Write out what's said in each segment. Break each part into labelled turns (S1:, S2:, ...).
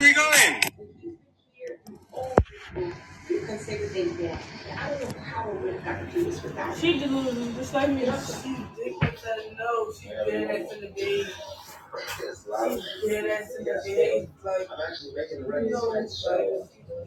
S1: Where are you going? You can say what they did. I don't know how we would have gotten through this without. you. She delusional, just like me. She dick doesn't know. She dead ass in the bed. She dead ass in the bed. Like, I'm actually making a record. like,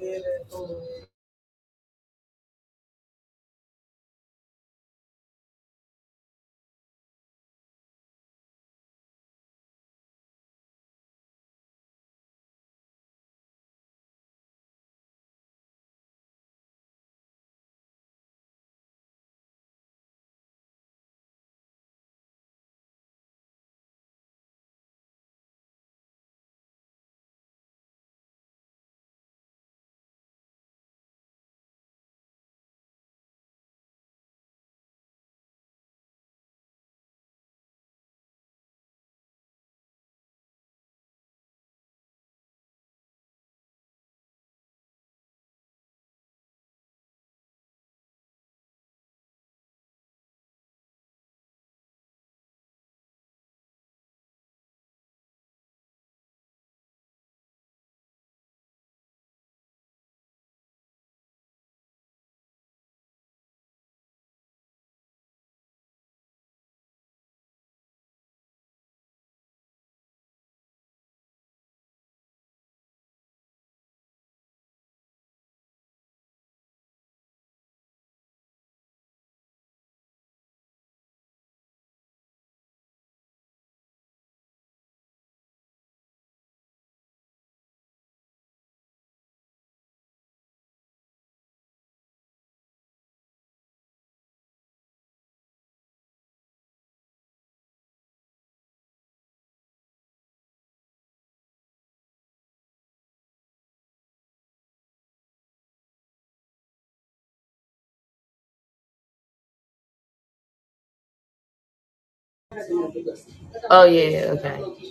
S1: Oh yeah, okay.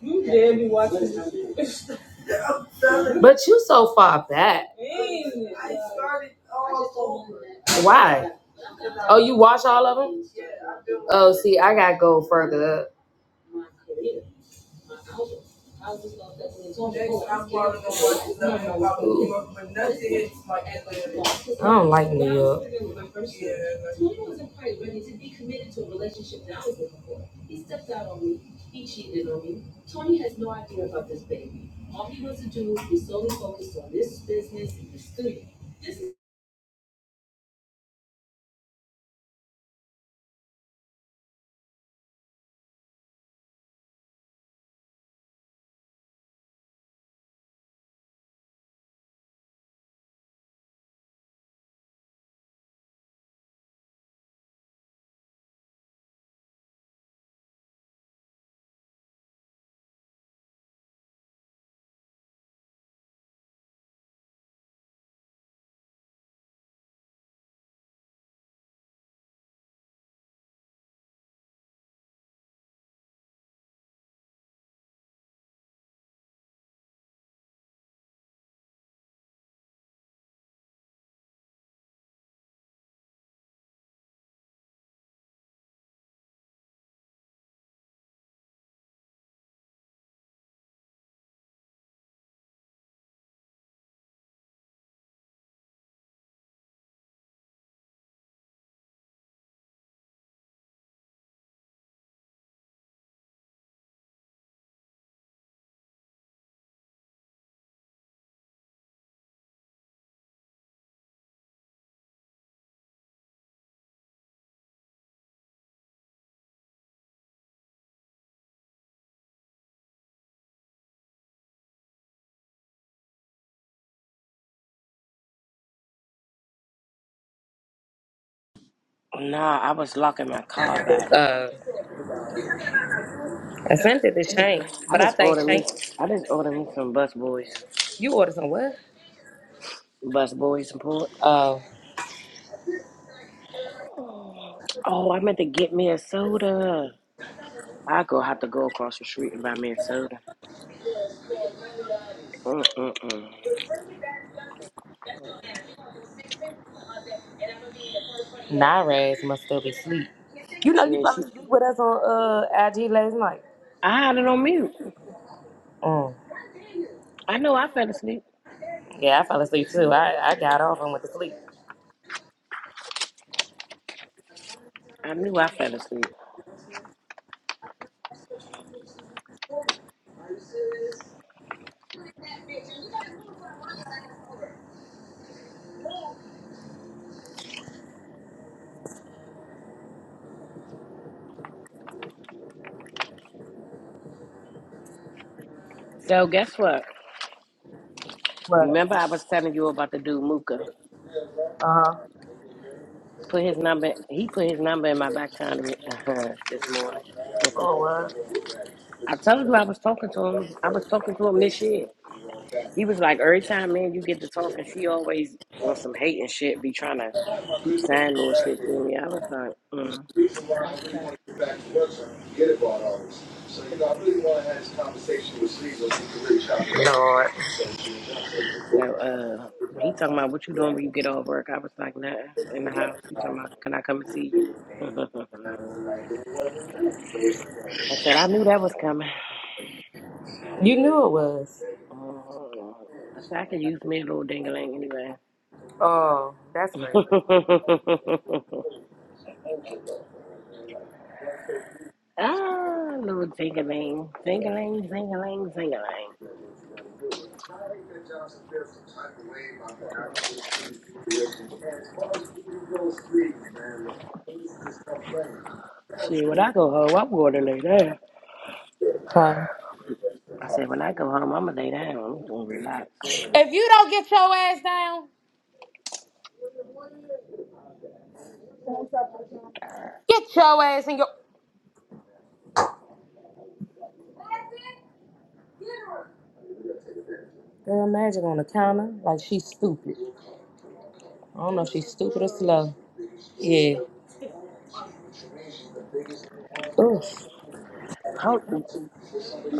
S1: You dead be watching this. But you so far back. Man, I started all over. Why? Oh, you watch all Yeah, I've Oh, see, I gotta go further up. I don't like New York.
S2: Nah, I was locking my car back.
S1: Uh, offended to Shank,
S2: I
S1: but I
S2: just
S1: think
S2: ordered me.
S1: Shank,
S2: I just ordered me some bus boys,
S1: you ordered some what?
S2: bus boys and port.
S1: Oh,
S2: Oh, I meant to get me a soda. I go have to go across the street and buy me a soda. Mm-mm-mm.
S1: Naraz must still be asleep. You know, you
S2: She,
S1: fell
S2: she,
S1: asleep with us on uh IG last night.
S2: I had it on mute.
S1: Mm.
S2: I knew I fell asleep.
S1: Yeah, I fell asleep too. I, I got off and went to sleep.
S2: I knew I fell asleep. So guess what? You
S1: But
S2: remember I was telling you about the dude Mooka.
S1: uh huh.
S2: Put his number. He put his number in my back channel this morning.
S1: Oh well.
S2: I told you I was talking to him. I was talking to him this year. He was like, every time, man, you get to talking, she always on some hate and shit, be trying to keep saying little shit to me. I was like, mm, okay.
S1: up. Lord,
S2: So uh, he talking about what you doing when you get off work. I was like, nothing in the house. He talking about, can I come and see you? I said, I knew that was coming.
S1: you knew it was.
S2: Mm-hmm. I said, I could use me a little dingling anyway.
S1: Oh, that's crazy.
S2: ah, little dingling, dingling, dingling, dingling. See, when I go home, I'm going to lay down.
S1: Huh?
S2: I said, when I go home, I'm gonna lay down. I'm gonna relax.
S1: If you don't get your ass down, get your ass in your. Girl, Magic on the counter like she's stupid. I don't know if she's stupid or slow. Yeah. Oof.
S2: Hold, hold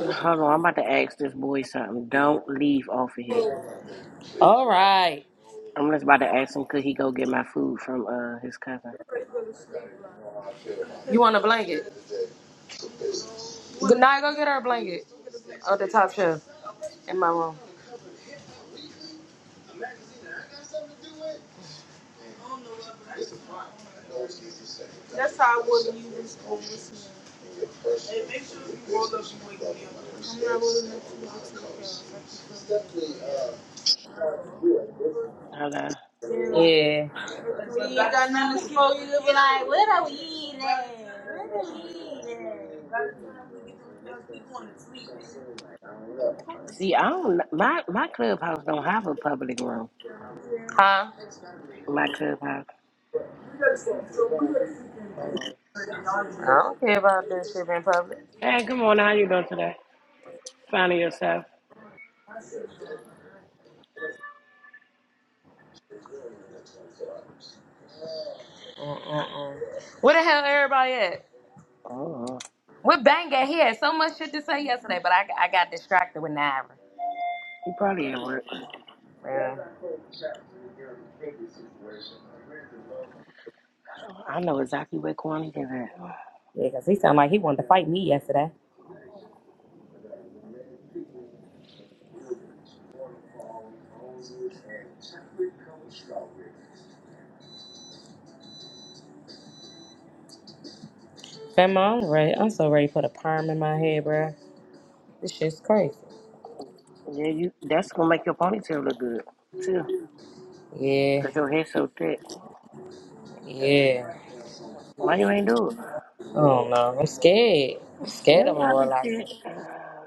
S2: on. I'm about to ask this boy something. Don't leave off of here.
S1: All right.
S2: I'm just about to ask him could he go get my food from uh his cousin.
S1: You want a blanket? Good night. Go get her a blanket. Oh, the top shelf in my room. That's how I was when you was and make sure you roll up you wake up.
S2: Hold on.
S1: Yeah. When You got no-
S2: See, I don't. My my clubhouse don't have a public room.
S1: Huh?
S2: My clubhouse. Hold on.
S1: I don't care about this shit in public.
S2: Hey, good morning. How you doing today? Finding yourself?
S1: Mm-mm-mm. Where the hell everybody at?
S2: Oh,
S1: We With Banga, he had so much shit to say yesterday, but I, I got distracted with Naira.
S2: you probably at work.
S1: Well,
S2: I know exactly where Kwani is at.
S1: yeah, because he sounded like he wanted to fight me yesterday. Fema, I'm ready. I'm so ready to put a perm in my head, bruh. This shit's crazy.
S2: Yeah, you. That's gonna make your ponytail look good too,
S1: Yeah,
S2: cause your hair's so thick.
S1: yeah.
S2: Why you ain't do it?
S1: I don't know. I'm scared. I'm
S2: You
S1: scared of
S2: ain't
S1: a
S2: gotta be scared.
S1: relaxer.
S2: Uh,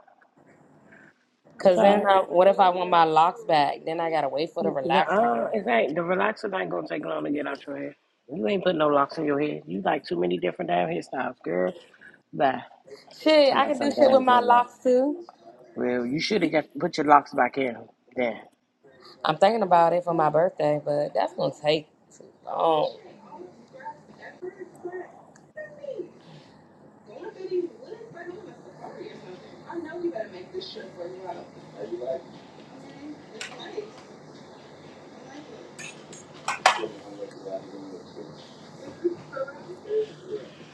S2: It's
S1: Cause
S2: all
S1: then, I,
S2: right.
S1: what if I want my locks back? Then I gotta wait for the relaxer,
S2: No,
S1: girl.
S2: it ain't. The relaxer ain't gonna take long to get out your hair. You ain't putting no locks in your head. You like too many different damn hairstyles, girl. Bye.
S1: Shit,
S2: Talking
S1: I
S2: about
S1: can do
S2: some
S1: shit with
S2: damn
S1: my
S2: dreadlocks.
S1: locks too.
S2: Well, you should have got put your locks back in. Damn.
S1: I'm thinking about it for my birthday, but that's gonna take too long.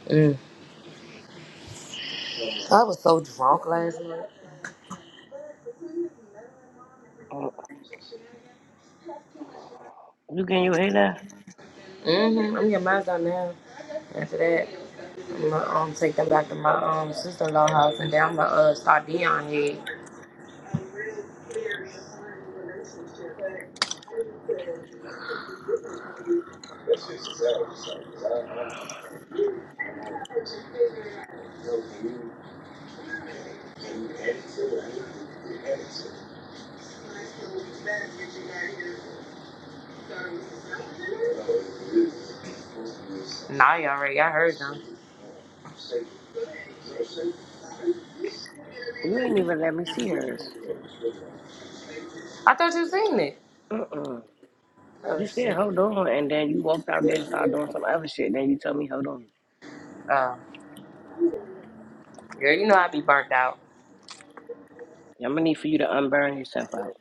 S1: Mm. I was so drunk last night.
S2: Uh, You getting your hair done?
S1: hmm I'm getting mine done now. After that, I'm gonna um, take them back to my um sister-in-law house, and then I'm gonna uh, start Dion here. Nah, you already. I heard them.
S2: You ain't even let me see hers.
S1: I thought you seen it.
S2: Uh mm
S1: Oh
S2: You said
S1: shit.
S2: hold on, and then you walked out there and started doing some other shit. Then you told me hold on.
S1: Oh, girl, you know I be burnt out.
S2: I'm gonna need for you to unburn yourself out.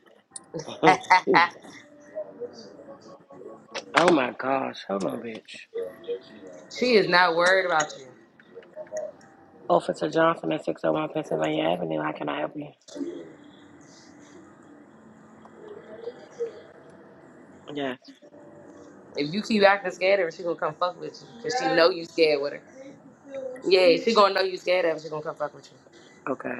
S2: oh my gosh. Hold on, bitch.
S1: she is not worried about you.
S2: Officer Johnson at 601 Pennsylvania Avenue. How can I help you? Yes.
S1: If you keep acting scared of her, she gonna come fuck with you because she know you scared with her. Yeah, she gonna know you scared of her. She gonna come fuck with you.
S2: Okay.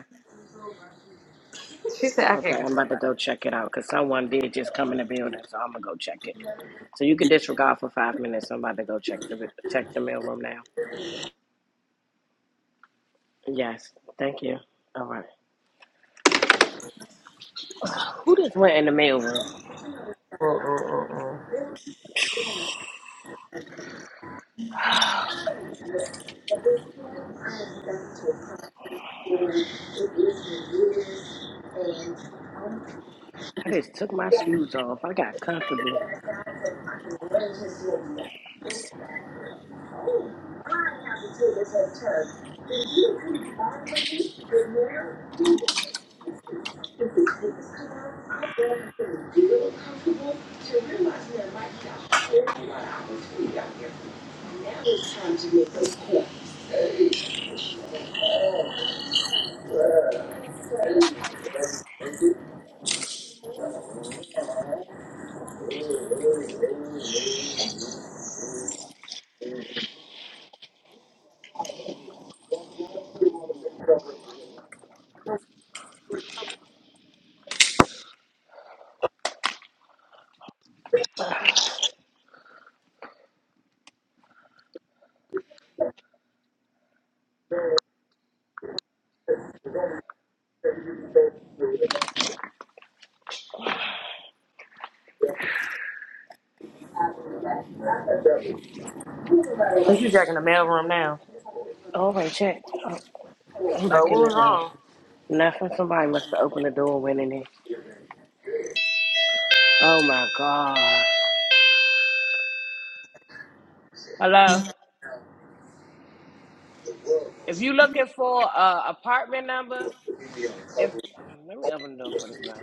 S1: She said I
S2: Okay.
S1: can't
S2: I'm
S1: control
S2: about to
S1: that.
S2: go check it out because someone did just come in the building, so I'm gonna go check it. So you can disregard for five minutes. I'm about to go check the check the mailroom now. Yes. Thank you. All right. Who just went in the mailroom?
S1: Mm-mm-mm-mm. At this time, I am going to call for it is released and I'm going to get
S2: I just took my shoes off. I got comfortable.
S1: down so I can Oh, I have to take this head turn. Did you come back with me? But now, this is this car. I'm going from really comfortable to realizing that right now, now it's to make those calls. This is like in the mailroom now.
S2: All right, check. Oh, I'm
S1: Oh,
S2: back
S1: what
S2: in the
S1: was
S2: uh,
S1: wrong?
S2: nothing. Somebody must have opened the door and went in there. Oh my god. Hello. If you looking for a apartment number, If, um, let me open the door for this man.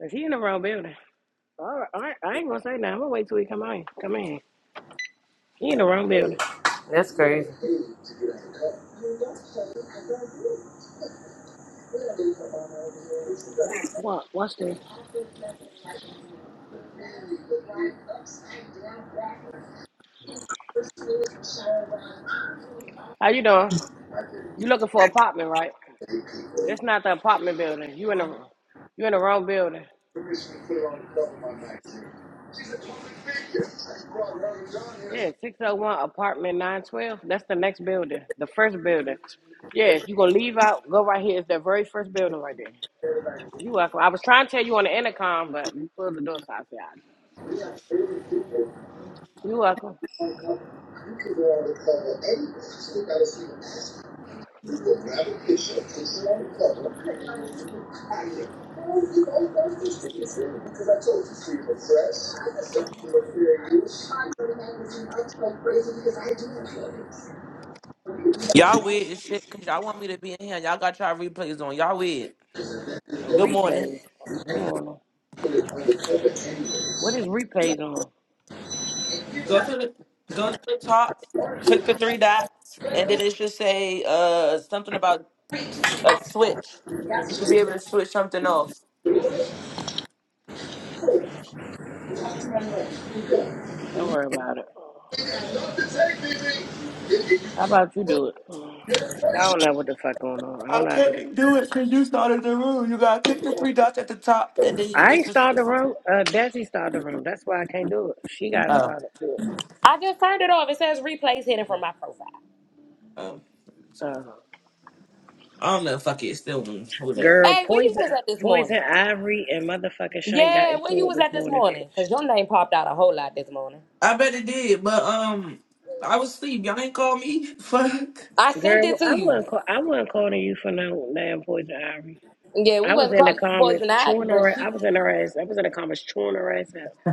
S2: Cause he in the wrong building? All right, all right, I ain't gonna say nothing. I'm gonna wait till he come in. Come in. He in the wrong building.
S1: That's crazy.
S2: What? What's this? How you doing? You looking for apartment, right? That's not the apartment building. You in the you in the wrong building. Yeah, six oh one apartment nine twelve. That's the next building. The first building. Yeah, if you gonna leave out, go right here. It's that very first building right there. You welcome. I was trying to tell you on the intercom, but you pulled the door, so I said, "Ah, "You welcome."
S3: Y'all weird as shit because y'all want me to be in here. Y'all got y'all replays on. Y'all weird. Good morning.
S2: Replays. Good morning. What is replays on?
S3: Go to the go to the top, click the three dots, and then it should say uh something about s- a switch. You should be able to switch something off.
S2: Don't worry about it. How about you do it? Mm, 'Cause I don't know what the fuck going on. I don't
S3: I
S2: know how to do that.
S3: can't do it because you started the room. You gotta click the three dots at the top, and then you,
S2: I
S3: it's
S2: ain't
S3: just
S2: started the
S3: it's
S2: room. Uh, Desi started the room. That's why I can't do it. She got
S3: oh
S2: started. Do
S1: I just turned it off. It says replays hidden from
S2: it.
S1: my profile.
S3: oh.
S2: Uh,
S3: I don't know. Fuck it. It's still on. Hold that.
S2: girl,
S1: Hey, where you was
S2: poison,
S1: at this
S2: poison
S1: morning?
S2: ivory, and motherfucking Shank got
S1: Yeah, where
S2: into
S1: you
S2: it
S1: was
S2: this
S1: at this
S2: morning,
S1: morning?
S2: bitch.
S1: Cause your name popped out a whole lot this morning.
S3: I bet it did, but um, I was asleep. Y'all ain't call me. Fuck.
S1: I sent it
S2: Girl,
S1: to
S2: I
S1: you.
S2: wasn't call, I wasn't calling you for no damn poison ivory.
S1: Yeah, we
S2: I was
S1: wasn't
S2: in the
S1: calling you
S2: comments
S1: poison ivy,
S2: chewing
S1: but
S2: her. a- I
S1: she
S2: was in her ass. I was in the comments chewing her ass up.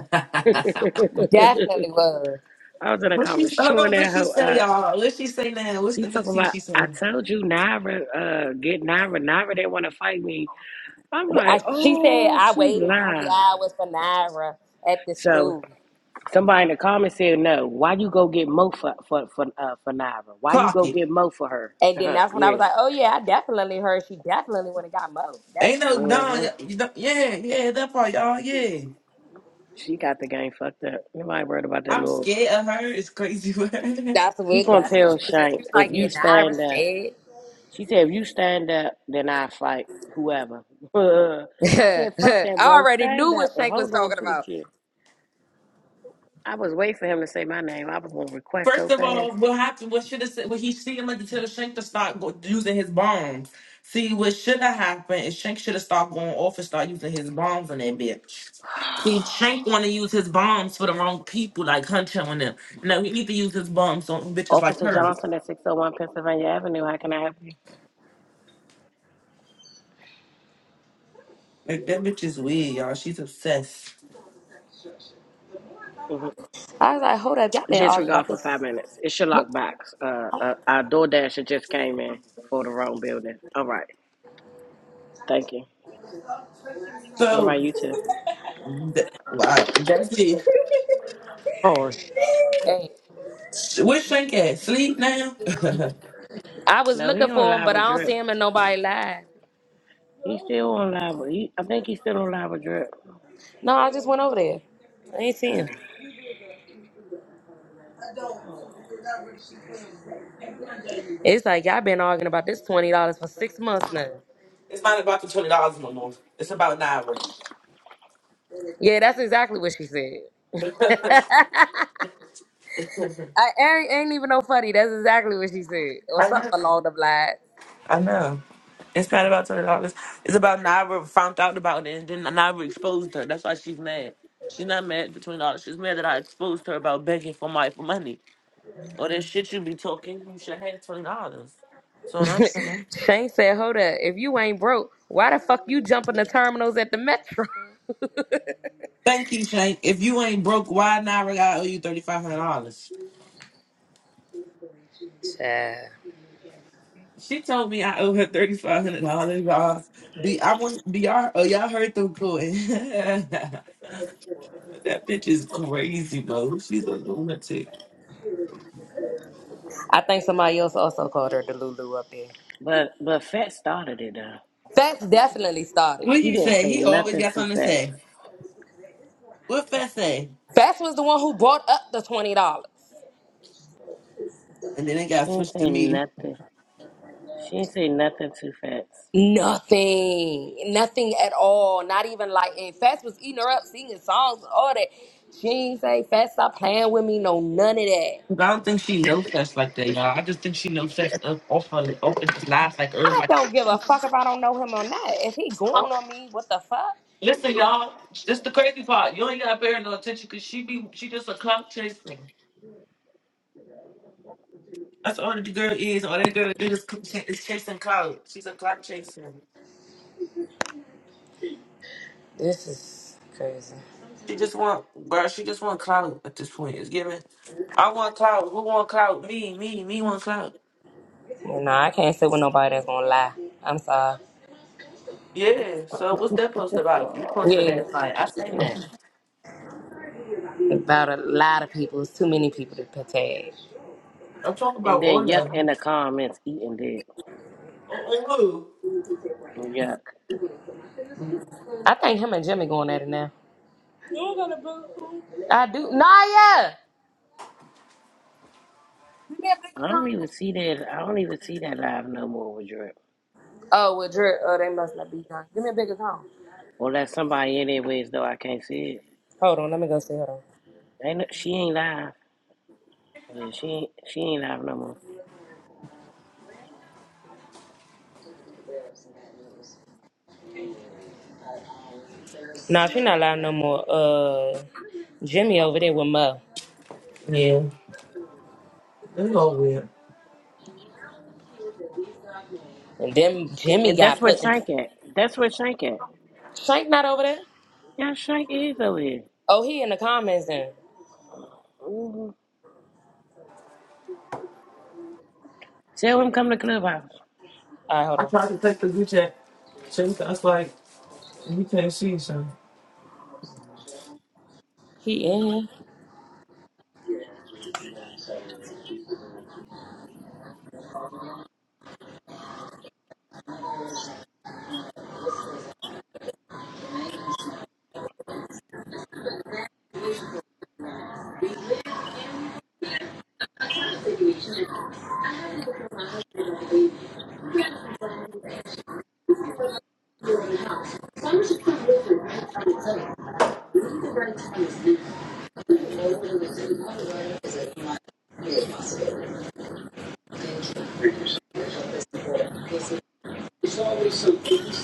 S1: definitely was.
S2: I was in the
S3: What she
S2: comments
S3: hold
S2: chewing
S3: on, what
S2: that
S3: she
S2: hoe
S3: say,
S2: up.
S3: y'all? What she say now? What's
S2: She
S3: the new
S2: talking
S3: C
S2: about,
S3: she
S2: I
S3: saying?
S2: told you Naira, uh, get Naira, Naira, they want to fight me. I'm
S1: Well,
S2: like,
S1: I, she said
S2: oh,
S1: I
S2: she
S1: waited three
S2: lying.
S1: hours for Naira at the
S2: So
S1: school,
S2: somebody in the comments said, no, why you go get Mo for, for, for, uh, for Naira? Why you
S3: Clock
S2: go
S3: it.
S2: get Mo for her?
S1: and then that's when I was
S2: yeah.
S1: like, "Oh yeah, I definitely heard she definitely went and got mo." That's
S3: Ain't
S1: the
S3: no
S1: fun.
S3: done.
S2: hmm
S3: You don't, yeah, yeah, that part, y'all. Yeah,
S2: She got the game fucked up. Nobody worried about that
S3: I'm
S2: little.
S3: scared of her. It's crazy.
S1: That's
S2: She
S1: what
S2: gonna
S1: that's what
S2: tell
S1: she was saying.
S2: Shank,
S1: She was
S2: if
S1: like,
S2: you
S1: "Yeah, Naira
S2: stand up,
S1: said."
S2: she said, if you stand up, then I fight whoever. I said, fuck
S1: I
S2: that, bro.
S1: already
S2: Stand
S1: knew what
S2: up and
S1: Shank was
S2: hold on
S1: talking
S2: to the
S1: about.
S2: chair. I was waiting for him to say my name. I was going to request
S3: First
S2: so
S3: of all,
S2: fast.
S3: what happened? What should have said? What he see him at the till Shank to start go, using his bombs. See, what should have happened is Shank should have stopped going off and start using his bombs on that bitch. See, Shank want to use his bombs for the wrong people like Hunter and them. No, he need to use his bombs on bitches like
S2: Officer
S3: her.
S2: Johnson at 601 Pennsylvania Avenue. How can I help you?
S3: Like that bitch is weird, y'all. She's obsessed.
S2: hmm Disregard for five minutes. It's your lockbox. Uh, uh, our door dasher just came in for the wrong building. All right. Thank you. All
S3: So
S2: right, you too.
S3: th- wow, Jesse,
S1: Hey,
S3: where's Shank at? Sleep now?
S1: I was
S2: No, he
S1: looking
S2: on
S1: for him,
S2: live
S1: but I
S2: with
S1: don't see
S2: drip.
S1: him in nobody live.
S2: He still on live. With, he, I think he's still on live with drip.
S1: No, I just went over there. I ain't see him.
S2: Uh,
S1: It's like y'all been arguing about this twenty dollars for six months now.
S3: it's not about the twenty dollars no more. It's about nine hours.
S1: Yeah, that's exactly what she said. I ain't, ain't even no funny. That's exactly what she said, or
S3: I
S1: something
S3: know.
S1: along the lines.
S3: I know. It's not about twenty dollars. It's about Naira found out about it and then Naira exposed her. That's why she's mad. She's not mad at twenty dollars. She's mad that I exposed her about begging for my for money. Or that shit you be talking, you should have had twenty dollars. So I'm saying.
S1: Shank said, "Hold up, if you ain't broke, why the fuck you jumping the terminals at the metro?"
S3: Thank you, Shank. If you ain't broke, why not? I owe you thirty five hundred dollars.
S1: Child.
S3: She told me I owe her thirty five hundred dollars. Y'all, B, I want BR. Oh, y'all heard them going. that bitch is crazy, bro. She's a lunatic.
S1: I think somebody else also called her the Lulu up there.
S2: but but Fat started it though.
S1: Fats definitely started
S3: What
S1: it.
S2: She
S3: you
S2: didn't
S3: say?
S2: say
S3: He always
S2: nothing
S3: got
S2: to
S3: something to
S2: Fats.
S3: say. What Fess say?
S1: Fats was the one who brought up the twenty dollars.
S3: And then it
S2: She
S3: got
S2: didn't
S3: switched to
S2: say
S3: me.
S2: nothing. She didn't say nothing to Fats.
S1: Nothing, nothing at all. Not even like, and Fats was eating her up, singing songs, and all that. She ain't say Fats stop playing with me, no none of that.
S3: 'Cause I don't think she knows Fess like that, y'all. I just think she knows Fess up off her off his life like
S1: I
S3: everybody.
S1: don't give a fuck if I don't know him or not. If he going on me, what the fuck?
S3: Listen, y'all. This the crazy part. You ain't got to pay her no attention because she be she just a clout chaser. That's all that the girl is. All that girl is is is chasing clout. She's a clout chaser.
S1: This is crazy.
S3: She just want, bro. She just want clout at this point. It's giving. I want clout. Who want clout? Me, me, me want clout.
S1: You know, I can't sit with nobody that's gonna lie. I'm sorry.
S3: Yeah. So what's that post about? You posted
S1: Yeah,
S3: that fight. I say that.
S1: about a lot of people. It's too many people to protect.
S3: I'm talking
S2: And
S3: about all
S2: then
S3: of
S2: Yuck in
S3: them.
S2: the comments eating dick.
S3: On, on who?
S2: Yuck.
S3: Mm,
S1: I think him and Jimmy going at it now. I do. Naya! Give me a bigger
S2: I don't even
S1: cone.
S2: see that. I don't even see that live no more with Drip.
S1: Oh, well, Dre, oh, they must not be done. Give me a bigger cone.
S2: Or that somebody anyways, though I can't see
S1: Hold on, let me go see. Hold on.
S2: it. Ain't no, she ain't live. Yeah, she ain't she ain't live no more.
S1: Nah, she not live no more. Uh, Jimmy over there with Mo.
S3: Yeah. That's all weird.
S1: And then Jimmy
S2: And that's
S1: got
S2: where
S1: put in.
S2: Shank at. That's where Shank at.
S1: Shank not over there?
S2: Yeah, Shank is over here.
S1: Oh, he in the comments then.
S2: hmm Tell him come to Clubhouse.
S1: All right, hold
S3: I
S1: on.
S3: tried to take the group chat. She was, I was like, you can't see, so
S1: He in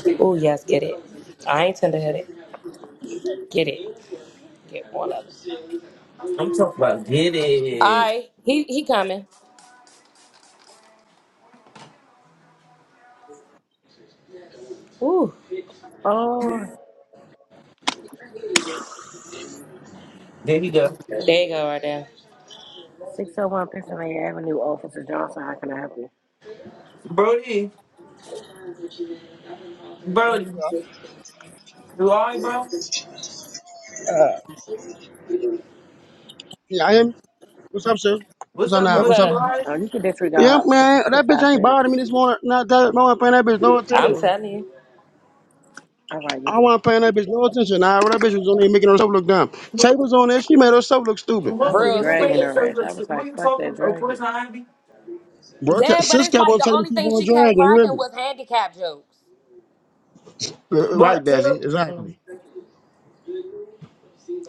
S1: here. Oh, yes, get it. I ain't tender headed. Get it. Get one of them.
S3: I'm talking about get
S1: All
S3: it.
S1: right, he, he coming. Ooh,
S2: Oh,
S3: There you go,
S1: there you go right there.
S2: 601 Pennsylvania Avenue, Officer Johnson. How can I help you?
S3: Brody. Brody, you alright, bro?
S4: Yeah, am. What's up, sir? What's
S3: What's
S4: up
S3: up,
S4: now?
S3: bro?
S1: What's
S4: What's up
S3: You
S1: up?
S4: now?
S3: alright?
S2: Uh, you can
S4: Yeah,
S2: disregard for,
S4: man,
S2: for
S4: that bitch
S2: five
S4: ain't
S2: minutes.
S4: bothering me this morning. Not that no one paying that bitch no
S1: I'm
S4: attention.
S3: Who?
S1: telling you.
S2: All right, you
S4: I
S2: too.
S4: want not paying that bitch no attention. Nah, that bitch was on there making herself look dumb.
S3: Who?
S4: Tay was on there, she made herself look stupid.
S2: I was
S1: Real
S3: You
S2: dragging
S3: making
S1: student.
S2: her
S3: stuff
S2: ass.
S3: look
S2: I was
S3: stupid? Who
S2: like,
S3: you
S2: fuck
S3: talking
S2: that
S3: about?
S2: dragon.
S3: Poison Ivy?
S4: Bro, ca-
S1: Yeah, but
S4: sis
S1: it's
S4: kept
S1: like
S4: on
S1: the
S4: telling me
S1: only
S4: keep
S1: thing
S4: on
S1: she kept
S4: dragging, you hear
S1: cracking
S4: me?
S1: was handicap jokes.
S4: Uh, Right,
S3: But tell
S4: Dazzy,
S3: um,
S4: exactly.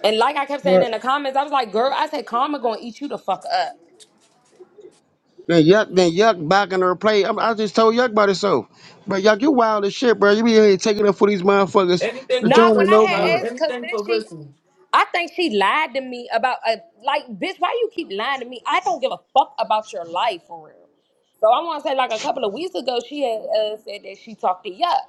S1: And like I kept saying
S4: Right.
S1: in the comments, I was like, girl, I said karma gonna eat you the fuck up.
S4: Then Yuck, then Yuck back in her play. I, I just told Yuck about herself. But Yuck, you wild as shit, bro. You be here taking up for these motherfuckers
S3: anything
S4: that you
S3: for
S1: Not
S4: don't
S1: when
S4: even
S1: I
S3: pussy,
S4: know for
S3: bro.
S1: had
S4: real.
S1: asked, cause
S3: Anything
S1: then
S3: for
S1: she
S3: pussy.
S1: I think she lied to me about a like, bitch, why you keep lying to me? I don't give a fuck about your life for real. So I wanna say like a couple of weeks ago, she had uh, said that she talked to Yuck.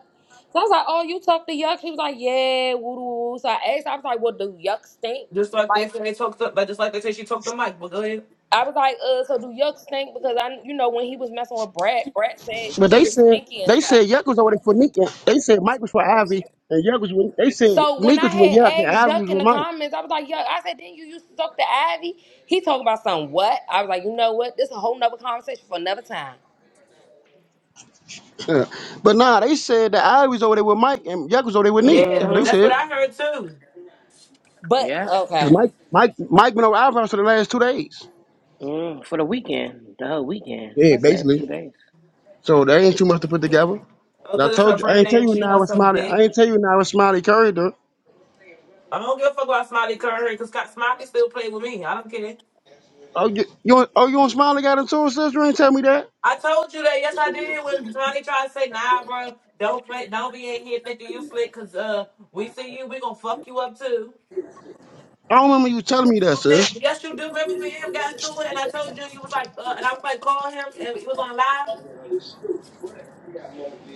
S1: So I was like, Oh, you talked to Yuck? She was like, Yeah, woo woo. So I asked, I was like, Well, do Yuck stink?
S3: Just like they
S1: Like.
S3: say they talk to, like just like they say she talked to Mike. But go ahead.
S1: I was like, uh, so do Yuck stink? Because I, you know, when he was messing with Brad, Brad said
S4: But
S1: he
S4: they
S1: was
S4: said
S1: stinky and
S4: they
S1: stuff.
S4: said Yuck was over there for Nick. and They said Mike was for Ivy and Yuck was with. They said
S1: So when
S4: Nick
S1: I
S4: was with
S1: had
S4: Yuck and
S1: asked
S4: Ivy was
S1: Yuck in
S4: with
S1: the
S4: Mike.
S1: comments, I was like, Yuck, I said, then you used to talk to Ivy? He talking about something what? I was like, you know what? This a whole nother conversation for another time.
S4: Yeah. but nah, they said that Ivy was over there with Mike and Yuck was over there with Nick. That's
S3: Yeah,
S4: what they
S2: Mm-hmm.
S3: that's what
S4: said.
S3: I heard too.
S1: But
S2: Yeah.
S4: Cause
S1: okay,
S4: Mike Mike Mike been over Ivy house for the last two days.
S2: Mm, for the weekend, the whole weekend.
S4: Yeah,
S2: Fuck last two
S4: basically.
S2: days.
S4: So they ain't too much to put together.
S3: Uh,
S4: And I
S3: Cause it's her
S4: told you I ain't
S3: birthday
S4: tell
S3: and
S4: you
S3: she
S4: now
S3: wants
S4: with
S3: some
S4: Smiley.
S3: dick.
S4: I ain't tell you now with Smiley Curry though.
S3: I don't give a fuck about Smiley Curry because Smiley still play with me. I don't care.
S4: Oh you, you on- oh you on Smiley got into it, sister? You ain't tell me that.
S3: I told you that. Yes, I did. When Johnny tried to say, "Nah, bro, don't play, don't be in here thinking you slick, cause uh, we see you, we gonna fuck you up too."
S4: I don't remember you telling me that,
S3: From that,
S4: sis.
S3: yes, you do. Remember when him got into it, and I told you you was like, uh, and I was like, call him, and he was on live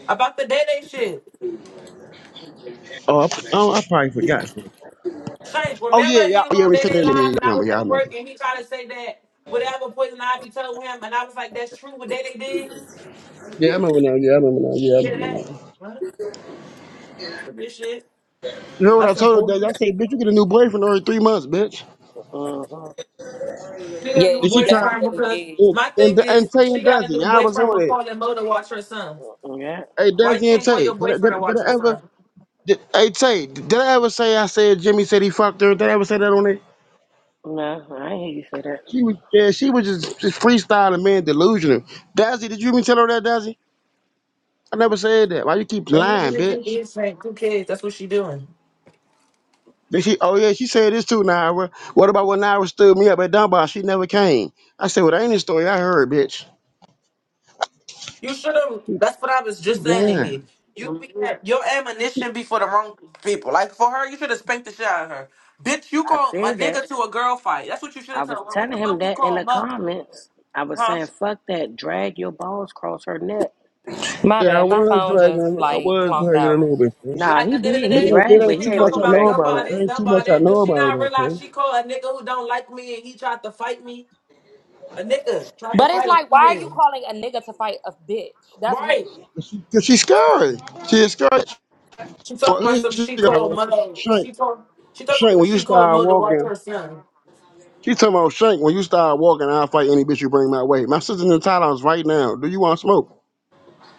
S3: about the day day shit.
S4: Oh, I, oh, I probably forgot.
S3: Shank,
S4: Oh yeah,
S3: remember he
S4: yeah,
S3: was
S4: yeah.
S3: on
S4: We
S3: day
S4: said
S3: day
S4: that. Yeah, yeah, yeah.
S3: live,
S4: I
S3: and I
S4: remember?
S3: was
S4: Yeah, I
S3: at
S4: remember.
S3: work, and he tried to say that whatever poison ivy told him, and I was like, that's true. What day day did,
S4: Yeah, I remember now. Yeah, I remember now. Yeah, I
S3: Did
S4: remember
S3: that.
S4: now.
S3: What? I don't forget shit.
S4: You know what I
S3: That's
S4: told her? That I
S3: important.
S4: said, "Bitch, you get a new boyfriend every three months, bitch."
S2: Mm-hmm.
S3: She got
S1: yeah,
S3: a new
S1: you
S4: And she tried.
S3: boyfriend
S1: definitely
S3: because
S4: And
S1: did.
S3: my
S4: and,
S3: thing
S4: and
S3: is
S4: Tay
S3: she
S4: and
S3: got a
S4: Dazzy,
S3: new
S4: yeah, I was
S3: boyfriend
S4: on
S3: with
S4: it.
S3: calling Mo to watch her son.
S2: Yeah.
S4: Hey,
S3: Why you
S4: Dazzy and
S3: can't call
S4: Tay,
S3: your
S4: did I, did,
S3: boyfriend and
S4: I- did
S3: watch
S4: I
S3: your
S4: ever?
S3: son?
S4: Did, hey Tay, did I ever say I said Jimmy said he fucked her? Did I ever say that on it?
S2: No, I ain't hear you say that.
S4: She was yeah, she was just, just freestyling, man, delusional. Dazzy, did you even tell her that, Dazzy? I never said that. Why you keep
S3: And
S4: lying,
S3: even if you
S4: bitch?
S3: did shank two kids, that's what she doing.
S4: Did she? Oh yeah, she said this too, Naira. What about when Naira stood me up at Dunbar? She never came. I said, well, that ain't the story I heard, bitch.
S3: You should have. That's what I was
S4: She
S3: just saying in
S4: lying.
S3: here. You be, your ammunition be for the wrong people. Like for her, you should have spanked the shit out of her. Bitch, you
S2: I
S3: called my
S2: said that.
S3: nigga to a girl fight. That's what you should
S2: I
S3: have
S2: was
S3: told her. What the
S2: telling
S3: fuck
S2: him
S3: you
S2: that in
S3: call
S2: the
S3: muck?
S2: comments. I was
S3: Huh?
S2: saying, fuck that. Drag your balls across her neck.
S1: My
S4: Yeah, I
S1: bad, my
S4: was
S1: phone
S4: dragging.
S1: just
S4: I
S1: like
S4: was
S1: clonked
S4: dragging a
S1: out.
S4: little bit, sis.
S2: Nah,
S3: Like
S2: he
S3: at the
S2: did.
S3: end of the
S4: but
S2: He
S4: it
S3: day,
S4: ain't, it
S2: dragged,
S3: she
S2: but
S4: ain't
S2: he
S3: can
S4: too
S2: ain't
S3: talk
S4: much I
S2: really
S3: about
S4: know
S2: dragged too
S4: about her.
S3: Dunbar
S2: much.
S3: this,
S4: It ain't too
S3: Dunbar
S4: much I
S3: that. Do
S4: know
S3: she
S4: about her,
S3: not
S4: about
S3: realize
S4: her.
S3: she called a nigga who don't like me and he tried to fight me? A nigga tried to
S1: But it's
S3: fight a
S1: like, why are you
S3: female.
S1: calling a nigga to fight a bitch? That's weird.
S3: Right.
S4: Cause she's scary. She's scary.
S3: She
S4: So
S3: talking about
S4: here
S3: some
S4: she
S3: she called
S4: go.
S3: Mo.
S4: Shank,
S3: She called she talking about
S4: Shank,
S3: some
S4: when you
S3: she called
S4: start
S3: Mo to watch
S4: walking,
S3: her son.
S4: she talking about Shank. When you start walking, I'll fight any bitch you bring my way. My sister's in the Thailand's right now. Do you want smoke?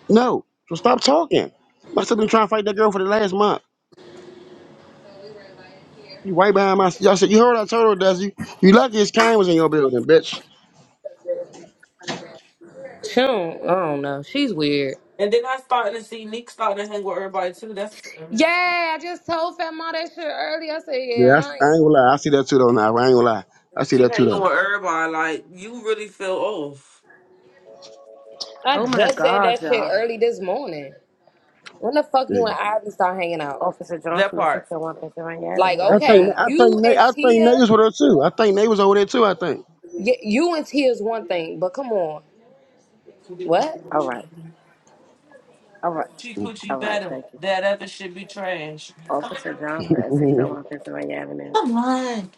S4: No. So stop talking. I still been trying to fight that girl for the last month. You right behind my. I said, you heard what I told her, does you? You lucky his cane was in your building, bitch.
S1: She don't, I don't know. She's weird.
S3: And then I started to see Nick starting to hang with everybody too. That's
S1: Yeah, I just told Fat Mom that shit early. I said,
S4: Yeah, I, I
S1: yeah, I,
S4: ain't
S1: ain't.
S4: gonna lie. I see that too though. Now I ain't gonna lie. I see
S3: she
S4: that too
S3: hanging
S4: though.
S3: with everybody. Like you really feel off
S1: I
S2: Oh my
S1: just said
S2: gosh,
S1: that shit
S2: y'all.
S1: early this morning. When the fuck
S4: Yeah.
S1: you and Ivy start hanging out?
S2: Officer
S3: that
S2: Johnson at
S3: part.
S2: 601 Pennsylvania
S1: Like,
S2: Avenue. How
S4: I
S2: can I
S4: think
S2: help
S1: okay,
S4: I
S2: you?
S4: think
S1: you and
S4: Na- I think Nate
S1: Tia,
S4: was with her too. I think Nate was over there too. I think.
S1: y- you and Tia's one thing, but come on, what?
S2: All
S3: Coochie
S2: right. All right.
S3: coochie
S2: All right.
S3: better.
S2: Thank you.
S3: That other should be trash.
S2: Officer
S3: Come
S2: Johnson at 601 Pennsylvania Avenue.
S3: on.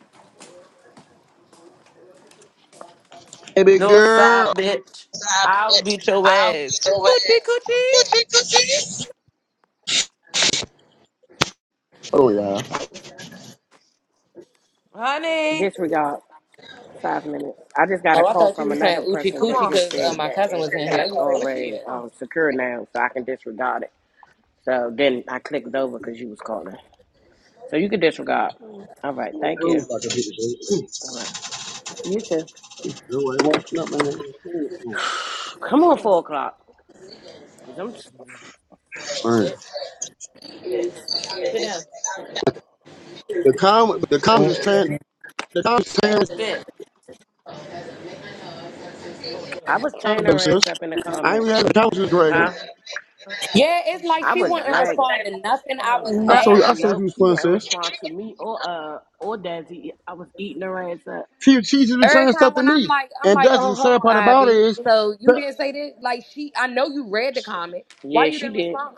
S4: hey, big
S3: Northside
S4: girl.
S3: bitch. I'll beat your ass. Hoochie coochie.
S4: Hold on, y'all.
S3: Honey.
S2: Disregard. Five minutes. I just got a
S1: Oh, I
S2: call
S1: thought you
S2: from
S1: were
S2: another
S1: saying Uchi
S2: person
S3: Come
S1: Coochie
S2: that
S3: on.
S2: just
S1: because uh,
S2: said
S1: my
S2: that
S1: cousin
S2: it,
S1: was in here.
S2: it's
S1: I was like, where she
S2: already
S3: Come
S1: at?
S3: on. Come
S2: um, secure now, so I can disregard it. So then I clicked over because you was calling. So you can disregard. All right. Thank you. All right. You too. Come on,
S3: on.
S2: four o'clock. i I'm,
S4: Alright.
S3: Sit. Sit. Sit down.
S4: The com the comments is tearing the comments is tearing
S3: Sit. Oh, yeah.
S2: I
S3: You
S2: was
S3: put
S4: up
S2: tearing
S3: that
S4: though,
S2: her
S3: down.
S4: sis.
S2: ass up in the
S4: I ain't even
S2: comments.
S4: had the comments is dragging.
S2: Huh?
S1: Yeah, it's like
S2: I
S1: she
S2: was
S1: wouldn't
S2: dragging.
S1: respond to nothing I
S3: No,
S1: was
S3: not
S4: I
S3: yet.
S4: saw I
S2: Nothing.
S4: saw
S1: asking.
S4: you
S2: Nope.
S4: was
S2: She
S4: playing
S2: wouldn't
S4: sis.
S2: respond to me or uh or Dazzy. I was eating her ass up.
S4: She she just was
S1: Every
S4: saying stuff
S1: time
S4: to
S1: when I'm
S4: me.
S1: like, I'm
S4: And
S1: like,
S4: that's
S1: oh,
S4: the
S1: hold
S4: sad
S1: on,
S4: part about it
S1: Ivy.
S4: is
S1: So you
S4: that
S1: didn't say that? Like she, I know you read the comment. Why
S2: Yeah,
S1: you
S2: she
S1: didn't
S2: did.
S1: respond?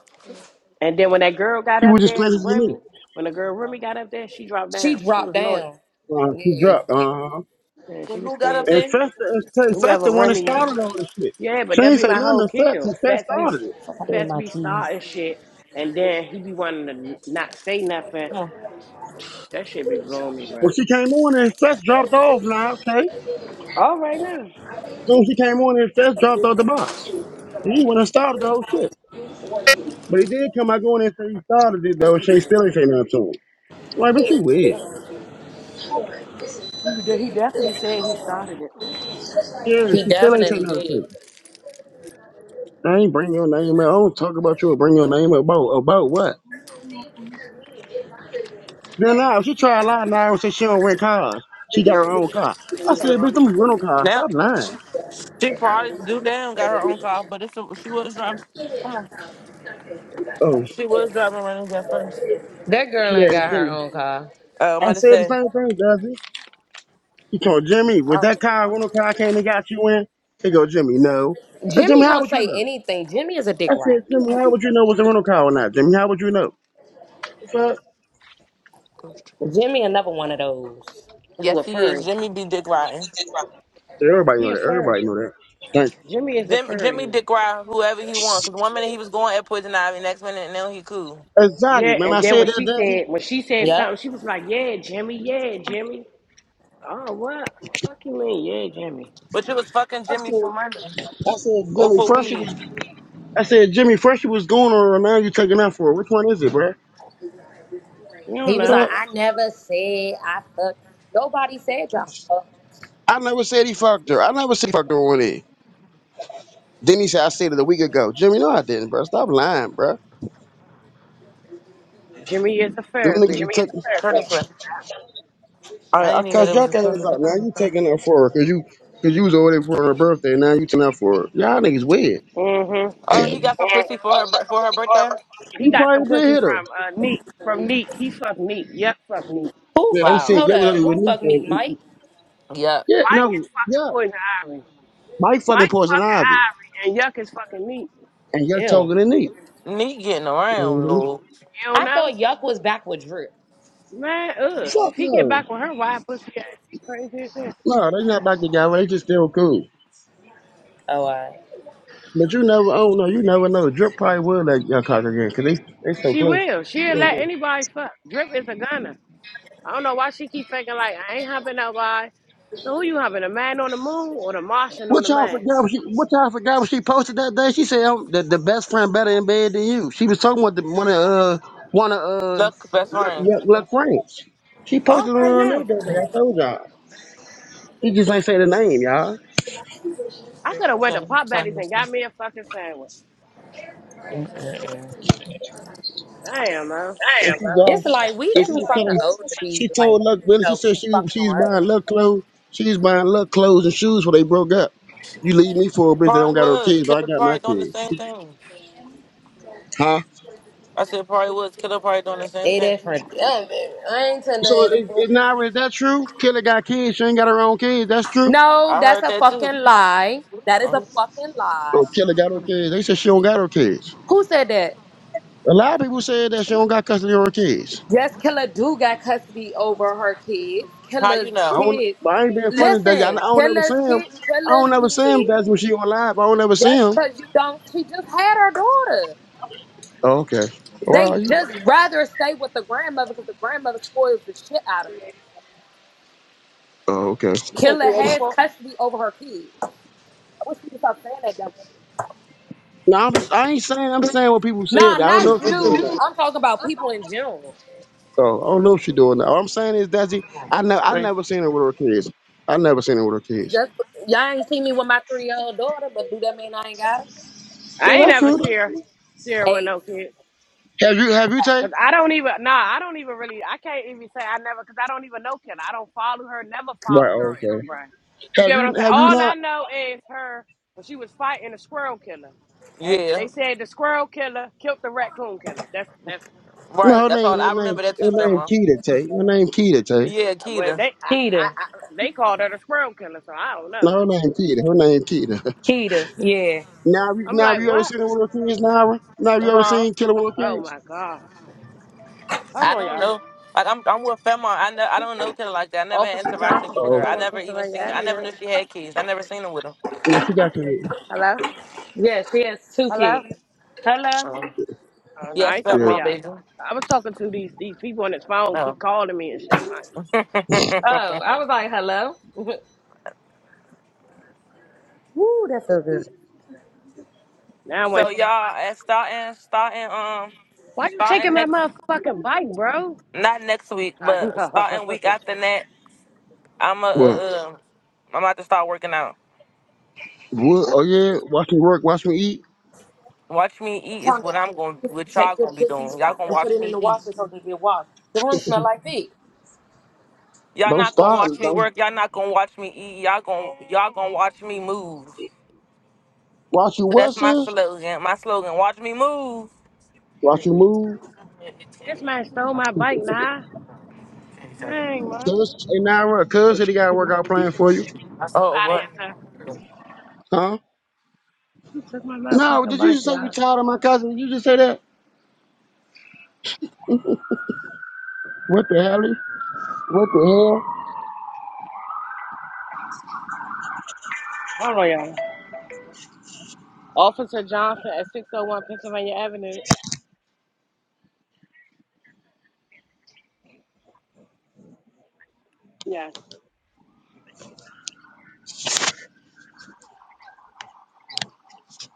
S2: And then when that girl got
S4: he
S2: up
S4: was just
S2: there,
S4: playing this to me.
S2: Remy, when the girl Remy got up there, she dropped
S1: She
S2: down. She
S1: dropped
S2: was annoyed.
S1: down.
S4: Uh, she
S1: Yeah,
S4: dropped. Uh-huh.
S2: And
S3: Well,
S2: she was
S3: who got up
S2: scared.
S4: And
S3: there?
S4: Festa and Tay-
S2: Whoever
S4: Festa the one that
S2: Remy is.
S4: started all this shit.
S2: Yeah, but
S4: She
S2: that
S4: ain't
S2: be
S4: say
S2: my
S4: nothing
S2: whole
S4: to Fest
S2: kill.
S4: and Fest
S2: Fats be
S4: started it.
S1: I did
S2: Fats
S1: my
S2: be
S1: keys.
S2: starting shit. And then he be wanting to not say nothing.
S3: Come
S2: That shit be blowing me, bro.
S4: When she came on and Fest dropped off now, okay?
S2: All right now.
S4: Soon as she came on and Fest dropped off the box. He went and started the whole shit. But he did come out going and say he started it though, and she still ain't say nothing to him. Like, but you weird.
S2: You He definitely said he started it.
S4: Yeah,
S1: He
S4: she still ain't say
S1: definitely
S4: nothing to
S1: did.
S4: him. I ain't bring your name up. I don't talk about you or bring your name up. About, about what? Then now she try to lie now and say she don't rent cars. She got her own car. I said, bitch,
S3: on.
S4: them be rental cars.
S3: Now,
S4: Stop lying.
S3: she probably do down, got her own car, but it's a, she was driving. Come on.
S4: Oh,
S3: She was driving running at first.
S1: That
S4: she
S1: girl ain't
S4: had
S1: got her
S4: Jimmy.
S1: own car.
S3: Uh, I'm
S4: I
S3: going to
S4: said the
S3: say.
S4: same thing, does it? He told Jimmy, was
S3: Uh,
S4: that car rental car I came and got you in? He go, Jimmy, no. I said,
S1: Jimmy
S4: Jimmy, how
S1: gonna
S4: would you
S1: say
S4: know?
S1: anything. Jimmy is a dick
S4: I said,
S1: rat.
S4: Jimmy, how would you know was a rental car or not? Jimmy, how would you know? The fuck?
S1: Jimmy another one of those.
S2: Who
S3: yes,
S2: a
S3: he is.
S2: furry?
S3: Jimmy be dick riding.
S4: Everybody
S2: He
S4: know
S2: a
S4: that.
S2: furry.
S4: Everybody know that. Thank
S2: Jimmy is a
S3: Jim, Jimmy
S2: furry.
S3: Dick Ride, whoever he wants. Because one minute he was going at Poison Ivy, next minute and now he cool.
S4: you. Exactly,
S2: Yeah,
S4: man. I
S2: and then
S4: said
S2: when
S4: that,
S2: she
S4: does it?
S2: said when she said
S1: Yep.
S2: something, she was like, "Yeah, Jimmy, yeah, Jimmy." Oh, what? Fuck you mean? Yeah, Jimmy.
S3: But it was fucking
S4: I
S3: Jimmy for
S4: said,
S3: money
S4: I said,
S3: or
S4: Jimmy,
S3: for
S4: first you
S3: weed.
S4: was I said, Jimmy, Freshie was going on her, and now you taking that for her. Which one is it, bro?
S2: You don't
S1: He was
S2: know.
S1: like,
S4: Fuck.
S1: I never said I fuck. Nobody said y'all fuck.
S4: I never said he fucked her. I never said he fucked her on it. Then he said, I said it a week ago. Jimmy, no, I didn't, bro. Stop lying, bro.
S2: Jimmy is a
S4: Them niggas be
S2: furry.
S4: taking.
S3: Turn
S2: Yeah.
S3: this way. I
S4: I, I
S3: didn't even know
S4: cussed
S3: there
S4: your
S3: was
S4: ass
S3: a student.
S4: out. Now you taking that for her because you, cause you was over there for her birthday. and Now you taking that for her. Y'all niggas weird.
S2: Mm-hmm.
S3: Oh, he got some pussy for her bir- for her birthday.
S2: He
S4: You
S2: got
S4: probably
S2: some
S4: did
S2: pussy
S4: hit her.
S2: from uh, Neek. From Neek. He fucked Neek. Yuck fuck Neek.
S1: Who
S4: Yeah, they
S1: fuck?
S4: said,
S3: Wow.
S1: Hold
S4: yeah, we
S1: up.
S4: only
S1: Who
S4: with
S1: fuck me, Mike?
S4: Nick.
S3: Yep.
S4: Yeah,
S2: Mike
S4: no,
S2: is fucking
S4: yeah.
S2: Poison Ivory.
S4: Mike
S2: Mike
S4: fucking poison
S2: fucking
S4: Ivy.
S2: Ivory and Yuck is fucking Neek.
S4: And you're
S1: Ew.
S4: talking to Nick.
S3: Me getting around,
S4: hmm
S3: Lou.
S2: You don't
S1: I thought
S2: know?
S1: Yuck was back with Drip.
S2: Man, ugh.
S4: Fuck
S2: If he get
S4: no.
S2: back with her wild pussy ass, she crazy as hell.
S4: No, they not back together. They just still cool.
S1: Oh, I.
S4: But you never, oh no, you never know. Drip probably will let young cock again because they they so
S2: She
S4: close.
S2: will. She'll let anybody fuck. Drip is a gunner. I don't know why she keep faking like, I ain't humping nobody. So who you humping, a man on the moon or the Martian on
S4: What
S2: the
S4: y'all
S2: man?
S4: forgot? What, she, what y'all forgot? What she posted that day? She said um, the the best friend better in bed than you. She was talking about the one of uh one of uh
S3: Luck, best
S4: Luck,
S3: friend.
S4: Luck Luck Frank's. She
S2: All
S4: posted it
S2: right
S4: on her that
S2: now.
S4: day. I told y'all. She just ain't say the name, y'all.
S2: I could have went
S3: Yeah,
S2: to Pop
S3: turn
S2: Baddies and
S3: this way.
S2: got me a fucking sandwich. Oh, shit. Damn, man.
S4: And she you
S1: It's like we
S4: and she
S1: too
S4: was
S1: fucking
S4: telling,
S1: old to be
S4: she told
S1: like,
S4: Luck
S1: you
S4: Willis. She
S1: know,
S4: said
S1: keep
S4: she
S1: fucking
S4: she's
S1: around.
S4: buying Luck clothes. She's buying Luck clothes and shoes when they broke up. You leave me for a bitch that don't
S3: Probably
S4: got her
S3: was.
S4: kids, but I
S3: Killer
S4: got my
S3: probably doing the
S4: kids.
S3: same thing.
S4: Huh?
S3: I said probably was. Killer probably doing the same
S1: They
S3: thing.
S1: that for damn baby. I ain't tell
S4: So
S1: her
S4: is,
S1: that. boy.
S4: is Naira, is that true? Killer got kids. She ain't got her own kids. That's true.
S1: No,
S3: I
S1: that's
S3: heard
S1: a
S3: that too.
S1: fucking lie. That is
S3: Uh,
S1: a fucking lie.
S4: Oh, Killer got her kids. They said she don't got her kids.
S1: Who said that?
S4: A lot of people said that she don't got custody of her kids.
S1: Yes, Killer do got custody over her kids.
S3: How
S1: Killer's
S3: you know?
S4: I don't.
S1: kids.
S4: But I ain't being funny, Desi. I, I
S1: Listen,
S4: don't ever see
S1: Killer's
S4: him.
S1: kid,
S4: I don't
S1: Killer's
S4: ever see him.
S1: kid.
S4: That's when she on live. I don't ever see
S1: Just
S4: him.
S1: because you don't, she just had her daughter.
S4: Oh, okay.
S1: They
S4: Well, you,
S1: just rather stay with the grandmother because the grandmother spoils the shit out of them.
S4: oh, okay.
S2: You said
S1: Killer has
S2: 384?
S1: custody over her kids. I wish people stop saying that dumb shit.
S4: No, I'm just, I ain't saying. I'm saying what people said.
S1: Nah,
S4: I don't
S1: not
S4: know if she doing
S1: you.
S4: that.
S1: I'm talking about people in general.
S4: Oh, I don't know if she doing that. All I'm saying is, Desi, I never, I
S3: Three.
S4: never seen her with her kids. I never seen her with her kids.
S1: Just y'all ain't seen me with my three year old daughter, but do that mean I ain't got her?
S4: Yeah,
S2: I ain't
S4: that's
S2: never
S4: true.
S2: see her. See her with
S1: Hey,
S2: no kids.
S4: Have you? Have you, Tay?
S2: Cause I don't even, nah, I don't even really, I can't even say I never, cause I don't even know Kim. I don't follow her, never
S4: Right.
S2: followed her on
S4: oh, okay.
S2: Instagram. You
S4: Have
S2: get what
S4: you
S2: I'm saying?
S4: have you
S2: All I
S4: not?
S2: know is her when she was fighting the squirrel killer, and
S3: Yeah.
S2: they said the squirrel killer killed the raccoon killer. That's that's
S4: No,
S3: Right.
S4: her
S3: That's
S4: name
S3: all.
S4: her
S3: I
S4: name
S3: remember that
S4: her
S3: too,
S4: name
S3: Femma.
S4: Keita Tay. Her name Keita Tay.
S3: Yeah,
S2: well, they
S3: Keita.
S2: I, I,
S1: Keita,
S2: I they called her the squirrel killer, so I don't
S4: No,
S2: know.
S4: her name Keita. Her name Keita.
S1: Keita, yeah,
S4: Now, have you-
S2: I'm
S4: now have
S2: like,
S4: you ever
S2: what?
S4: seen Little Kids, Nara? Now have you ever
S3: Uh-huh.
S4: seen Killer Little
S2: Oh
S4: Kids?
S2: my God. Hold
S3: I
S2: on,
S3: don't
S2: y'all.
S3: know. Like I'm, I'm with Femma. I know. I don't know Keita like that. I never had
S2: Officer
S3: interactions
S2: Johnson,
S3: with
S4: Oh,
S3: her. I
S2: 601
S4: okay.
S3: never even
S2: Pennsylvania
S3: seen. I never
S2: Avenue.
S3: knew she had kids. I never seen her with them.
S4: Yeah, she got kids.
S2: Hello?
S1: yeah, she has two
S2: Hello?
S1: kids. Hello.
S3: Uh,
S2: Oh, no, I
S3: yes,
S2: ain't talking
S4: Yeah.
S2: to
S3: Femma, baby.
S2: y'all. I was talking to these these people on this phone,
S3: Oh.
S2: keep calling me and shit, man.
S1: Woo, that feels good.
S2: Now I'm
S3: so
S2: waiting for my
S3: y'all,
S2: bus.
S3: and starting, starting, um,
S2: Why you
S3: starting
S2: taking my
S3: next,
S2: motherfucking bike, bro?
S3: not next week,
S2: I
S3: but
S2: know.
S3: starting week after that, I'm a,
S4: Well,
S3: uh, uh, I'm about to start working out.
S4: what? Oh yeah. Watch me work. Watch me eat.
S3: Watch me eat is what
S1: Antonio,
S3: I'm
S1: you
S3: going,
S1: need
S3: what
S1: to
S3: y'all
S1: take your
S3: gonna be
S1: pussy
S3: doing. Y'all
S1: stuff
S3: gonna
S1: and put
S3: watch
S1: it in
S3: me
S1: the
S3: eat.
S1: washer so they get washed. The room smell like feet.
S3: Y'all
S4: Don't
S3: not gonna
S4: starve.
S3: watch me
S4: Don't
S3: work. Y'all not gonna watch me eat. Y'all gonna y'all gonna watch me move.
S4: watch you
S3: So
S4: what,
S3: that's my
S4: sis?
S3: slogan. My slogan: Watch me move.
S4: Watch you move.
S2: this man stole my bike, nah. Dang, man.
S4: Cuz and Nara, cuz said he got a workout plan for you.
S3: Oh what?
S2: Find answer.
S4: Huh?
S2: He took my
S4: No,
S2: motherfucking
S4: did you
S2: bike,
S4: just say you
S2: y'all.
S4: tired of my cousin? Did you just say that? What the hell? What the hell?
S2: Hold on, y'all. Officer Johnson at 601 Pennsylvania Avenue. Yes.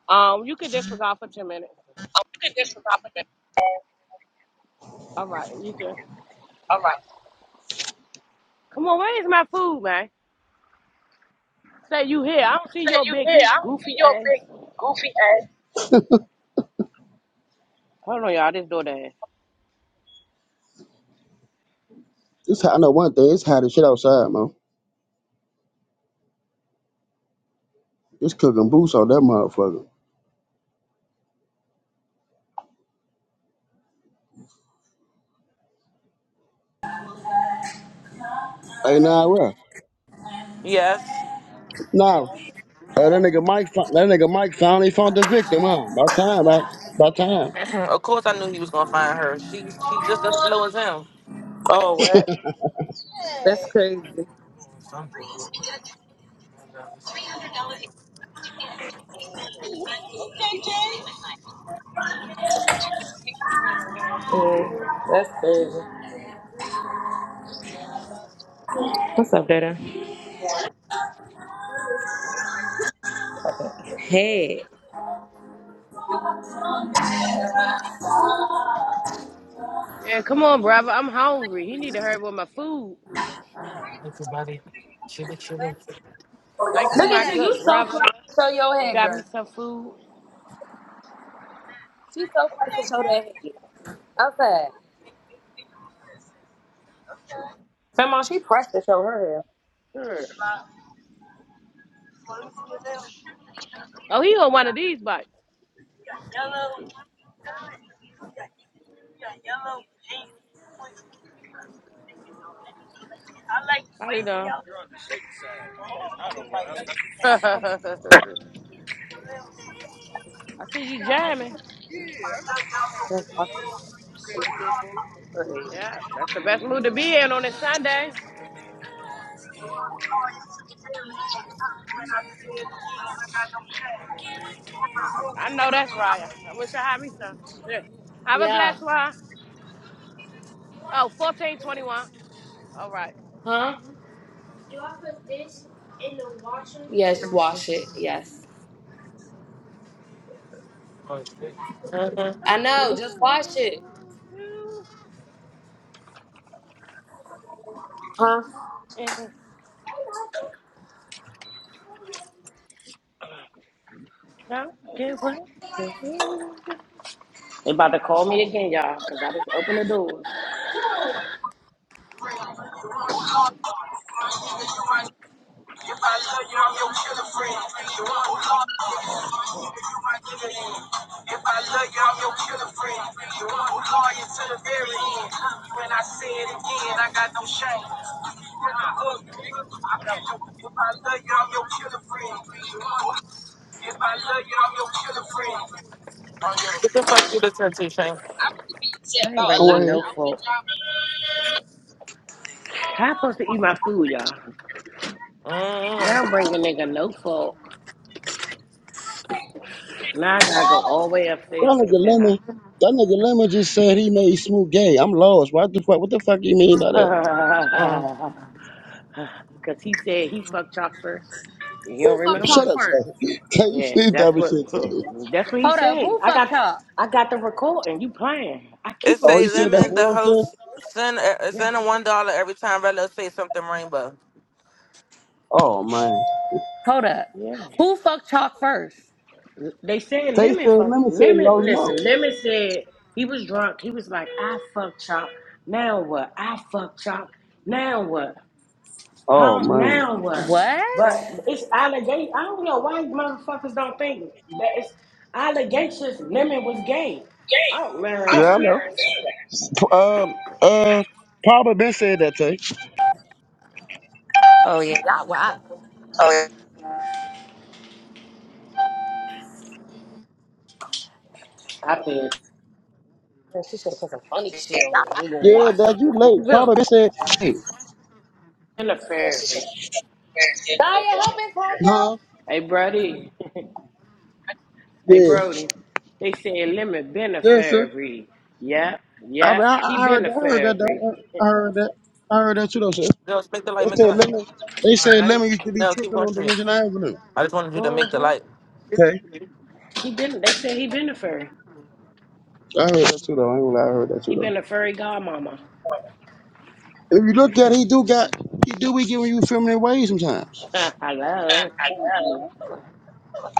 S2: Um, you could disregard for 10 minutes. All right, you too. Come on, where is my food, man? Say you here. I don't see your big goofy ass. Hold on, y'all. This door down.
S4: It's hot. I know one thing. It's hot as shit outside, man. It's cooking boots on that motherfucker. Hey, nah, right.
S3: Yes.
S4: Nah. Hey, that nigga Mike, fin- that nigga Mike finally found the victim, huh? About time, about, about time.
S3: of course, I knew he was gonna find her. She she's just as slow as him.
S1: Oh, what? That's crazy.
S3: hmm
S1: Mm, that's crazy. What's up, Dada? Hey.
S2: Yeah, come on, brother. I'm hungry. He need to hurry with my food. Thanks to
S1: Look
S2: my
S1: at you.
S2: good
S1: You so proud
S2: brother
S1: to show your
S2: who
S1: head,
S2: got me
S1: girl.
S2: some food.
S1: She so proud to show that head. Outside. Come on, she pressed to show her hair.
S2: Sure. Oh, he on one of these bites. How you doing? I see you jamming.
S1: That's washing her hair.
S2: Yeah, that's the best mood to be in on a Sunday. I know that's right. I wish I had me some. Yeah. Have a
S1: Yeah.
S2: blessed one. Oh, fourteen twenty-one. All right.
S1: Huh? Yes, wash it. Yes. I know. Just wash it. Huh?
S2: And don't get what? They about to call me again, y'all, because I just opened the doors.
S3: Get the fuck through the tattoo, Shane.
S2: I ain't
S4: Go
S2: bring me
S4: ahead.
S2: no fork. How I supposed to eat my food, y'all? Now
S3: Mm-hmm.
S2: bring a nigga no fork. Now I gotta go all the way upstairs
S4: That
S2: to the
S4: nigga
S2: penthouse.
S4: Lemon, that nigga Lemon just said he made Smoot gay. I'm lost. What the fuck? What the fuck you mean by that?
S2: Cause he said he fucked Chalk first. You don't
S1: Who fucked
S4: Shut
S1: Chalk
S2: remember?
S4: up,
S1: first?
S4: Tay. Tay, you
S2: Yeah,
S4: see
S2: that's what
S4: that shit, Tay.
S2: that's what he
S1: Hold up.
S2: said.
S1: Who
S2: I
S1: fucked
S2: got
S1: Chalk?
S2: I got the recording. You playing. I
S3: It
S2: keep a
S4: Oh, he
S3: say
S4: said
S2: receipt,
S4: that
S3: lemon.
S2: nigga.
S3: The
S4: real, sis?
S3: host send uh, uh,
S2: Yeah,
S3: send a one dollar every time Relo say something rainbow.
S4: Oh man.
S1: Hold up.
S2: yeah.
S1: Who fucked Chalk first?
S2: They said
S4: Tay said
S2: Lemon fuck
S4: Lemon said he
S2: Lemon.
S4: lost
S2: Listen,
S4: mouth.
S2: Lemon said he was drunk. He was like, "I fuck Chop. Now what? I fuck Chop. Now what?
S4: Oh
S2: Huh?
S4: man.
S2: Now what?"
S1: What?
S2: But it's allegation. I don't know why motherfuckers don't think that it's allegations. Lemon was gay. Oh man,
S4: Yeah, I
S2: y'all
S4: know.
S2: guys.
S4: Uh, uh, Papa been said that Tay.
S1: Oh, yeah. Y'all wild.
S2: I feel
S1: She should have put some funny shit on it. We gonna
S4: Yeah,
S1: wash
S4: that
S1: them.
S4: you late.
S1: Bill.
S4: Papa been said, hey,
S2: been in a fairy.
S1: Naya, help Antonio.
S4: huh?
S2: Hey Brody. Hey
S4: Yeah,
S2: Brody. They said Lemon been a
S4: yeah, sir.
S2: fairy. Yep,
S4: I mean,
S2: yep.
S4: I,
S2: He
S4: I heard
S2: been a
S4: that. I heard that.
S2: fairy.
S4: Though. I I heard that. I heard that too, though, sir.
S3: Just make the light,
S4: They
S3: make the
S4: said
S3: light.
S4: Lemon. They said Lemon used to be
S3: No, keep
S4: tripping
S3: going
S4: on
S3: straight.
S4: Division Avenue.
S3: I just wanted you to make the
S2: Mm-hmm.
S3: light
S4: Okay,
S2: He been. They said he been a furry.
S4: I heard that too, though. I ain't gonna lie, I heard that too,
S2: He been
S4: though.
S2: a furry godmama.
S4: If you look at it, he do got he do be giving you feminine ways sometimes.
S2: Hello.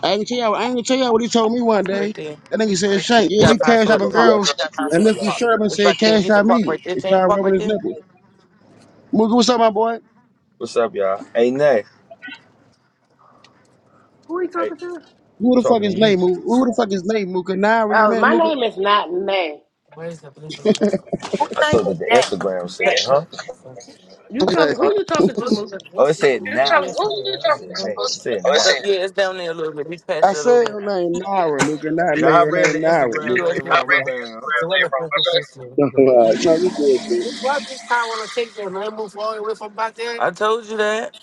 S4: I ain't gonna tell y'all. I ain't gonna tell y'all what he told me one
S3: right
S4: day.
S3: there. You
S4: That nigga said, Shank, yeah,
S5: girl
S3: gotta
S4: you
S3: find
S5: that
S4: cash
S5: was
S3: somewhere to
S4: shopping
S5: talking
S3: park.
S4: girls,
S5: yesterday.
S4: and lift his shirt up and
S3: It's
S4: said,
S3: back there.
S4: cash
S3: You can
S4: out
S3: park
S4: me.
S3: right there.
S4: He
S3: Can you
S4: started
S3: park
S4: rubbing
S3: right
S4: his
S3: there?
S4: nipples. Mooka, what's up, my boy?
S5: What's up, y'all? Hey, Nay.
S2: Who he
S5: Hey,
S2: talking to?
S4: Who
S5: I'm
S4: the fuck
S5: talking to
S4: is
S5: you.
S4: name? Mooka? Who the fuck is name? Mooka Naira, you
S2: Oh,
S4: man,
S2: my
S4: Mooka.
S2: name is not Nay.
S1: Whose
S5: I
S1: name
S5: thought
S1: is
S5: that the
S1: Nay?
S5: Instagram said, huh?
S3: Petco.
S2: You talking? Who you talking to, Mooka?
S5: Oh, it said nah. I said nay. It said nah.
S3: So, yeah, it's down there a little bit. We passed
S4: I
S3: it a little
S4: said her
S3: bit.
S4: name Naira, Mooka, not name.
S5: Now I
S4: Her
S5: read
S3: The
S5: the
S4: name Naira,
S5: Instagram
S4: Mooka.
S5: name
S3: USB, right
S5: wrong. My bad. Huh?
S3: there.
S4: no, you good, bitch.
S3: I told you that.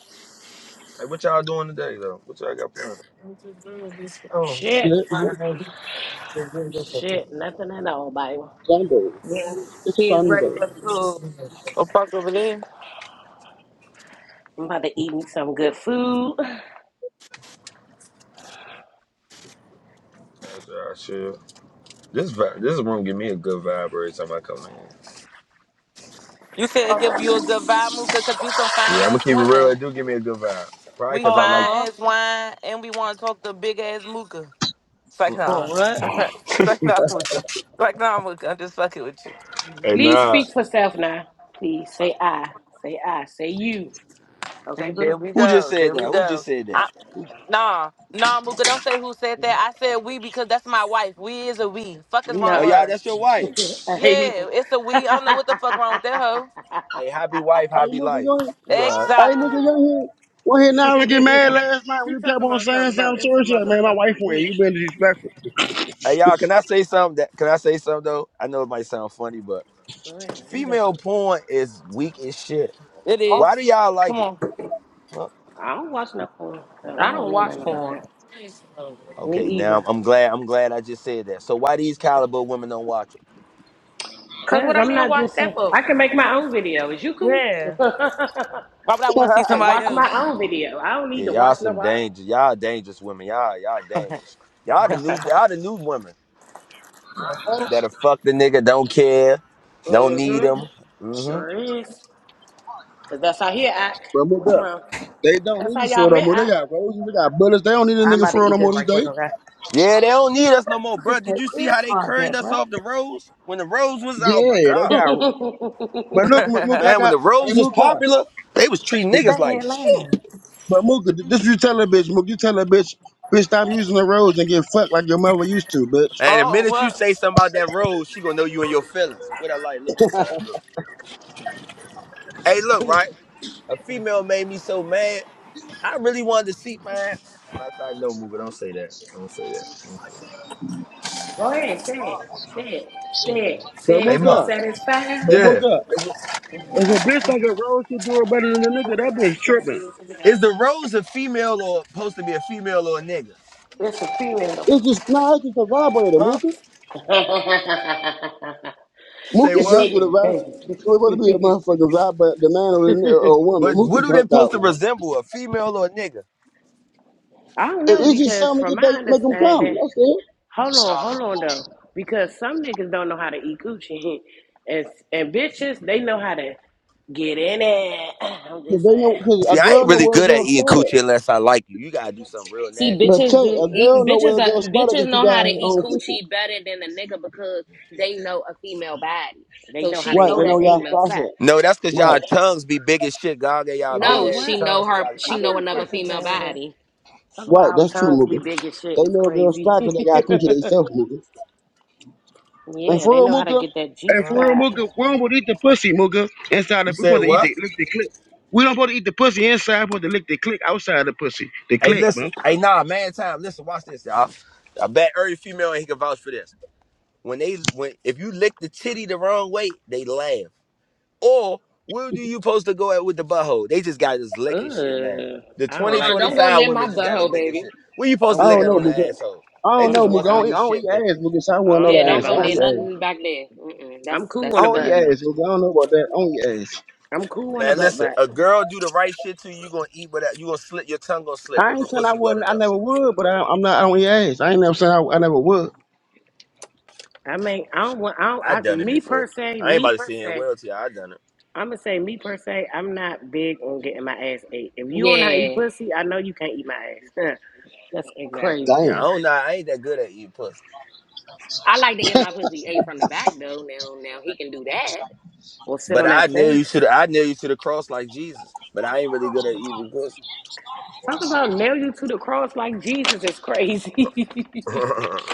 S5: Hey, what y'all doing today though? What y'all got planned?
S2: Shit,
S4: Yeah,
S2: shit, nothing at all, baby.
S4: It's Sunday.
S1: Yeah.
S4: It's
S1: She is ready
S4: Sunday.
S1: for the pool.
S3: Go park over there.
S2: I'm about to eat me some good food.
S5: That's y'all sure. This vibe, this room give me a good vibe every time I come in.
S3: You said give you a good vibe, Mooka, 'cause we some fine
S5: Yeah, I'm gonna
S3: ass
S5: keep it real.
S3: women.
S5: It do give me a good vibe. Probably
S3: We
S5: cause I like.
S3: fine
S1: Oh.
S3: as wine, and we want to talk to big ass mooka. It's like,
S5: Mm-mm.
S3: nah. it's like, nah, mooka. It's like, nah, mooka. I'm just fucking with you.
S5: Hey,
S2: Please
S5: nah.
S2: speak for self now. Please say I. Say I. Say you. Okay,
S3: See, there
S2: boo.
S3: we
S5: Who just
S3: go.
S5: said
S3: There
S5: that?
S3: we
S5: Who just
S3: go.
S5: said that?
S3: I,
S5: Who,
S3: nah, nah, mooka. Don't say who said that. I said we because that's my wife. We is a we. Fuck is wrong
S5: oh,
S3: with
S2: No.
S5: y'all,
S3: her?
S5: that's your wife.
S3: Yeah,
S2: Amen.
S3: it's a we. I don't know what the fuck wrong with that hoe.
S5: Hey, happy wife,
S4: Hey,
S5: happy
S4: Mooka,
S5: life.
S4: go ahead.
S5: You alright?
S4: Hey,
S3: Exactly.
S4: Mooka, go ahead. Well, here
S2: she
S4: Naira get mad last night when you kept
S2: talking
S4: on
S2: about
S4: saying
S2: something. No,
S4: something to
S2: it's a
S4: her. She like, man, my wife
S2: motherfucking
S4: went. You
S2: we.
S4: been disrespectful.
S5: Hey y'all, can I say something? That, can I say something though? I know it might sound funny, but
S2: Man, we
S5: female
S2: listen.
S5: porn is weak as shit.
S3: It
S1: Oh.
S5: Why
S3: is.
S5: do y'all
S3: Come
S5: like it?
S3: on.
S5: Huh?
S2: I don't watch no porn, so
S1: I
S2: I don't
S1: don't
S2: know
S1: watch
S2: nothing about
S1: porn.
S2: that. Me
S5: Okay, now
S2: either.
S5: I'm glad. I'm glad I just said that. So why these caliber women don't watch it?
S1: Cause what
S2: Cause
S1: I
S2: I'm
S1: need to
S2: not
S1: watch
S2: just. A,
S1: that for?
S2: I can make my own video. Is you cool?
S1: Yeah.
S3: Why would I want to see somebody
S2: watch
S3: else?
S2: my own video. I don't need
S5: Yeah,
S2: to
S5: y'all
S2: watch
S5: some
S2: nobody.
S5: danger. Y'all dangerous women. Y'all y'all dangerous. Y'all the new y'all the new women that'll fuck the nigga. Don't care. Don't need
S2: Mm-hmm.
S5: him. Mm-hmm.
S2: Sure is. Cause that's how he act.
S4: But
S2: What's
S4: Mooka,
S2: wrong?
S4: they don't
S2: That's
S4: need
S2: how
S4: us
S2: y'all
S4: for it no
S2: men
S4: more. They
S2: act.
S4: got roses, they got bullets. They don't need a
S1: I'm
S4: nigga
S1: about to
S4: for it no
S1: eat this
S4: more these
S1: right quick,
S4: days.
S1: okay?
S5: Yeah, they don't need us no more, bro.
S1: Put
S5: Did
S1: your
S5: you see
S1: ear
S5: how they
S1: pods
S5: carried
S1: at,
S5: us
S1: bro.
S5: off the roads when the roads was? Oh
S4: Yeah,
S5: my
S4: they
S5: god.
S4: got. But look, Mooka, I
S5: Man, when
S4: got.
S5: the
S4: Hey,
S5: rose was
S4: Mooka.
S5: popular, they was treating niggas
S1: Bang
S5: like
S1: it, laying on
S5: shit.
S4: But Mooka, th- this you tell a bitch, Mook, you tell a bitch, bitch, stop using the roads and get fucked like your mother used to, bitch.
S5: And the
S3: oh,
S5: minute you
S3: what?
S5: say something about that rose, she gonna know you in your feelings. What I like, look on the side of the look. Hey, look, right?
S2: Go
S5: A female made me so mad. I really wanted to see, man. Matter of fact, no, Mooga, don't say that. Don't say that. Don't say
S2: ahead, say it. Say it. Say it.
S4: But
S2: Say
S5: that.
S2: it
S5: Hey,
S2: till you
S5: Mom.
S4: Mooka,
S2: satisfied.
S4: but
S5: Yeah.
S4: Mooka, if, if a bitch like a road should do it better than a nigga, that bitch tripping.
S5: Is the rose a female or supposed to be a female or a nigga?
S2: It's a female.
S4: It's just, nah, it's just a vibrator,
S5: Huh?
S4: Mooka.
S5: You Say
S4: Mooka
S2: Cause
S5: what?
S4: said with a
S2: she,
S4: vibrator. It was supposed to be a motherfucking vibrator, the man or the or a woman.
S5: But
S4: Mooka
S5: what do they
S4: punked
S5: supposed
S4: out,
S5: to
S4: man.
S5: resemble, a female or a nigga?
S2: I don't
S4: It,
S2: know.
S4: it's just
S2: Because
S4: something
S2: from
S4: that
S2: my
S4: they make them come.
S2: understanding,
S4: That's it.
S2: hold on, hold on though. Because some niggas don't know how to eat coochie, and and bitches they know how to get in it. I'm
S4: Cause
S2: just
S4: they know,
S2: saying
S4: cause a
S5: See, I
S4: girl
S5: ain't
S4: know
S5: really
S4: where a
S5: good at
S4: girl
S5: eating
S4: spot at.
S5: coochie unless I like you. You gotta do something real
S1: See,
S5: nasty for
S4: But
S5: me
S1: bitches
S4: tell
S1: do
S5: to
S4: you,
S5: do
S4: a
S1: eat,
S5: nasty.
S4: girl know
S1: bitches
S4: where a
S1: are,
S4: girl spot at
S1: bitches
S4: if she
S1: know
S4: got
S1: how to
S4: her
S1: eat
S4: own pussy.
S1: coochie better than a nigga because they know a female body.
S2: they
S1: So
S2: know how
S1: she
S2: they
S4: Right,
S1: know
S4: they
S2: want to
S4: know
S1: that
S2: eat.
S4: y'all
S1: female fat.
S4: sponsor.
S5: No, that's cause y'all
S4: Right,
S5: tongues be big as shit. God gave y'all big
S2: Oh
S1: No,
S5: ass
S2: what?
S1: she know
S5: tongues so
S1: her.
S5: y'all can eat
S1: She
S2: I'm
S1: know
S5: that
S2: not
S1: another
S5: shit.
S2: fucking
S1: female
S2: playing with him.
S1: body.
S2: Talk about
S4: right,
S2: our
S4: that's true,
S2: tongues be
S4: Mooka.
S2: big as shit.
S4: They
S2: It's
S4: know they're a
S2: crazy.
S4: spot
S2: yeah,
S4: 'cause they got coochie themselves, Mooka. And for
S2: they
S4: real,
S2: know how to
S4: Mooka,
S2: get that G
S4: and for
S5: Huh?
S4: real,
S2: spot.
S4: Mooka, we don't supposed to eat the pussy, Mooka. Inside,
S5: You
S4: the, we
S5: said
S4: supposed to eat
S5: what?
S4: the lick the click. We don't supposed to eat the pussy inside, we supposed to lick the click outside the pussy. The
S5: Hey,
S4: click, bro.
S5: listen.
S4: I
S5: Hey, nah, man, time. Listen, watch this, y'all. I bet every female and he can vouch for this. When they when if you lick the titty the wrong way, they laugh. Or where do you supposed to go at with the butthole? They just got this licking shit now.
S2: Ugh,
S5: The
S2: I don't like that.
S5: 2025 women just got to
S2: Mm-mm.
S5: licking
S1: Baby.
S5: shit. Where you
S2: I
S5: supposed to
S2: don't
S5: lick
S4: don't
S2: play
S5: at
S4: know,
S5: on
S2: with my
S5: the
S4: Mooka.
S2: butt.
S5: asshole?
S4: I
S5: They
S4: don't know,
S5: just
S2: Mm-mm.
S5: want
S4: Mooka. I
S2: I,
S5: some
S4: don't
S2: don't,
S4: eat,
S5: new
S4: I don't
S5: shit.
S4: eat ass, Mooka, so I
S2: I
S4: wouldn't know
S2: don't
S1: Yeah,
S4: that
S2: play
S1: don't
S4: answer.
S2: by
S4: I
S1: go
S2: my
S4: don't
S1: near
S4: eat
S2: butt.
S4: ass.
S1: nothing back there. Mm-mm, that's
S2: I'm cool
S4: I
S2: on the
S1: that's a
S4: don't
S1: no
S2: butt.
S4: eat
S1: no.
S4: ass, Mooka. I don't know about that. I don't eat ass.
S2: I'm cool on the
S5: Man,
S2: butt,
S5: listen,
S2: but
S5: a girl do the right shit to you, you gonna eat without you gonna slip your tongue gonna slip
S4: I
S5: if her
S4: ain't saying I
S5: pussy wet
S4: wouldn't, I
S5: enough.
S4: never would, but I, I'm not, I don't eat ass. I ain't never saying I, I never would.
S2: I mean, I don't want, I don't,
S5: I
S2: I,
S5: done it
S2: me
S5: before.
S2: per se,
S5: I ain't
S2: me
S5: about to
S2: per
S5: sit here and
S2: se,
S5: wail to you. I done it.
S2: I'm gonna say me per se, I'm not big on getting my ass ate. If you don't know how to eat
S1: Yeah,
S2: pussy, I know you can't eat my ass. That's
S1: exactly.
S2: crazy.
S5: Yeah, I
S4: Damn.
S5: don't know. I ain't that good at eating pussy.
S1: I like to get my pussy ate from the back though. Now now he can do that.
S2: Or sit
S5: But
S2: on
S5: I
S2: that
S5: knew
S2: face.
S5: you should I knew you to the cross like Jesus. But I ain't really good at eating pussy.
S2: Talk about nail you to the cross like Jesus is crazy.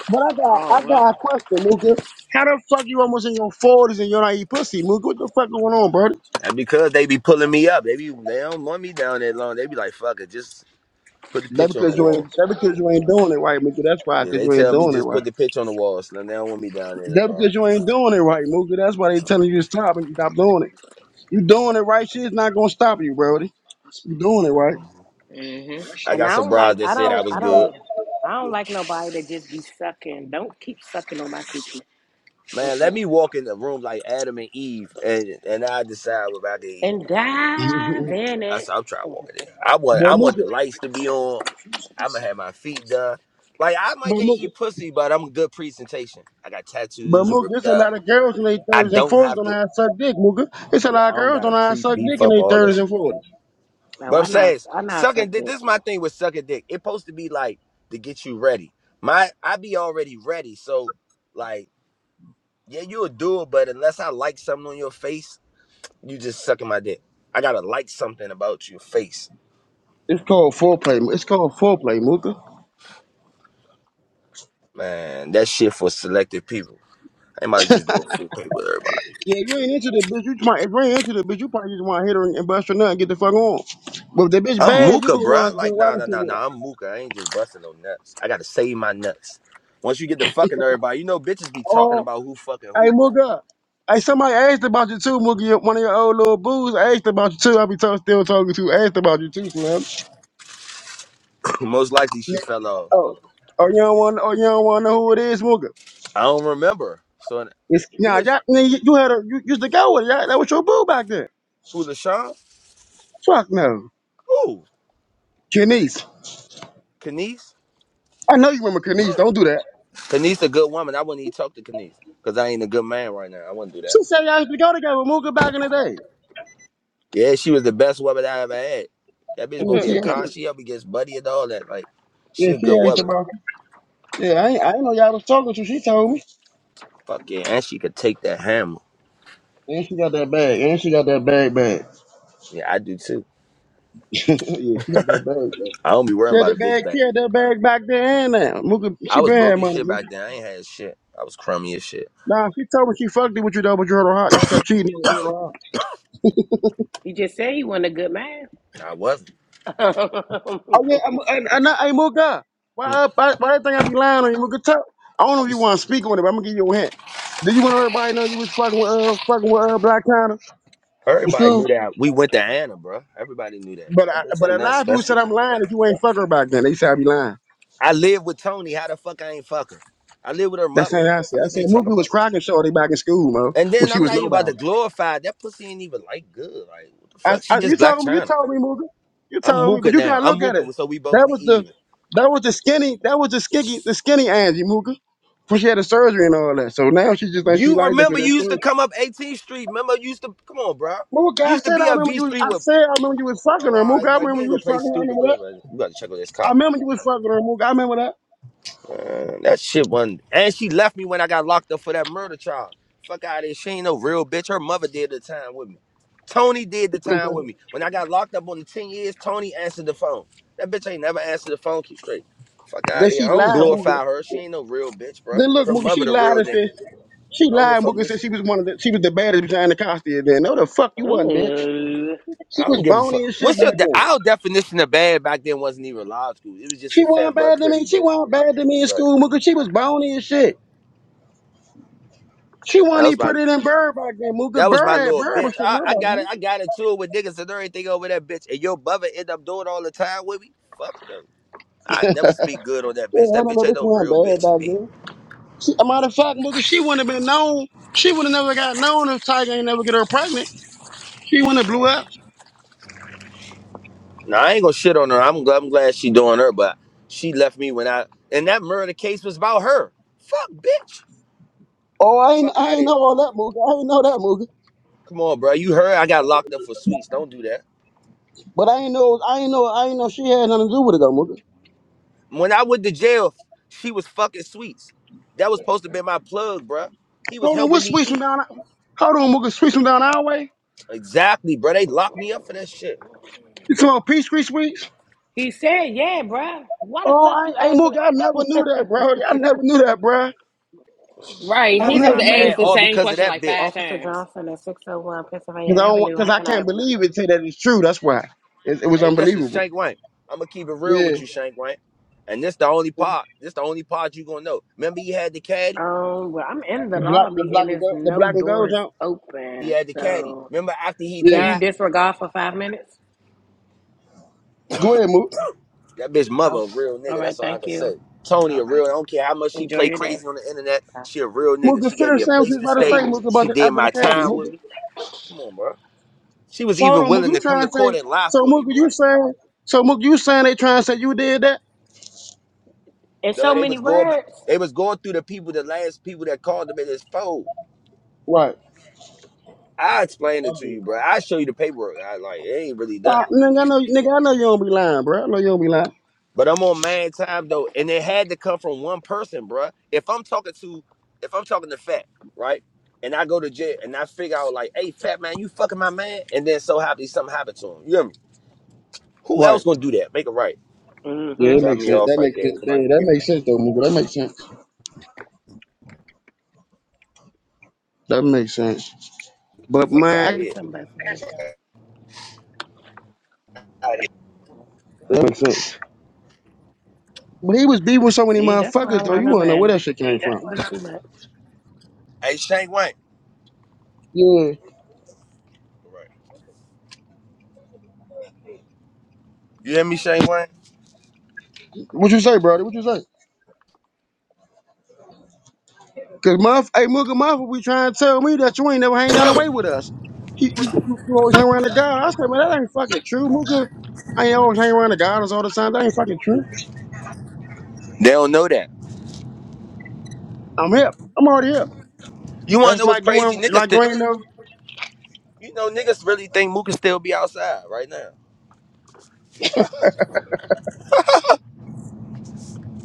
S4: But I got I got a question, Mooka. How the fuck you almost in your forties and you don't eat pussy, Mooka? What the fuck going on, brother?
S5: and because they be pulling me up, they be they don't want me down that long. They be like, fuck it, just put the
S4: That
S5: pitch on the
S4: because you
S5: wall.
S4: ain't that because you ain't doing it right, Mooka. That's why,
S5: Yeah,
S4: because
S5: they
S4: you ain't
S5: tell me
S4: doing it
S5: just
S4: right.
S5: put the pitch on the wall, Slim. They don't want me down there that
S4: That
S5: long.
S4: because you ain't doing it right, Mooka. That's why they telling you to stop and stop doing it. You doing it right, shit's not gonna stop you, brody. You doing it right.
S5: I
S2: And I
S5: got some
S2: don't
S5: bras
S2: like
S5: that
S2: I
S5: said I
S2: don't
S5: was
S2: I
S5: good.
S2: don't I don't like nobody that just be sucking. Don't keep sucking on my coochie.
S5: Man, let
S2: Mm-mm.
S5: me walk in the room like Adam and Eve, and and I decide what I to eat.
S2: And dive in
S5: I
S2: it.
S5: said, I'm trying walking in. there. I want
S4: but
S5: I want
S4: Mooka,
S5: the lights to be on. I'm gonna have my feet done. Like I might
S4: but
S5: can't
S4: Mooka.
S5: eat pussy, but I'm a good presentation. I got
S4: But
S5: tattoos and
S4: Mooka,
S5: ripped
S4: it's a
S5: up.
S4: lot of girls in their
S5: I
S4: thirties and
S5: don't
S4: forties
S5: have
S4: gonna
S5: to.
S4: have suck dick, Mooka. It's a
S5: Yeah,
S4: lot
S5: I
S4: of
S5: don't
S4: girls
S5: gotta
S4: gonna have
S5: pre
S4: suck dick
S5: beef
S4: in
S5: up
S4: their
S5: all
S4: thirties
S5: this.
S4: and forties.
S2: No,
S5: But I'm
S2: I not
S5: saying
S2: I not suck
S5: sucking dick.
S2: dick.
S5: This is my thing with sucking dick. It's supposed to be like to get you ready. My I be already ready. So like yeah, you'll do it, but unless I like something on your face. you just sucking my dick. I gotta like something about your face,
S4: It's called foreplay. It's called foreplay, Mooka.
S5: man. That shit for selective people. I ain't about to just do a full pay with everybody.
S4: Yeah, you ain't into the bitch. You just might, if you ain't into the bitch, you probably just want to hit her and bust her nut and get the fuck on. But if that bitch
S5: I'm
S4: bad, you
S5: Mooka,
S4: gonna
S5: bruh.
S4: want to do
S5: Like,
S4: wild
S5: nah, nah,
S4: shit
S5: nah,
S4: with
S5: nah. I'm Mooka. I ain't just busting no nuts. I gotta save my nuts. Once you get to fucking everybody, you know bitches
S4: her.
S5: be talking
S4: Oh,
S5: about who fucking
S4: hey,
S5: who.
S4: Mooga. Hey, somebody asked about you too, Mooga. your- One of your old little boos asked about you too. I be talk, still talking to asked about you too, Slim.
S5: Most likely she
S4: Yeah.
S5: fell off.
S4: Oh, oh, you don't want, oh, you don't want to know who it is, Mooga.
S5: I don't remember. So
S4: It's
S5: who
S4: nah,
S5: is
S4: y'all,
S5: she?
S4: man, you, had a, you used to go with it. Y'all, that was your boo back then.
S5: Who LaShawn?
S4: Fuck no,
S5: Who?
S4: Kenise.
S5: Kanice?
S4: I know you remember Kenise. Don't do that.
S5: Kanice a good woman. I wouldn't even talk to Kanice because I ain't a good man right now. I wouldn't do that.
S4: She said y'all used to go together, Mooga, back in the day.
S5: Yeah, she was the best woman I ever had. That bitch gonna
S4: Yeah,
S5: be a
S4: she,
S5: con. She up against Buddy and all that. Like, she
S4: Yeah,
S5: a
S4: she
S5: good
S4: asked
S5: woman.
S4: about it. Yeah, I ain't- I did know y'all was talking to. She told me.
S5: Fuck yeah, and she could take that hammer.
S4: And she got that bag. And she got that bag back.
S5: Yeah, I do too.
S4: yeah, she got that bag back.
S5: I don't be
S4: She
S5: worrying
S4: had
S5: about a
S4: that
S5: bitch
S4: bag. She
S5: bag.
S4: had that bag back there and now. Mooka, she
S5: I was
S4: been had
S5: broke as
S4: money.
S5: shit
S4: Mooka.
S5: back then. I ain't had shit. I was crummy as shit.
S4: Nah, she told me she fucked it with you though, but you heard her hot. You kept cheating on her. You heard her hot.
S2: he just said he wasn't a good man.
S5: I wasn't.
S4: Oh yeah, I'm, and, and I, hey Mooka, why
S5: Hmm.
S4: uh, why, why that thing I be lying on you, Mooka? Tell, I don't know if
S5: You
S4: you
S5: s-
S4: want to speak on it, but I'm gonna give you a hint. Did you want everybody to know you was fucking with uh fucking with uh Black China in
S5: Everybody
S4: school?
S5: knew that. We went to Anna, bro. Everybody knew that.
S4: But
S5: That
S4: I,
S5: bitch
S4: but a
S5: ain't nothing
S4: lot of people
S5: special.
S4: said I'm lying if you ain't fucking her back then. They said I be lying.
S5: I live with Tony. How the fuck I ain't fuck her? I live with her
S4: That's how
S5: mother.
S4: I
S5: What the
S4: said.
S5: fuck
S4: I
S5: is
S4: said
S5: they talking
S4: Moogie was
S5: about?
S4: cracking shorty back in school, Mo,
S5: And
S4: when
S5: then
S4: she
S5: I'm
S4: was
S5: not even about to
S4: nobody.
S5: glorify. That pussy ain't even like good. Like, what the
S4: I,
S5: fuck? She
S4: I you
S5: just black
S4: told me, you
S5: China.
S4: told me, Moogie, you
S5: I'm
S4: told me,
S5: Mooka
S4: but you
S5: now.
S4: gotta
S5: I'm
S4: look at it.
S5: Mooka, so we both
S4: That
S5: we
S4: was the,
S5: even.
S4: that was the skinny, that was the skinny, the skinny Angie Moogie, when she had the surgery and all that. So now she just thinks she
S5: You
S4: like that
S5: remember
S4: because
S5: you
S4: that's
S5: used
S4: surgery.
S5: to come up 18th Street. Remember you used to come on, bro.
S4: Moogie,
S5: You
S4: I
S5: used to
S4: said
S5: be
S4: I
S5: at
S4: remember
S5: V
S4: you.
S5: Street
S4: I
S5: with
S4: said I remember you was fucking
S5: oh
S4: her,
S5: all
S4: Moogie.
S5: right,
S4: I
S5: like we
S4: remember
S5: ain't
S4: you
S5: gonna
S4: was
S5: play
S4: fucking her. I
S5: stupid.
S4: remember
S5: Go
S4: that.
S5: man. You gotta check on this
S4: I
S5: car.
S4: remember you was fucking her, Moogie. I remember that.
S5: Man, that shit wasn't and she left me when I got locked up for that murder charge. Fuck out of here. She ain't no real bitch. Her mother did the time with me. Tony did the time with me. When I got locked up on the 10 years, Tony answered the phone. That bitch ain't never answered the phone. Keep straight. Fuck out
S4: Then
S5: of here.
S4: she
S5: I don't
S4: lied, Moogie.
S5: glorify her. She ain't no real bitch, bro.
S4: Then look,
S5: Her
S4: Mookie,
S5: mother
S4: she
S5: the
S4: lied
S5: real
S4: and
S5: nigga.
S4: said she
S5: I don't give
S4: lied.
S5: a
S4: And
S5: fuck
S4: Mookie
S5: which.
S4: said she was one of the she was the baddest behind the costume. Then no, the fuck you wasn't, bitch.
S2: Ooh.
S4: She
S5: I
S4: was
S5: don't give a fuck.
S4: bony as shit
S5: What's your
S4: back
S5: de-
S4: then.
S5: our definition of bad back then wasn't even law school. It was just a
S4: She wasn't
S5: fat butt
S4: bad to
S5: pretty
S4: me. She
S5: bitch.
S4: wasn't
S5: Right.
S4: bad to me in
S5: Right.
S4: school, Mookie. She was bony as shit. She
S5: That
S4: wasn't
S5: was
S4: even
S5: my
S4: prettier than Bird back then, Mookie.
S5: that was
S4: Bird
S5: my
S4: had
S5: little
S4: Bird was
S5: bitch. I,
S4: prettier
S5: I
S4: back
S5: got
S4: then.
S5: it. I got into it with niggas and everything over that bitch. And your brother end up doing all the time with me. Fuck no. I never speak good on that
S4: Yeah,
S5: bitch.
S4: I
S5: That
S4: don't
S5: bitch
S4: know
S5: ain't
S4: this
S5: no
S4: one
S5: real
S4: bad
S5: bitch to
S4: back
S5: be.
S4: then. She, a matter of fact, Mookie, she wouldn't have been known. She would have never got known if Tiger ain't never get her pregnant. She wouldn't have blew up.
S5: Now I ain't gonna shit on her. I'm glad I'm glad she doing her, but she left me when I and that murder case was about her. Fuck bitch.
S4: Oh, I ain't,
S5: Fuck
S4: I
S5: out of
S4: ain't
S5: here.
S4: know all that, Mookie. I ain't know that, Mookie.
S5: Come on, bro. You heard I got locked up for sweets. Don't do that.
S4: But I ain't know, I ain't know, I ain't know she had nothing to do with it though, Mooka.
S5: When I went to jail, she was fucking sweets. That was supposed to be my plug, bruh. He was
S4: Hold on,
S5: helping
S4: what
S5: me
S4: sweets from
S5: eat.
S4: down? Hold on, Mooka, sweets from down our way.
S5: Exactly, bruh. They locked me up for that shit.
S4: You talking about peach tree sweets?
S2: he said, "Yeah, bruh. Why the fuck
S4: Oh,
S2: you
S4: I, hey,
S2: asking?"
S4: Mooka, I never knew that, bro. I never knew that, bro.
S1: Right.
S5: And
S4: I
S5: that
S1: He
S5: was
S4: never
S1: just
S5: my
S4: knew that
S5: man,
S1: asked the
S4: shit.
S5: all
S1: same
S5: because of
S1: question
S5: that
S1: like five
S5: bitch.
S2: Officer
S1: times.
S2: Johnson at six hundred one
S4: Cause
S2: Pennsylvania
S4: I don't, want-
S2: Avenue.
S4: cause
S2: How
S4: I
S2: can I
S4: can't
S2: help you?
S4: believe it. Say that it's true. That's why. It, it was
S5: Hey, listen,
S4: unbelievable.
S5: Shank Wank. I'ma keep it real
S4: Yeah.
S5: with you, Shank Wank. And this the only part. This the only part you gonna know. Remember he had the caddy?
S2: Um, well, I'm in the
S4: The black, the
S2: lobby
S4: black
S2: and
S4: and
S2: there's
S4: gold, the
S2: no
S4: black and gold
S2: doors
S4: jump.
S5: He
S2: open,
S5: had the caddy.
S2: so.
S5: Remember after he
S4: Yeah.
S2: Can you
S5: died?
S2: disregard for five minutes?
S4: Go ahead, Mooka.
S5: That bitch mother
S2: Oh,
S5: a real
S2: all
S5: nigga.
S2: right.
S5: That's all I
S2: Thank
S5: can
S2: you.
S5: say. Tony
S2: All
S5: a
S2: right.
S5: real. I don't care how much she
S2: Enjoy
S5: play
S2: your day.
S5: crazy on the internet.
S2: Bye.
S5: She a real nigga.
S4: Mooka,
S5: She gave me
S4: finish
S5: a
S4: saying what
S5: place
S4: you was
S5: to
S4: about to
S5: stay.
S4: say, Mooka, about
S5: She
S4: the
S5: did
S4: after the
S5: my
S4: caddy,
S5: time with
S4: Mooka.
S5: me. Come on, bro. She was
S4: So hold
S5: even
S4: on, Mooka,
S5: willing
S4: you
S5: to come
S4: trying
S5: to
S4: to say?
S5: court and lie
S4: So
S5: for me,
S4: Mooka, you
S5: bruh.
S4: saying? So Mooka, you saying they trying to say you did that?
S2: And
S5: Though
S2: so
S5: they
S2: many
S5: was going, ba-
S2: words.
S5: they was going through the people, the last people that called them in his phone.
S4: Right.
S5: I explained it to
S4: Humble.
S5: you, bruh. I show you the paperwork. I like it ain't really done.
S4: Ah, nigga, I know, nigga, I know you don't be lying, bro. I know you don't be lying.
S5: But I'm on man time though, and it had to come from one person, bruh. If I'm talking to, if I'm talking to Fat, right, and I go to jail and I figure out like, hey, Fat man, you fucking my man, and then so happy something happened to him. You hear me? Who
S4: Right.
S5: else gonna do that? Make it right.
S4: Yeah,
S2: Mm-hmm.
S4: it
S5: Drop
S4: makes
S5: me
S4: sense.
S5: off
S4: That
S5: right
S4: makes
S5: there and
S4: sense.
S5: come
S4: Yeah,
S5: out and
S4: that
S5: get me.
S4: makes sense though, nigga. That makes sense. That makes sense. But
S5: Fuck
S2: I
S5: out
S2: got
S5: of
S4: man,
S2: me
S5: here.
S2: some bus boy. So.
S4: that makes sense. But he was beefing with so many
S2: See, that's why I
S4: motherfuckers
S2: don't
S4: though.
S2: got
S4: You
S2: no
S4: wanna know where
S2: man.
S4: that shit came from?
S2: It be too much.
S5: Hey, Shane Wayne.
S4: Yeah.
S5: Right. You hear me, Shane Wayne?
S4: What you say, brother? What you say? Cause motherf- hey, Mugga Muffa, we trying to tell me that you ain't never hang down away with us. He, you, you you always hang around the guy. I said, man, that ain't fucking true, Mugga. I ain't always hang around the guys all the time. That ain't fucking true.
S5: They don't know that.
S4: I'm hip. I'm already hip.
S5: You wanna
S4: That's
S5: know what's
S4: like you
S5: crazy?
S4: ain't
S5: Niggas
S4: like
S5: still
S4: you ain't never.
S5: you know, niggas really think Mook can still be outside right now.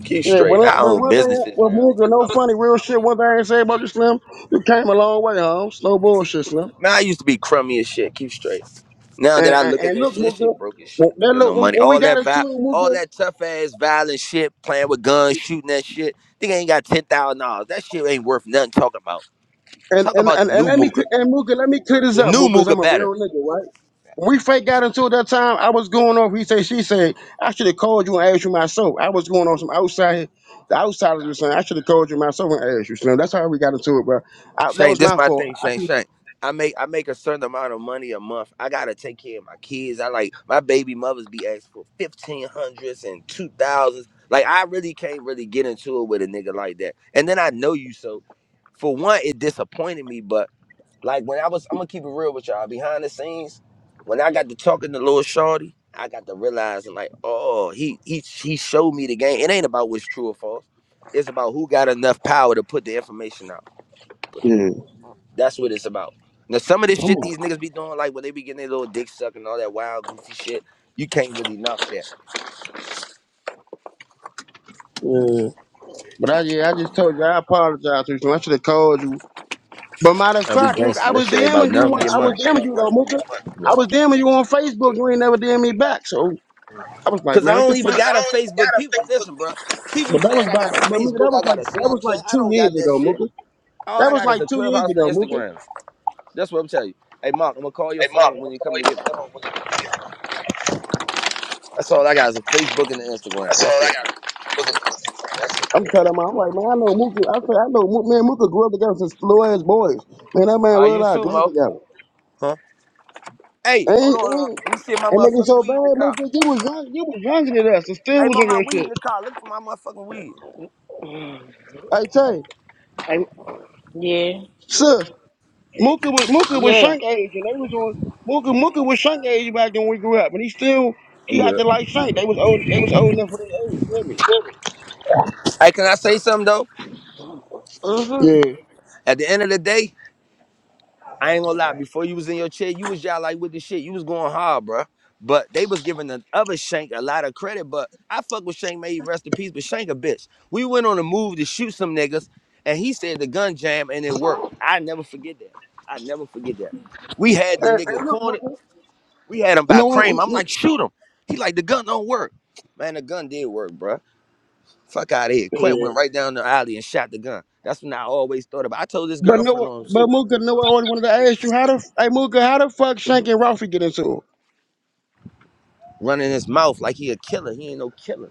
S5: Keep
S4: Yeah, well,
S5: straight.
S4: that-
S5: I
S4: well,
S5: own
S4: one thing,
S5: businesses
S4: well,
S5: now.
S4: Mooka, no
S5: I'm a,
S4: funny, real shit. One thing I ain't say about you, Slim, you came a long way, homes. No bullshit, Slim.
S5: man, I used to be crummy as shit. Keep straight. Now that
S4: And,
S5: I
S4: and,
S5: look at
S4: and
S5: that
S4: look,
S5: shit, that
S4: Mooka,
S5: shit broke as shit.
S4: well, now
S5: Got no
S4: look when,
S5: money.
S4: when we
S5: All
S4: got
S5: that
S4: into it
S5: vi-
S4: too,
S5: all
S4: Mooka,
S5: that tough ass violent shit, playing with guns, shooting that shit. Nigga ain't got ten thousand dollars. That shit ain't worth nothing talking about.
S4: and
S5: Talk
S4: and,
S5: about the
S4: and and
S5: new
S4: let me cl-
S5: Mooka.
S4: and Mooka, let me clear this
S5: The
S4: up,
S5: new
S4: Mooka, i I'm
S5: Mooka
S4: a
S5: better.
S4: real nigga, right? When we fake got into it that time, I was going off. He say, she said, I should have called you and asked you myself. I was going on some outside, the outsiders were saying, I should have called you myself and asked you, Slim. That's how we got into it, bro. I, that
S5: Shane,
S4: was
S5: this
S4: my
S5: my
S4: fault.
S5: thing, Shane. Shane, I make I make a certain amount of money a month. I gotta take care of my kids. I like my baby mothers be asking for fifteen hundreds and two thousands. Like I really can't really get into it with a nigga like that. And then I know you, so for one, it disappointed me. But like when I was, I'm gonna keep it real with y'all. Behind the scenes, when I got to talking to Lil Shorty, I got to realizing like, oh, he he he showed me the game. It ain't about what's true or false. It's about who got enough power to put the information out. Put it right.
S4: Yeah,
S5: That's what it's about. Now some of this
S4: come
S5: shit
S4: on.
S5: these niggas be doing, like when they be getting their little dick sucked and all that wild goofy shit, you can't really knock that.
S4: Yeah. But I, yeah, I just told you I apologize to you. I should have called you. But matter of
S5: And we
S4: fact, Mooka, I
S5: gangsters. That
S4: was
S5: shit ain't about
S4: DMing you.
S5: nothing. We get
S4: on- I was
S5: money.
S4: DMing you though, Mooka.
S5: You
S4: I was
S5: welcome.
S4: DMing you on Facebook. You ain't never DM me back. So I was like,
S5: Cause I
S4: man, what the
S5: don't
S4: fuck?
S5: even
S4: 'Cause
S5: got a
S4: I don't even
S5: Facebook.
S4: got a
S5: People
S4: Facebook.
S5: listen, bro. People
S4: But that was
S5: saying I
S4: back.
S5: got a
S4: But Mooka, that
S5: Facebook,
S4: was
S5: I
S4: like
S5: got a
S4: that was
S5: Snapchat.
S4: like
S5: I
S4: two
S5: don't got
S4: years
S5: that
S4: ago,
S5: shit.
S4: Mooka.
S5: All
S4: That
S5: I
S4: was
S5: got is
S4: like
S5: a
S4: two years
S5: clubhouse and an
S4: ago, Mooka.
S5: Instagram. That's what I'm telling you. Hey Mark, I'm gonna call your phone when you come to get me. That's all I got is a Facebook and an Instagram. That's it.
S4: I'm telling him, I'm like, man, I know Mooka. I say, I know Mooka. Man, Mooka grew up together since Flores boys. Man, that
S5: All
S4: man
S5: right, you
S4: realized
S5: too,
S4: grew up
S5: Mo.
S4: together.
S5: Huh? Hey, hold
S4: Ain't
S5: on. uh,
S4: ain't.
S5: Let me see if my
S4: And nigga
S5: motherfucking
S4: so bad,
S5: weed in the car.
S4: Mooka. You was young, you was younger than us, and still
S5: Hey,
S4: was on
S5: mom, my
S4: your
S5: weed in
S4: shit.
S5: the car. Look for my motherfucking weed.
S4: Hey Tay,
S2: I, yeah.
S4: sis, Mooka was Mooka was
S2: Yeah.
S4: Shank age, and they was on Mooka Mooka was Shank age back then when we grew up, and he still he
S5: I'm
S4: had
S5: good.
S4: acted like Shank. They was old, they was old enough for their age.
S5: Hey, can I say something though?
S4: You
S2: Mm-hmm.
S4: hear me? Yeah.
S5: At the end of the day, I ain't gonna lie. Before you was in your chair, you was y'all like with the shit. You was going hard, bruh. But they was giving the other Shank a lot of credit. But I fuck with Shank, may he rest in peace. But Shank a bitch. We went on a move to shoot some niggas, and he said the gun jam, and it worked. I never forget that. I never forget that. We had the
S4: And,
S5: nigga
S4: and look,
S5: cornered.
S4: Mooka,
S5: We had him by
S4: no one,
S5: cream. I'm like, shoot him. He like the gun don't work. Man, the gun did work, bruh. Fuck out of here. Quet
S4: Yeah.
S5: went right down the alley and shot the gun. That's what I always thought about. I told this
S4: but no,
S5: girlfriend
S4: one-
S5: on him
S4: but
S5: too.
S4: Mooka, no one always wanted to ask you how the, hey Mooka, how the fuck Shank and Ralphie get into it?
S5: Running his mouth like he a killer. He ain't no killer.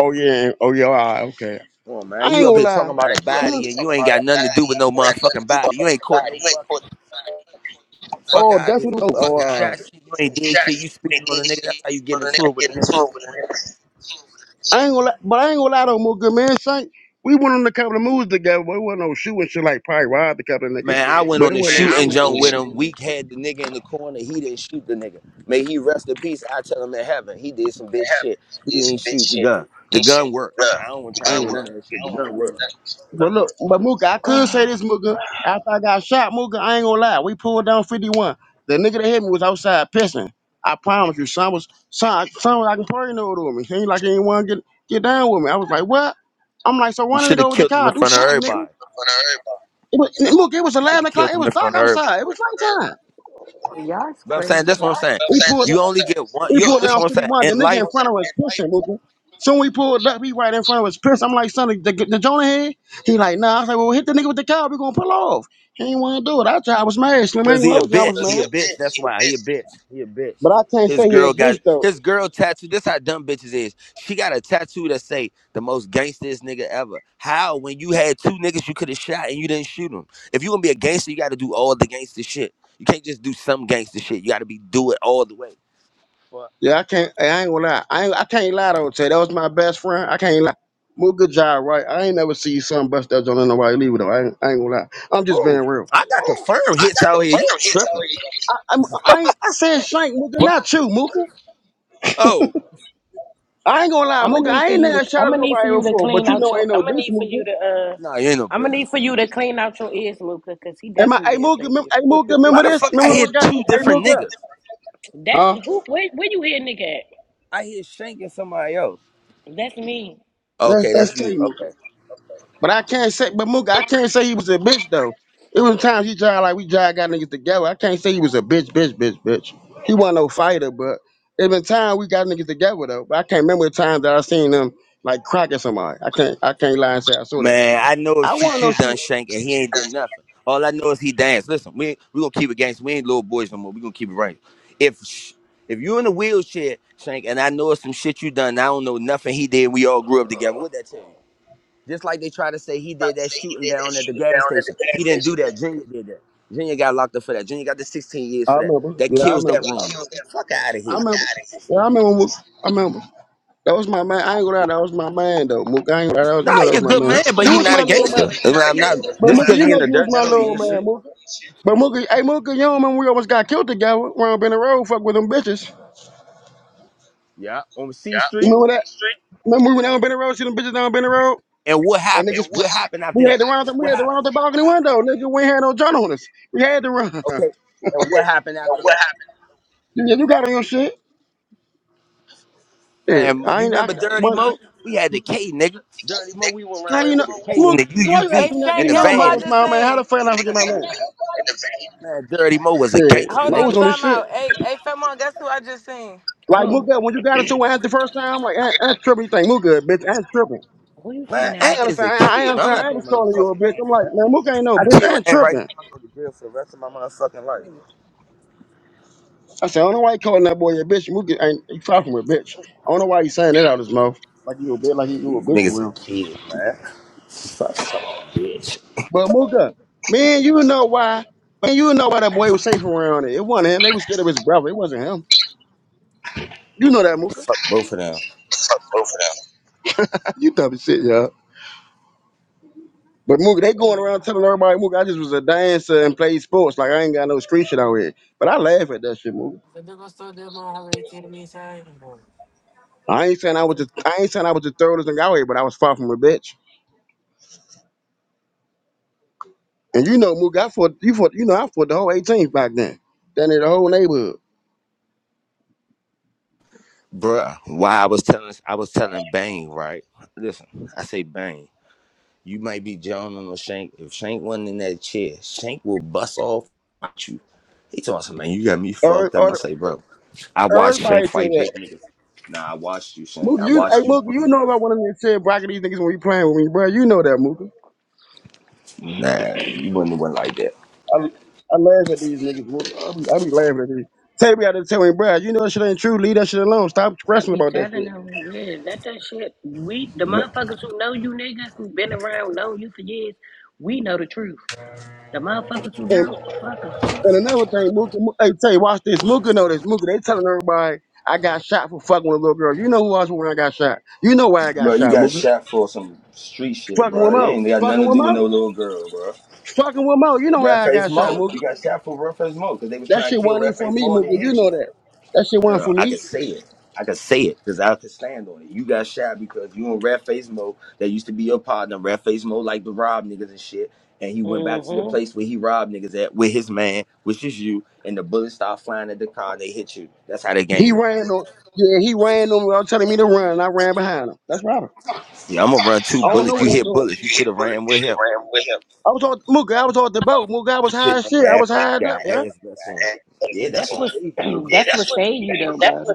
S4: Oh yeah, oh yeah, all right, okay.
S5: Come on, man.
S4: I ain't
S5: You up
S4: gonna
S5: here
S4: lie.
S5: talking
S4: Man,
S5: about a
S4: you over here
S5: body and you
S4: talking
S5: ain't
S4: about a
S5: got nothing to do
S4: body, you
S5: with
S4: ain't
S5: no
S4: got nothing to
S5: motherfucking
S4: do with
S5: body. You
S4: fucking
S5: ain't caught
S4: body.
S5: no
S4: You ain't
S5: bucket.
S4: supposed to-
S5: Fuck
S4: Oh,
S5: out of
S4: that's
S5: here.
S4: what. Oh, oh,
S5: You ain't
S4: right.
S5: shot shit. You ain't did shit. You speaking on a nigga. That's how you get into it with a nigga.
S4: I ain't gonna, lie, but I ain't gonna lie though, more good man. Saint, we went on a couple of moves together, but it wasn't no shooting shit like probably robbed a couple of niggas,
S5: Man, I went
S4: but
S5: on
S4: it
S5: a
S4: wasn't Man, no I
S5: shooting jump
S4: shooting
S5: with
S4: shit.
S5: him. We had the nigga in the corner. He didn't shoot the nigga. May he rest in peace. I tell him in heaven. He did some bitch shit. He didn't shoot the gun. The gun worked. I don't want to
S4: though.
S5: try
S4: I
S5: to
S4: ain't
S5: hear
S4: gonna.
S5: none
S4: will.
S5: of that shit. The gun worked.
S4: But look, but Mooka, I could say this, Mooka. After I got shot, Mooka, I ain't gonna lie. We pulled down 51. The nigga that hit me was outside pissing. I promise you, son was son, son was like partying over me. He ain't like anyone get get down with me. I was like, what? I'm like, so
S5: You
S4: why didn't they
S5: should
S4: go
S5: have
S4: with the
S5: killed him
S4: car?
S5: in
S4: Do
S5: front of
S4: something, nigga.
S5: everybody.
S4: It was, Mooka, it was
S5: You should
S4: 11
S5: have
S4: o'clock.
S5: killed
S4: It
S5: him
S4: was
S5: in
S4: dark
S5: front of everybody.
S4: outside. It was nighttime.
S2: Y'all is
S5: But I'm saying that's
S2: crazy.
S5: what I'm saying.
S4: We pulled up,
S5: You only get one.
S4: we
S5: You,
S4: pulled
S5: that's
S4: down
S5: what
S4: 51.
S5: I'm saying.
S4: The
S5: In
S4: nigga
S5: life.
S4: in front of us pushing, nigga. Soon we pulled up, he right in front of us pissing. I'm like, son, the, the Jonah head? He like, nah. I was like, well, hit the nigga with the car. We gonna pull off. He ain't want to do it. I tried. I was mad. Slim ain't
S5: Cause
S4: gonna
S5: he a
S4: hold you. I was
S5: bitch. He a
S4: mad.
S5: bitch. That's why he a bitch. He a bitch.
S4: But I can't
S5: His
S4: say he a
S5: girl got
S4: bitch though.
S5: his girl tattooed. This how dumb bitches is. She got a tattoo that say the most gangstest nigga ever. How when you had two niggas you could have shot and you didn't shoot them? If you gonna be a gangster, you got to do all the gangster shit. You can't just do some gangster shit. You got to be do it all the way. But
S4: Yeah, I can't. hey, I ain't gonna lie. I ain't, I can't lie though. Tay, that was my best friend. I can't lie. Well, good job, right? I ain't never see son bust that joint on nobody leave it though. I ain't, I ain't gonna lie. I'm just being
S5: ooh,
S4: real.
S5: I got confirmed hits out here. You tripping?
S4: I, I'm, I, ain't- I said Shank Mooka,
S5: What?
S4: not you, Mooka.
S5: Oh,
S4: I ain't gonna lie,
S2: I'm gonna
S4: Mooka.
S2: need
S4: I
S2: for
S4: ain't
S2: you to.
S4: never shot
S2: I'm
S4: at
S2: gonna need for
S4: nobody
S2: you to
S4: before, but
S2: clean
S4: you
S2: out
S4: know,
S2: your.
S4: ain't
S2: I'm
S4: no
S2: gonna
S4: bitch,
S2: need for
S4: Mooka.
S2: you to. Uh.
S5: no, you ain't no
S2: I'm
S5: bitch.
S2: gonna need for you to clean out your ears, Luca, because he
S4: Am I, hey,
S2: definitely didn't
S4: Mooka,
S2: say
S4: mem-
S2: you.
S4: hey, Mooka,
S5: Why
S4: remember
S5: the
S4: this?
S5: fuck I
S4: Remember
S5: hear
S4: what got
S5: two
S4: Hey,
S5: different
S4: Mooka.
S5: niggas?
S2: That's
S4: Huh?
S2: who. Where, where you hear nigga at?
S5: I hear shanking somebody else.
S2: That's me.
S4: That's
S5: Okay,
S4: that's
S5: that's
S4: true,
S5: you. Okay.
S4: Mooka. But I can't say, but Mooka, I can't say he was a bitch though. It was times he tried like we tried got niggas together. I can't say he was a bitch, bitch, bitch, bitch. He wasn't no fighter, but it been time we got niggas together though. But I can't remember the time that I seen them like cracking somebody. I can't, I can't lie and say I saw that.
S5: Man, I know
S4: I want to
S5: shit
S4: know
S5: you
S4: shit.
S5: done shank and he ain't did nothing. All I know is he danced. Listen, we we gonna keep it gangster. We ain't little boys no more. We gonna keep it right. If sh- if you in a wheelchair, Shank, and I know it's some shit you done, I don't know nothing he did. We all grew up together. What that tell you? Just like they try to say he did that shooting down at the gas station. He didn't do that. Junior did that. Junior got locked up for that. Junior got the 16 years
S4: I
S5: for that.
S4: remember.
S5: That
S4: Yeah, I
S5: kills
S4: remember.
S5: that
S4: I
S5: rumor.
S4: remember.
S5: Fuck out of
S4: I
S5: here.
S4: remember. Yeah, I remember. Mooka. I remember. That was my man. I ain't gonna lie, that was my man though. Mook, I ain't gonna lie, that was,
S5: Nah,
S4: you know that
S5: he a
S4: was my
S5: good
S4: man.
S5: man, but
S4: You
S5: he
S4: was
S5: not a
S4: my little man.
S5: gangster. I mean, I'm not
S4: But
S5: just
S4: Mooka,
S5: because
S4: you
S5: he
S4: know
S5: in the
S4: you was
S5: dirt, that
S4: my
S5: don't
S4: little
S5: mean
S4: man,
S5: shit.
S4: Mooka. But Mooka, hey Mooka, you don't remember we almost got killed together around Bennett Road, fuck with them bitches.
S5: Yeah, on C
S4: You
S5: Street.
S4: remember that? Remember we went down Bennett Road, see them bitches down Bennett Road?
S5: And what
S4: And
S5: happened?
S4: niggas
S5: What happened after
S4: we had
S5: that?
S4: to run out the we
S5: What
S4: had to run
S5: happened?
S4: out the balcony window, nigga. We ain't had no gun on us. We had to run.
S5: Okay. And what happened after that?
S4: Yeah, you got on your shit. Yeah,
S5: Man,
S4: I
S5: you
S4: ain't I
S5: remember Dirty
S4: but
S5: Mo? We had the K, nigga. Dirty Mo, we went
S4: now
S5: around here
S4: you know
S5: with the K and
S4: Mooka,
S5: the
S4: why you
S5: UUV
S3: Hey,
S4: asking that?
S5: in
S3: Shane,
S4: You
S5: the
S3: guess
S4: know
S3: who
S4: Mo
S3: I
S5: van,
S4: was
S5: nigga.
S3: just
S4: my man. How
S3: seen?
S4: the fuck I forget my man?
S5: Man, Dirty Mo was a
S4: Yeah,
S5: gangster,
S3: Hold on,
S4: Mo's
S5: nigga.
S4: on this
S3: time
S4: shit.
S3: out. Hey, hey, Femon, guess who I just seen?
S4: Like Mook
S2: Who?
S4: got- when you got into it at the first time, I'm like, I ain't tripping. You think Mook good, bitch? I ain't tripping.
S2: who you see
S5: Man,
S4: I ain't
S2: now?
S5: Ant is a
S4: understand. I ain't
S5: kid, man. I'm
S4: understand.
S5: not
S4: I
S5: thinking
S4: was
S5: about no
S4: calling you a
S5: fucking
S4: bitch.
S5: Ant.
S4: I'm like, man, Mook ain't no
S5: I
S4: bitch. I
S5: kill
S4: ain't
S5: Ant right now.
S4: tripping.
S5: I'm gonna go to jail for the rest of my motherfucking life.
S4: I said, I don't know why you calling that boy a bitch. Mook ain't he far from a bitch. I don't know why he's saying that out his mouth. Like you a bitch, like you a
S5: These
S4: bitch for
S5: niggas a
S4: real.
S5: kid, man. Fuck some bitch.
S4: But Mooka, man, you know why? Man, you know why that boy was safe around it. It wasn't him. They was scared of his brother. It wasn't him. You know that, Mooka.
S5: Fuck both of them.
S4: You dumb as shit, y'all. But Mookie, they going around telling everybody, Mookie, I just was a dancer and played sports. Like I ain't got no street shit out here. But I laugh at that shit, Mookie. I ain't saying I was the I ain't saying I was the thirdest thing out here, but I was far from a bitch. And you know, Mookie, I fought you fought you know I fought the whole 18th back then. Down in the whole neighborhood.
S5: Bruh, why I was telling I was telling Bane, right? Listen, I say Bane. You might be John or Shank. If Shank wasn't in that chair, Shank will bust off at you. He told me, man, you got me
S4: Or,
S5: fucked up. I
S4: or
S5: say, bro, I watched Shank
S4: everybody said
S5: fight
S4: that.
S5: big niggas. Nah, I watched you, Shank.
S4: Mookie.
S5: I
S4: you hey,
S5: watched you.
S4: Mook, you know about one of them said bracket these niggas when we playing with me, bro. You know that, Mookie.
S5: Nah, you wouldn't have went like that.
S4: I, I laugh at these niggas, Mookie. I be, I be laughing at these. Tell me out there telling me, bro, you know that shit ain't true. Leave that shit alone. Stop
S2: I
S4: stressing
S2: be
S4: about that
S2: telling
S4: shit.
S2: them, yeah, let that shit. We the
S5: N-
S2: motherfuckers who know you niggas who been around know you for years. We know the truth. The motherfuckers who don't, fuck them.
S4: And another thing, Mooka, Mo- hey, tell you, watch this. Mooka know this. Mooka, they telling everybody I got shot for fucking with a little girl. You know who I was when I got shot. You know why I got
S5: Bro, you
S4: shot,
S5: got
S4: Mooka.
S5: shot for some street shit,
S4: Fucking with
S5: bro. It
S4: Mo.
S5: ain't got
S4: Fucking
S5: nothing to
S4: with
S5: do with
S4: Mo.
S5: no little girl, bro.
S4: Fucking with Mo. You know
S5: Red
S4: why I
S5: Face
S4: got shot,
S5: Mo.
S4: Mooka.
S5: You got shot for Red Face Mo because they was
S4: That
S5: trying
S4: shit
S5: to kill
S4: wasn't even
S5: Red
S4: for
S5: Face
S4: me,
S5: Mo and
S4: Mooka.
S5: they
S4: You
S5: hit
S4: know
S5: you.
S4: that. That shit wasn't
S5: Uh,
S4: for
S5: I can
S4: me.
S5: say it. I can say it because I can stand on it. You got shot because you in red face mode. That used to be your partner, red face mode, like the rob niggas and shit. And he went back to the
S2: Mm-hmm.
S5: place where he robbed niggas at with his man, which is you. And the bullets start flying at the car and they hit you. That's how the
S4: He
S5: game went.
S4: ran on. Yeah, he ran on without telling me to run, and I ran behind him. That's right.
S5: Yeah, I'm gonna run two
S4: I don't know
S5: bullets.
S4: what
S5: You
S4: he's
S5: hit
S4: doing.
S5: bullets. You
S4: You
S5: should
S4: hit
S5: have
S4: bullet. You
S5: ran with
S4: should
S5: him.
S4: have ran with him. I was on
S5: You
S4: Mooka. I was on the boat. Mooka, I was high
S5: sitting
S4: as
S5: on
S4: shit. I
S5: there
S4: was
S5: acting like
S4: high up,
S5: you got
S4: yeah.
S5: ass vest on. Yeah, that's
S2: That's
S5: what
S2: what's
S5: saved you.
S2: that's what say you though, brother.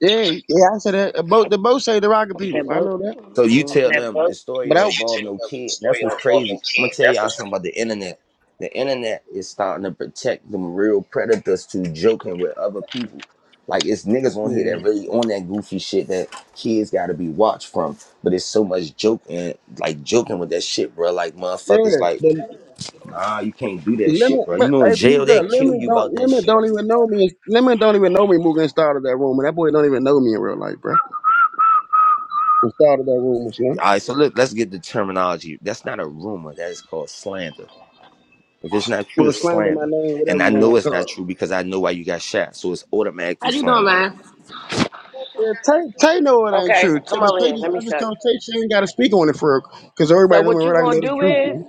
S4: Yeah, yeah. I said that. The boat. The boat say the rocket people.
S2: That
S4: I
S2: boat.
S4: know that.
S5: So you tell
S2: Mm-hmm.
S5: them the story
S4: But I,
S5: don't
S4: So you
S5: involve
S4: take
S5: no
S4: up the
S5: kid.
S4: story
S5: That's what's
S4: of Morgan
S5: crazy. I'm gonna
S4: King.
S5: tell
S4: That's the
S5: y'all something about the internet. The internet is starting to protect them real predators to joking with other people. Like it's niggas on here
S4: yeah,
S5: that really on that goofy shit that kids gotta be watched from. But it's so much joking, like joking with that shit, bro. Like motherfuckers,
S4: yeah.
S5: like
S4: The
S5: nah, you can't do that shit,
S4: lemon,
S5: bro. You
S4: but
S5: know in
S4: hey, Blue
S5: jail they
S4: Girl,
S5: kill
S4: lemon
S5: you
S4: don't
S5: about that
S4: lemon
S5: shit.
S4: don't even know me. Lemon don't even know me. Mugen started that room, and that boy don't even know me in real life, bro. And started that room with him.
S5: All right, so look, let's get the terminology. That's not a rumor. That is called slander. If it's not true,
S4: Well,
S5: it's
S4: slander my
S5: slander.
S4: name,
S5: And
S4: whatever
S5: I
S4: you
S5: know
S4: want to
S5: it's
S4: call
S5: not
S4: it.
S5: true because I know why you got shot. So it's
S2: How
S5: automatically
S2: you doing,
S5: slander.
S2: man?
S4: Yeah, Tay, Tay know it ain't
S2: Okay,
S4: true. Tay-
S2: come
S4: But
S2: over
S4: Tay
S2: here.
S4: just,
S2: Let me
S4: I just
S2: show you.
S4: told Tay she ain't got to speak on it for because
S2: So
S4: everybody know me in
S2: what you
S4: real life and
S2: gonna
S4: know the
S2: do
S4: truth.
S2: is,
S4: Man.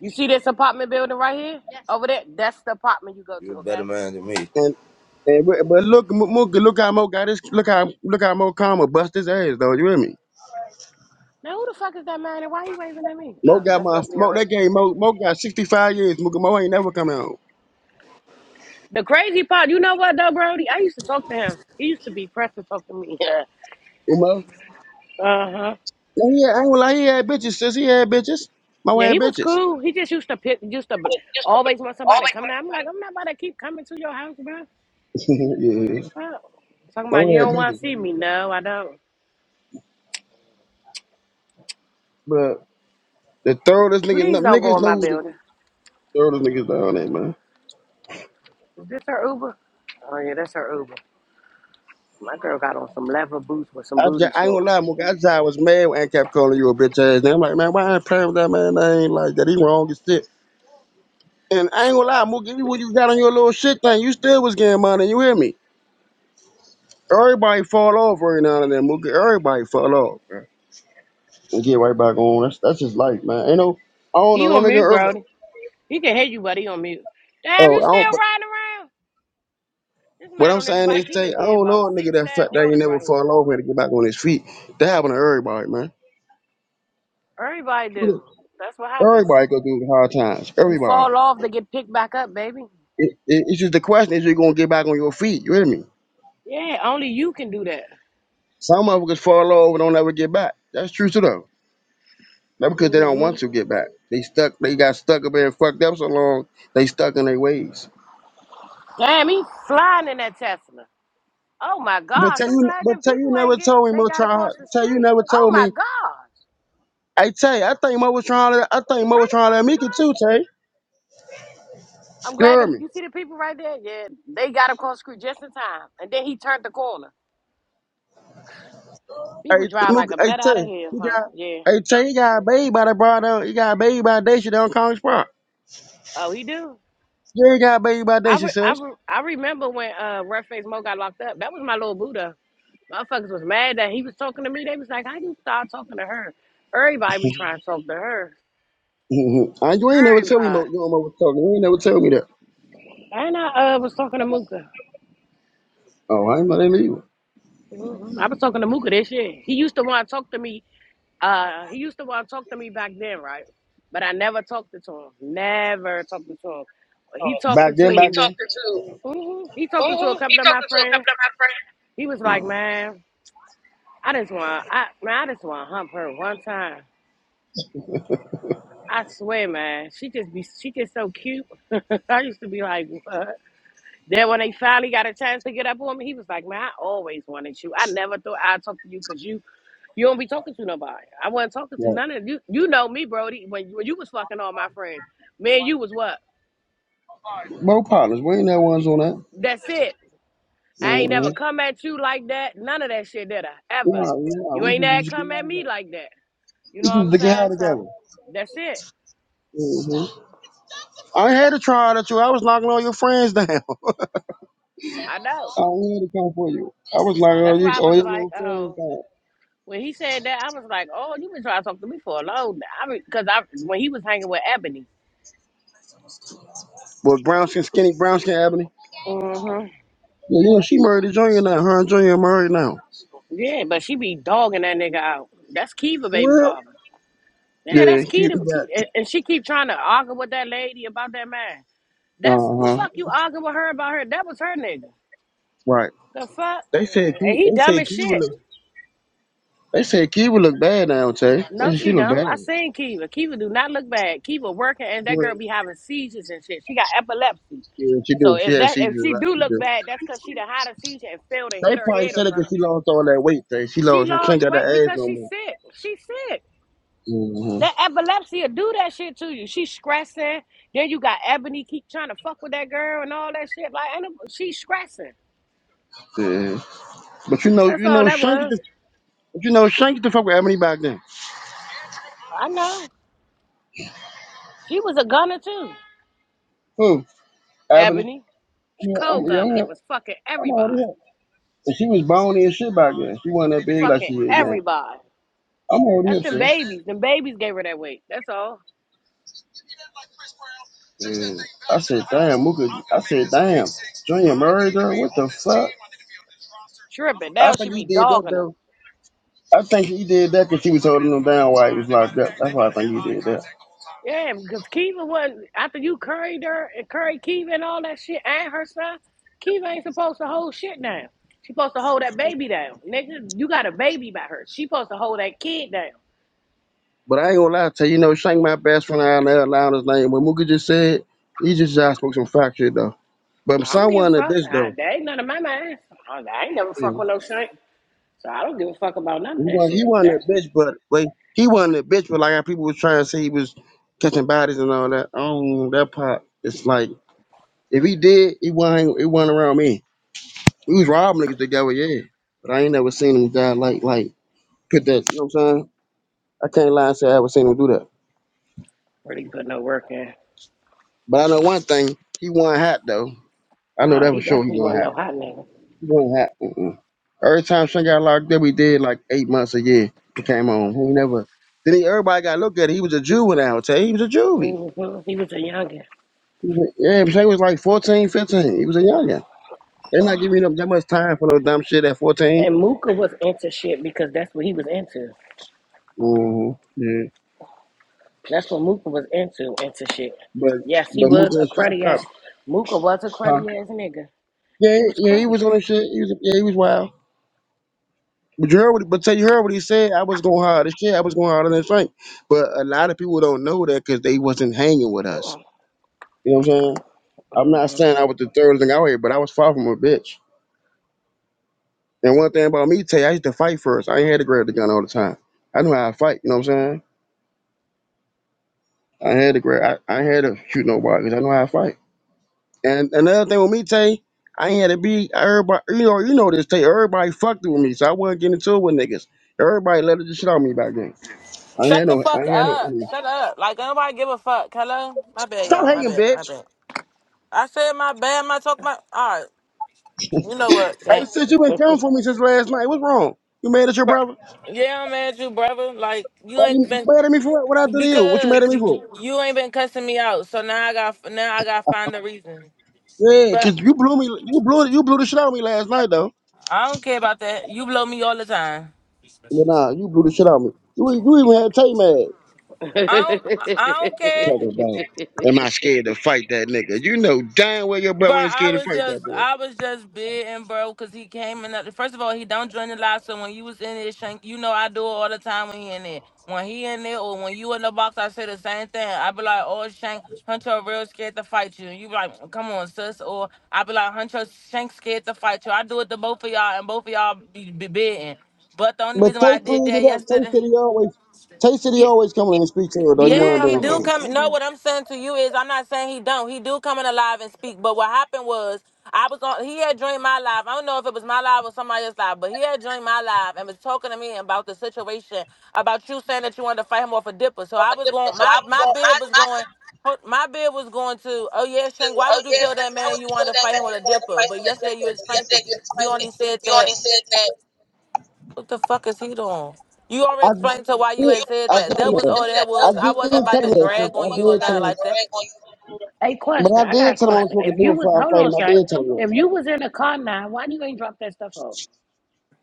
S2: you see this apartment building right here? Yes. Over there, that's the apartment you go
S5: You
S2: to.
S5: are a better
S2: Okay.
S5: man than me.
S4: And and but, but look, Mo, Mo- look how Mo got his look how look how Mo Kama bust his ass though. You hear me?
S2: Now who the fuck is that man? And why he waving at me?
S4: Mo
S2: Oh,
S4: got
S2: that
S4: my
S2: must be your
S4: Mo
S2: husband.
S4: that game. Mo Mo got sixty five years. Mo, Mo ain't never come out.
S2: The crazy part, you know what though, Brody? I used to talk to him. He used to be pressing talk to me. Yeah.
S4: You Mo,
S2: Uh huh.
S4: Well, yeah, I ain't gonna lie. He had bitches. Since he had bitches, Mo
S2: Yeah,
S4: had
S2: he was
S4: bitches.
S2: cool. He just used to pick, used to b- always want somebody to come down. I'm like, I'm not about to keep coming to your house, bro.
S4: yeah,
S2: Fuck. Talking about
S4: Mo
S2: you
S4: had
S2: don't want
S4: bitches.
S2: to see me. No, I don't.
S4: But the thoroughest niggas,
S2: Please don't go
S4: niggas
S2: in my
S4: know who the
S2: building.
S4: thoroughest niggas down there, man.
S2: Is this her Uber? Oh yeah, that's her Uber. My girl got on some leather boots with some
S4: I, ju-
S2: booty
S4: I ain't gonna
S2: shorts.
S4: lie, Mook. I, just, I was mad when I kept calling you a bitch ass. nigga. I'm like, man, why I ain't playing with that man? I ain't like that. He wrong as shit. And I ain't gonna lie, Mook. Even when you got on your little shit thing, you still was getting money. You hear me? Everybody fall off every now and then, Mookie. Everybody fall off. and get right back on. That's that's just life, man. Ain't no, I don't know
S2: He
S4: no
S2: on
S4: nigga.
S2: mute,
S4: on Earth,
S2: Brody. He can hear you, but he on mute. Damn,
S4: oh,
S2: you
S4: I
S2: still
S4: don't. But
S2: riding around? This
S4: what
S2: man
S4: I'm
S2: on this
S4: saying
S2: bike,
S4: is,
S2: he
S4: say,
S2: done
S4: I
S2: did
S4: don't
S2: about
S4: know a nigga
S2: six,
S4: that fat
S2: seven
S4: that he
S2: orders
S4: never
S2: right here.
S4: fall over to get back on his feet. That happen to everybody, man.
S2: Everybody do. That's what happens.
S4: Everybody go through hard times.
S2: You
S4: Everybody.
S2: fall off, they get picked back up, baby.
S4: It, it, it's just the question is, you gonna get back on your feet? You hear me?
S2: Yeah, only you can do that.
S4: Some motherfuckers fall over, don't ever get back. That's true too, though. Not because they don't
S2: hmm
S4: want to get back. They stuck. They got stuck up there and fucked up so long. They stuck in their ways.
S2: Damn, he flying in that Tesla. Oh my
S4: But
S2: gosh,
S4: tell
S2: I'm
S4: you,
S2: glad
S4: but
S2: them
S4: tell you
S2: people
S4: never
S2: ain't get
S4: told me,
S2: they
S4: Mo.
S2: got
S4: Try,
S2: across the
S4: tell you
S2: street.
S4: never
S2: Oh
S4: told me
S2: my gosh.
S4: Hey Tay, I think Mo was trying to I
S2: What he
S4: think Mo was
S2: running
S4: trying
S2: from
S4: to make it
S2: somebody?
S4: too, Tay.
S2: I'm
S4: You
S2: glad
S4: hear
S2: them
S4: me?
S2: you see the people right there? Yeah, they got across the street just in time. And then he turned the corner. People
S4: Hey
S2: drive
S4: look
S2: like a
S4: hey
S2: bat out
S4: Tay,
S2: of hell,
S4: he
S2: huh?
S4: got
S2: Yeah.
S4: hey Tay, he got a baby by the broad down, he got a baby by Daisha down Congress Park.
S2: Oh, he do.
S4: Yeah, he got a baby by
S2: I
S4: Daisha,
S2: re- I,
S4: sis.
S2: re- I remember when uh Red Face Mo got locked up. That was my little Buddha. Motherfuckers was mad that he was talking to me. They was like, "How you start talking to her? Everybody be trying to talk to her."
S4: Mm-hmm. And you ain't never tell me Mo
S2: Everybody.
S4: you don't know what talking. You ain't never tell me that.
S2: And I uh, was talking to Mooka.
S4: Oh, I ain't know that either.
S2: Mhm. I was talking to Mooka this year. He used to want to talk to me. Uh, he used to want to talk to me back then, right? But I never talked to him. Never talked to him. He talked
S4: Back then, back
S2: to
S4: then.
S2: mhm. he talked to a couple of my friends. He was like, "Man, I just want I man, I just want to hump her one time." I swear, man, she just be she just so cute. I used to be like, what? Then when they finally got a chance to get up on me, he was like, man, I always wanted you. I never thought I'd talk to you because you you don't be talking to nobody. I wasn't talking to none
S4: Yeah.
S2: of you. You know me, Brody. When when you was fucking all my friends, me and you was what?
S4: Mo partners, we ain't that ones on that.
S2: That's it. I ain't
S4: Mm-hmm.
S2: never come at you like that. None of that shit did I ever.
S4: Yeah, yeah,
S2: You ain't
S4: we
S2: never
S4: just used to get
S2: come
S4: out
S2: at
S4: together.
S2: me like that. You
S4: We
S2: know
S4: just
S2: what
S4: used
S2: I'm
S4: to get out
S2: saying? So
S4: together.
S2: that's it.
S4: hmm I had to try that too. I was knocking all your friends down.
S2: I know.
S4: I wanted to come for you. I was like, oh,
S2: That's
S4: you,
S2: why I
S4: oh,
S2: was
S4: you know what
S2: like,
S4: I'm
S2: oh.
S4: saying? God.
S2: When he said that, I was like, "Oh, you've been trying to talk to me for a long time." I Because I, when he was hanging with Ebony,
S4: Well, brown skin, skinny, brown skin, Ebony.
S2: hmm
S4: Yeah, you know, she married to Junior now. Her and Junior married now.
S2: yeah, but she be dogging that nigga out. That's Kiva, baby father. Yeah,
S4: Yeah,
S2: that's
S4: cute.
S2: Kiva, Ke- and and she keep trying to argue with that lady about that man. That's
S4: Uh
S2: what
S4: huh.
S2: fuck you arguing with her about her. That was her nigga.
S4: Right.
S2: The fuck,
S4: They said
S2: and
S4: Key, they
S2: he dumb as
S4: would
S2: shit.
S4: look. They said Key would look bad now, Tay. They
S2: No,
S4: said She
S2: she
S4: look
S2: don't.
S4: bad.
S2: I seen Kiva. Kiva do not look bad. Kiva working, and that
S4: Well,
S2: girl be having seizures and shit. She got epilepsy.
S4: Yeah, she
S2: So
S4: do. She
S2: if
S4: had
S2: that
S4: surgery.
S2: if she
S4: Like
S2: do
S4: she
S2: look
S4: do.
S2: bad, that's because she the hottest teacher and failed and
S4: They
S2: hit her
S4: probably
S2: head or
S4: said it
S2: something.
S4: 'cause she lost all that weight. Tay. She
S2: She
S4: lost. Her
S2: lost
S4: shank got that
S2: weight
S4: ass
S2: because
S4: no
S2: she's
S4: more.
S2: sick. She's sick. That
S4: Mm-hmm.
S2: epilepsy will do that shit to you. She's stressing. Then you got Ebony keep trying to fuck with that girl and all that shit. Like, and she's stressing.
S4: Yeah. But you know,
S2: That's
S4: you
S2: all
S4: know,
S2: that
S4: Shank,
S2: was.
S4: but you know, Shank the fuck with Ebony back then.
S2: I know. She was a gunner too.
S4: Who? Ebony.
S2: Ebony,
S4: Yeah, I'm,
S2: cold
S4: yeah, I'm,
S2: gunner,
S4: here.
S2: was fucking
S4: I'm already here.
S2: everybody.
S4: And she was bony and shit back then. She wasn't that big like
S2: Fucking
S4: she is now.
S2: everybody.
S4: I'm over
S2: That's
S4: here,
S2: them
S4: sis.
S2: babies. Them babies gave her that weight. That's all.
S4: And I said, damn, Mooka. I said, damn, Junior married her? What the fuck?
S2: Tripping.
S4: I
S2: Now she
S4: think he
S2: be
S4: did that,
S2: dogging 'em.
S4: though. I think he did that because she was holding him down while he was locked up. That's why I think he did that.
S2: Yeah, because Kiva was after you curried her and curried Kiva and all that shit and her son. Kiva ain't supposed to hold shit down. She supposed to hold that baby down, nigga. You got a baby by her. She supposed to hold that kid down.
S4: But I ain't gonna lie to you, you know, Shank, my best friend out there, allowing his name. What Mooka just said, he just, just spoke some fact shit, though. But
S2: I don't give a
S4: someone a
S2: fuck.
S4: bitch,
S2: I,
S4: though.
S2: that ain't none of my mind. I, I ain't never
S4: Yeah.
S2: fuck with no shank, so I don't give a fuck about none
S4: He
S2: of that
S4: wasn't, he
S2: shit.
S4: wasn't
S2: That
S4: a bitch, but wait, he wasn't a bitch, but like how people was trying to say he was catching bodies and all that. Oh, that part. It's like if he did, he wasn't it wasn't around me. He was robbing niggas together, yeah. But I ain't never seen him die like like put that. You know what I'm saying? I can't lie and say I ever seen him do that.
S2: really put no work in.
S4: But I know one thing, he won hot though. I know
S2: Nah,
S4: that for
S2: he
S4: sure. He
S2: definitely
S4: won
S2: wasn't no
S4: hot.
S2: hot nigga.
S4: He won hot. Mm-mm. Every time Shane got locked up, we did like eight months a year. He came on. He never. Then he, everybody got to look at it. He was a juvenile. Tay. He was a juvie.
S2: hmm He was a youngin.
S4: He was- a, Yeah, Shaq was like 14, 15. He was a youngin. They're not giving up that much time for no dumb shit at 14.
S2: And Mooka was into shit because that's what he was into.
S4: hmm Yeah.
S2: That's what Mooka was into, into shit.
S4: But
S2: Yes, he
S4: but Mook
S2: was a
S4: and Shaq
S2: cruddy ass.
S4: stopped.
S2: Mooka was a
S4: Huh?
S2: cruddy ass nigga.
S4: Yeah,
S2: He was
S4: yeah, he
S2: cruddy.
S4: was on that shit. He was yeah, he was wild. But you heard what, but tell you heard what he said. I was going harder. Shit, I was going harder than Shaq. But a lot of people don't know that because they wasn't hanging with us. You know what I'm saying? I'm not
S2: Uh-huh.
S4: saying I was the third thing out here, but I was far from a bitch. And one thing about me, tell you, I used to fight first. I ain't had to grab the gun all the time. I knew how to fight. You know what I'm saying? I had to grab. I, I had to shoot nobody because I know how to fight. And another thing with me, Tay, I ain't had to be everybody. You know, you know this, Tay. Everybody fucked with me, so I wasn't getting into it with niggas. Everybody let the shit on me back then. I ain't
S3: Shut
S4: had no.
S3: the
S4: I
S3: fuck
S4: ain't had no.
S3: up.
S4: enemy.
S3: Shut up. Like, don't nobody give a fuck. Hello? My bad,
S4: Stop
S3: y'all. My
S4: hating,
S2: Oh,
S3: bad.
S4: bitch.
S3: My bad. I said my bad. My talk, my. All right. You know what?
S4: Hey,
S3: Thank.
S4: since you been coming for me since last night, what's wrong? You mad at your
S3: Bru-
S4: brother?
S3: Yeah, I'm mad at you, brother. Like, you
S4: Why
S3: ain't
S4: you
S3: been.
S4: mad at me for what? What I do to you? What you mad at
S3: Because
S4: me for?
S3: you, you ain't been cussing me out. So now I got now I got to find a reason.
S4: Yeah,
S3: But
S4: cause you blew me. You blew. You blew the shit out of me last night, though.
S3: I don't care about that. You blow me all the time.
S4: But nah, you blew the shit out of me. You, you even had Tay mad.
S2: yeah.
S3: I don't I don't care.
S4: Talking about, am I scared to fight that nigga? You know damn well your
S3: Bro,
S4: brother ain't
S3: I
S4: scared to
S3: was
S4: fight that
S3: just,
S4: boy.
S3: I was just bidding, bro, because he came in. The, first of all, he don't join the live, so when you was in it, Shank, you know I do it all the time when he in there. When he in there or when you in the box, I say the same thing. I be like, oh, Shank, Hunter real scared to fight you. And you be like, come on, sis. Or I be like, Hunter, Shank scared to fight you. I do it to both of y'all, and both of y'all be, be bidding. But the only
S4: But
S3: reason why
S4: Tay
S3: I did
S4: cleaned it
S3: that
S4: up. Tay
S3: yesterday,
S4: said he always, Tay said he
S3: yeah,
S4: always come in and speak to her though.
S2: he
S4: He
S2: do
S3: yeah,
S4: wasn't
S2: come
S3: he
S4: being
S2: in
S3: do
S2: there.
S4: funny.
S3: come.
S2: He
S3: No,
S2: do.
S3: what I'm saying to you is, I'm not saying he don't. He do come in alive and speak. But what happened was, I was on. He had joined my live. I don't know if it was my live or somebody else's live, but he had joined my live and was talking to me about the situation, about you saying that you wanted to fight him off a dipper. So I was going. My my bid was going. My bid was going to. Oh yeah, Shank. Why would you tell that man you wanted to fight him with a dipper? But yesterday you explained it. You only said that. What the fuck is he doing? You
S4: I
S3: already explained to why you
S4: did,
S3: had said
S4: I did
S3: that.
S4: tell
S3: That was
S4: him
S3: all that
S4: that. I
S3: was. I
S4: did
S3: wasn't about
S4: tell him
S3: to
S4: that. sis.
S3: drag
S4: I
S3: on you or
S4: did tell
S3: nothing
S4: him.
S3: like that.
S2: Hey,
S4: But
S2: question.
S4: I
S2: I got a
S4: did tell him I was
S2: question.
S4: smoking
S2: If you
S4: dope
S2: was,
S4: before I
S2: hold
S4: fight
S2: on,
S4: him. I
S2: Saint.
S4: did tell him that.
S2: If you was in the car now, why you ain't drop that stuff off?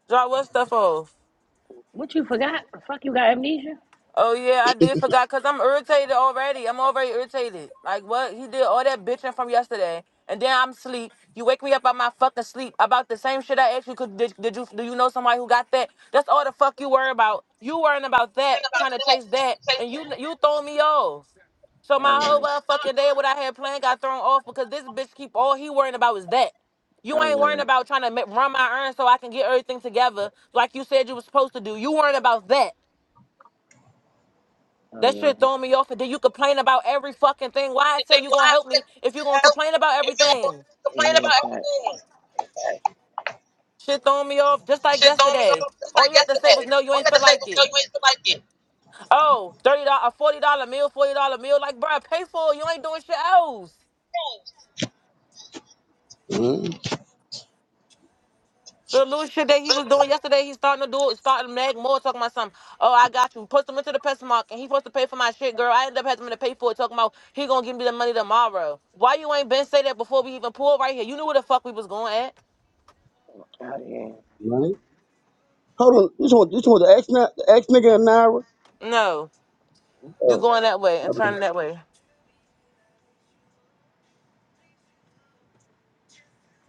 S3: Drop what stuff off?
S2: What you forgot? Fuck, you got amnesia?
S3: Oh yeah, I did forgot because I'm irritated already. I'm already irritated. Like what? He did all that bitching from yesterday, and then I'm sleep. You wake me up out my fucking sleep about the same shit I asked you. 'cause Did, did you do you know somebody who got that? That's all the fuck you worry about. You worrying about that, trying to chase that, and you you throwing me off. So
S2: Oh,
S3: my whole
S2: yeah.
S3: motherfucking day, what I had planned, got thrown off because this bitch keep all he worrying about is that. You
S2: Oh,
S3: ain't worrying
S2: yeah.
S3: about trying to ma- run my errands so I can get everything together like you said you was supposed to do. You worrying about that. That shit
S2: Oh,
S3: throwing me off. And then you complain about every fucking thing. Why I said you gonna help me if you gonna complain about everything?
S2: yeah. Yeah, fact.
S3: Shit throwing me off just like yesterday. All you had to say was no, you ain't feel like it. Oh, $30, a $40 meal, $40 meal. Like, bruh, pay for it. You ain't doing shit else.
S4: Mhm.
S3: So the little shit that he was doing yesterday, he's starting to do it, starting to nag more, talking about something. Oh, I got you. Put him into the Pessamark, and he supposed to pay for my shit, girl. I ended up having to pay for it, talking about he gonna give me the money tomorrow. Why you ain't been say that before we even pulled right here? You knew where the fuck we was going at.
S2: Oh, yeah.
S4: Right? Hold on. You just want, you just want the ex, na- the ex nigga and Naira?
S3: No. You
S4: Oh,
S3: going that way and
S4: okay.
S3: turning that way.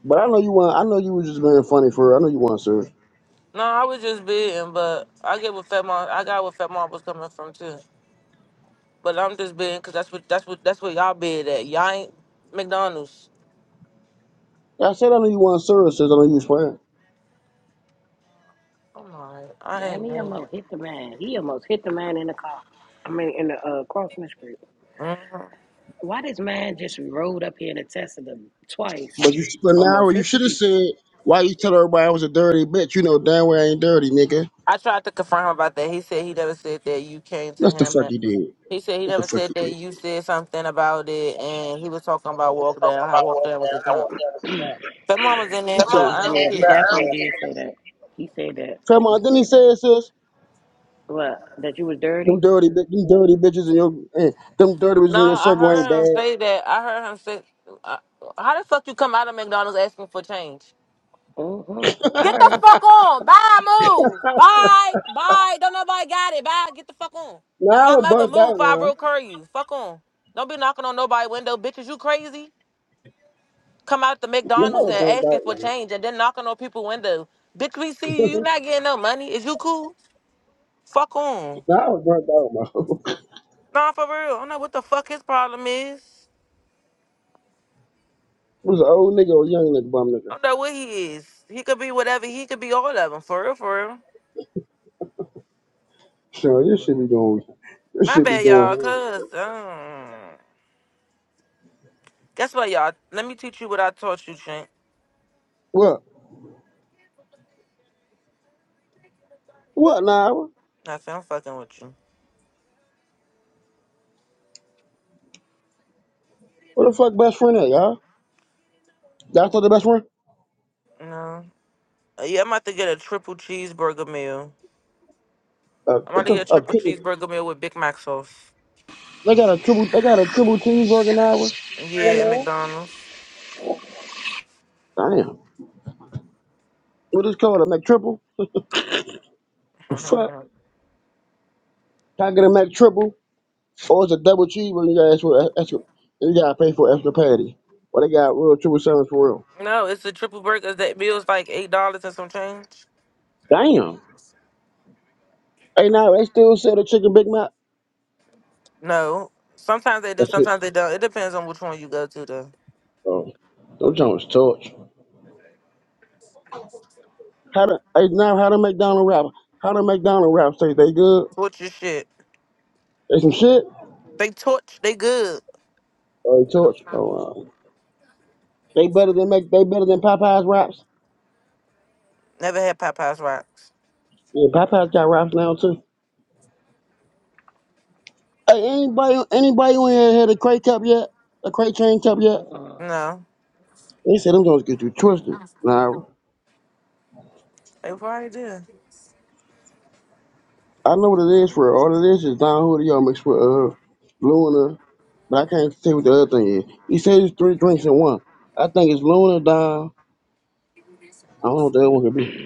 S4: But I know you want. I know you was just being funny for. her. I know you want, sir.
S3: No, I was just being, but I get what Fat Mom. I got what Fat Mom was coming from too. But I'm just being, cause that's what that's what that's what y'all bid at. Y'all ain't McDonald's.
S4: I said I know you want services. I know you was playing.
S3: I'm alright. I
S2: Damn,
S3: ain't
S2: he
S3: going.
S2: almost hit the man. He almost hit the man in the car. I mean, in the uh, crossing the street.
S3: hmm
S2: Why this man just rode up here and attested them twice?
S4: But you but now
S2: Almost
S4: you
S2: hit the
S4: should have
S2: people.
S4: said why you tell everybody I was a dirty bitch. You know damn well I ain't dirty, nigga.
S3: I tried to confirm about that. He said he never said that you came to
S4: That's the
S3: him.
S4: fuck
S3: And
S4: you did.
S3: he said he
S4: What the
S3: never
S4: fuck
S3: said
S4: you
S3: that
S4: did?
S3: you said something about it, and he was talking about walk down. How walk down was a dump. Fat Mom was in
S4: You
S3: it, but I don't
S2: Yeah, he
S3: care.
S2: definitely did say that. He said that. He
S4: Grandma, didn't he
S2: said
S4: say
S2: that.
S4: it, sis?
S2: What? That you was
S4: Them
S2: dirty?
S4: dirty, bi- them dirty bitches in your, eh, them dirty bitches
S3: No,
S4: in your
S3: I
S4: circle ain't
S3: heard him
S4: bad.
S3: say that. I heard him say, uh, "How the fuck you come out of McDonald's asking for change?"
S2: Mm-hmm. I
S3: Get the
S2: heard him.
S3: fuck on. Bye, move. Bye. Bye. Don't nobody got it. Bye. Get the fuck on.
S4: Now I
S3: My
S4: was
S3: mother
S4: burnt
S3: moved
S4: out,
S3: five
S4: man.
S3: real curry you. Fuck on. Don't be knocking on nobody's window, bitches. You crazy? Come out the
S4: Now I
S3: McDonald's
S4: was
S3: and
S4: burnt
S3: asking for
S4: out, man.
S3: change, and then knocking on people's window. Bitch, we see you. You not getting no money. Is you cool? Fuck on.
S4: Now I was burnt out, man.
S3: Nah, for real. I don't know what the fuck his problem is.
S4: It was an old nigga or a young nigga, bum nigga.
S3: I don't know what he is. He could be whatever. He could be all of them. For real, for real.
S4: So this should be going, this
S3: My
S4: should be
S3: bad, y'all.
S4: going. huh?
S3: Cause um, guess what, y'all? Let me teach you what I taught you, Trent.
S4: What? What now?
S3: Nothing. I'm fucking with you.
S4: What the fuck best friend at, y'all? Y'all thought the best friend?
S3: No. Uh, yeah, I'm about to get a triple cheeseburger meal.
S4: Uh,
S3: I'm about
S4: what
S3: to
S4: the
S3: get
S4: f-
S3: a
S4: a
S3: triple
S4: triple?
S3: cheeseburger meal with Big Mac sauce.
S4: They got a triple. They got a triple cheeseburger now.
S3: Yeah, at McDonald's.
S4: Damn. What is called a McTriple? The fuck?
S3: no,
S4: Can I get a McTriple? Or it's a double cheeseburger? You gotta ask for extra. You gotta pay for extra patty. Or they got real triple sandwich for real.
S3: it's a triple burger. That meal's like eight dollars and some change.
S4: Damn. Hey, now they still sell the chicken Big Mac.
S3: No. Sometimes they do.
S4: That's it.
S3: Sometimes they don't. It depends on which one you go to. though.
S4: Oh, those joints torch. How to? Hey, now how to McDonald wrap? How to McDonald wrap? Say they good?
S3: Torture shit.
S4: They some shit?
S3: They torch. They good.
S4: Oh, they torch. Oh, wow. They better than make they better than Popeyes wraps.
S3: Never had Popeye's rocks.
S4: Yeah, Popeye's got wraps now too. Hey, anybody anybody who ain't had a crate cup yet? A crate chain cup yet?
S2: Mm-mm.
S3: No,
S4: They said them gonna get you twisted. Now
S3: they probably did.
S4: I know what it is for all of this is Don Julio mixed with uh Luna, but I can't say what the other thing is. He said it's three drinks in one. I think it's Luna Don. I don't know what the other one could be.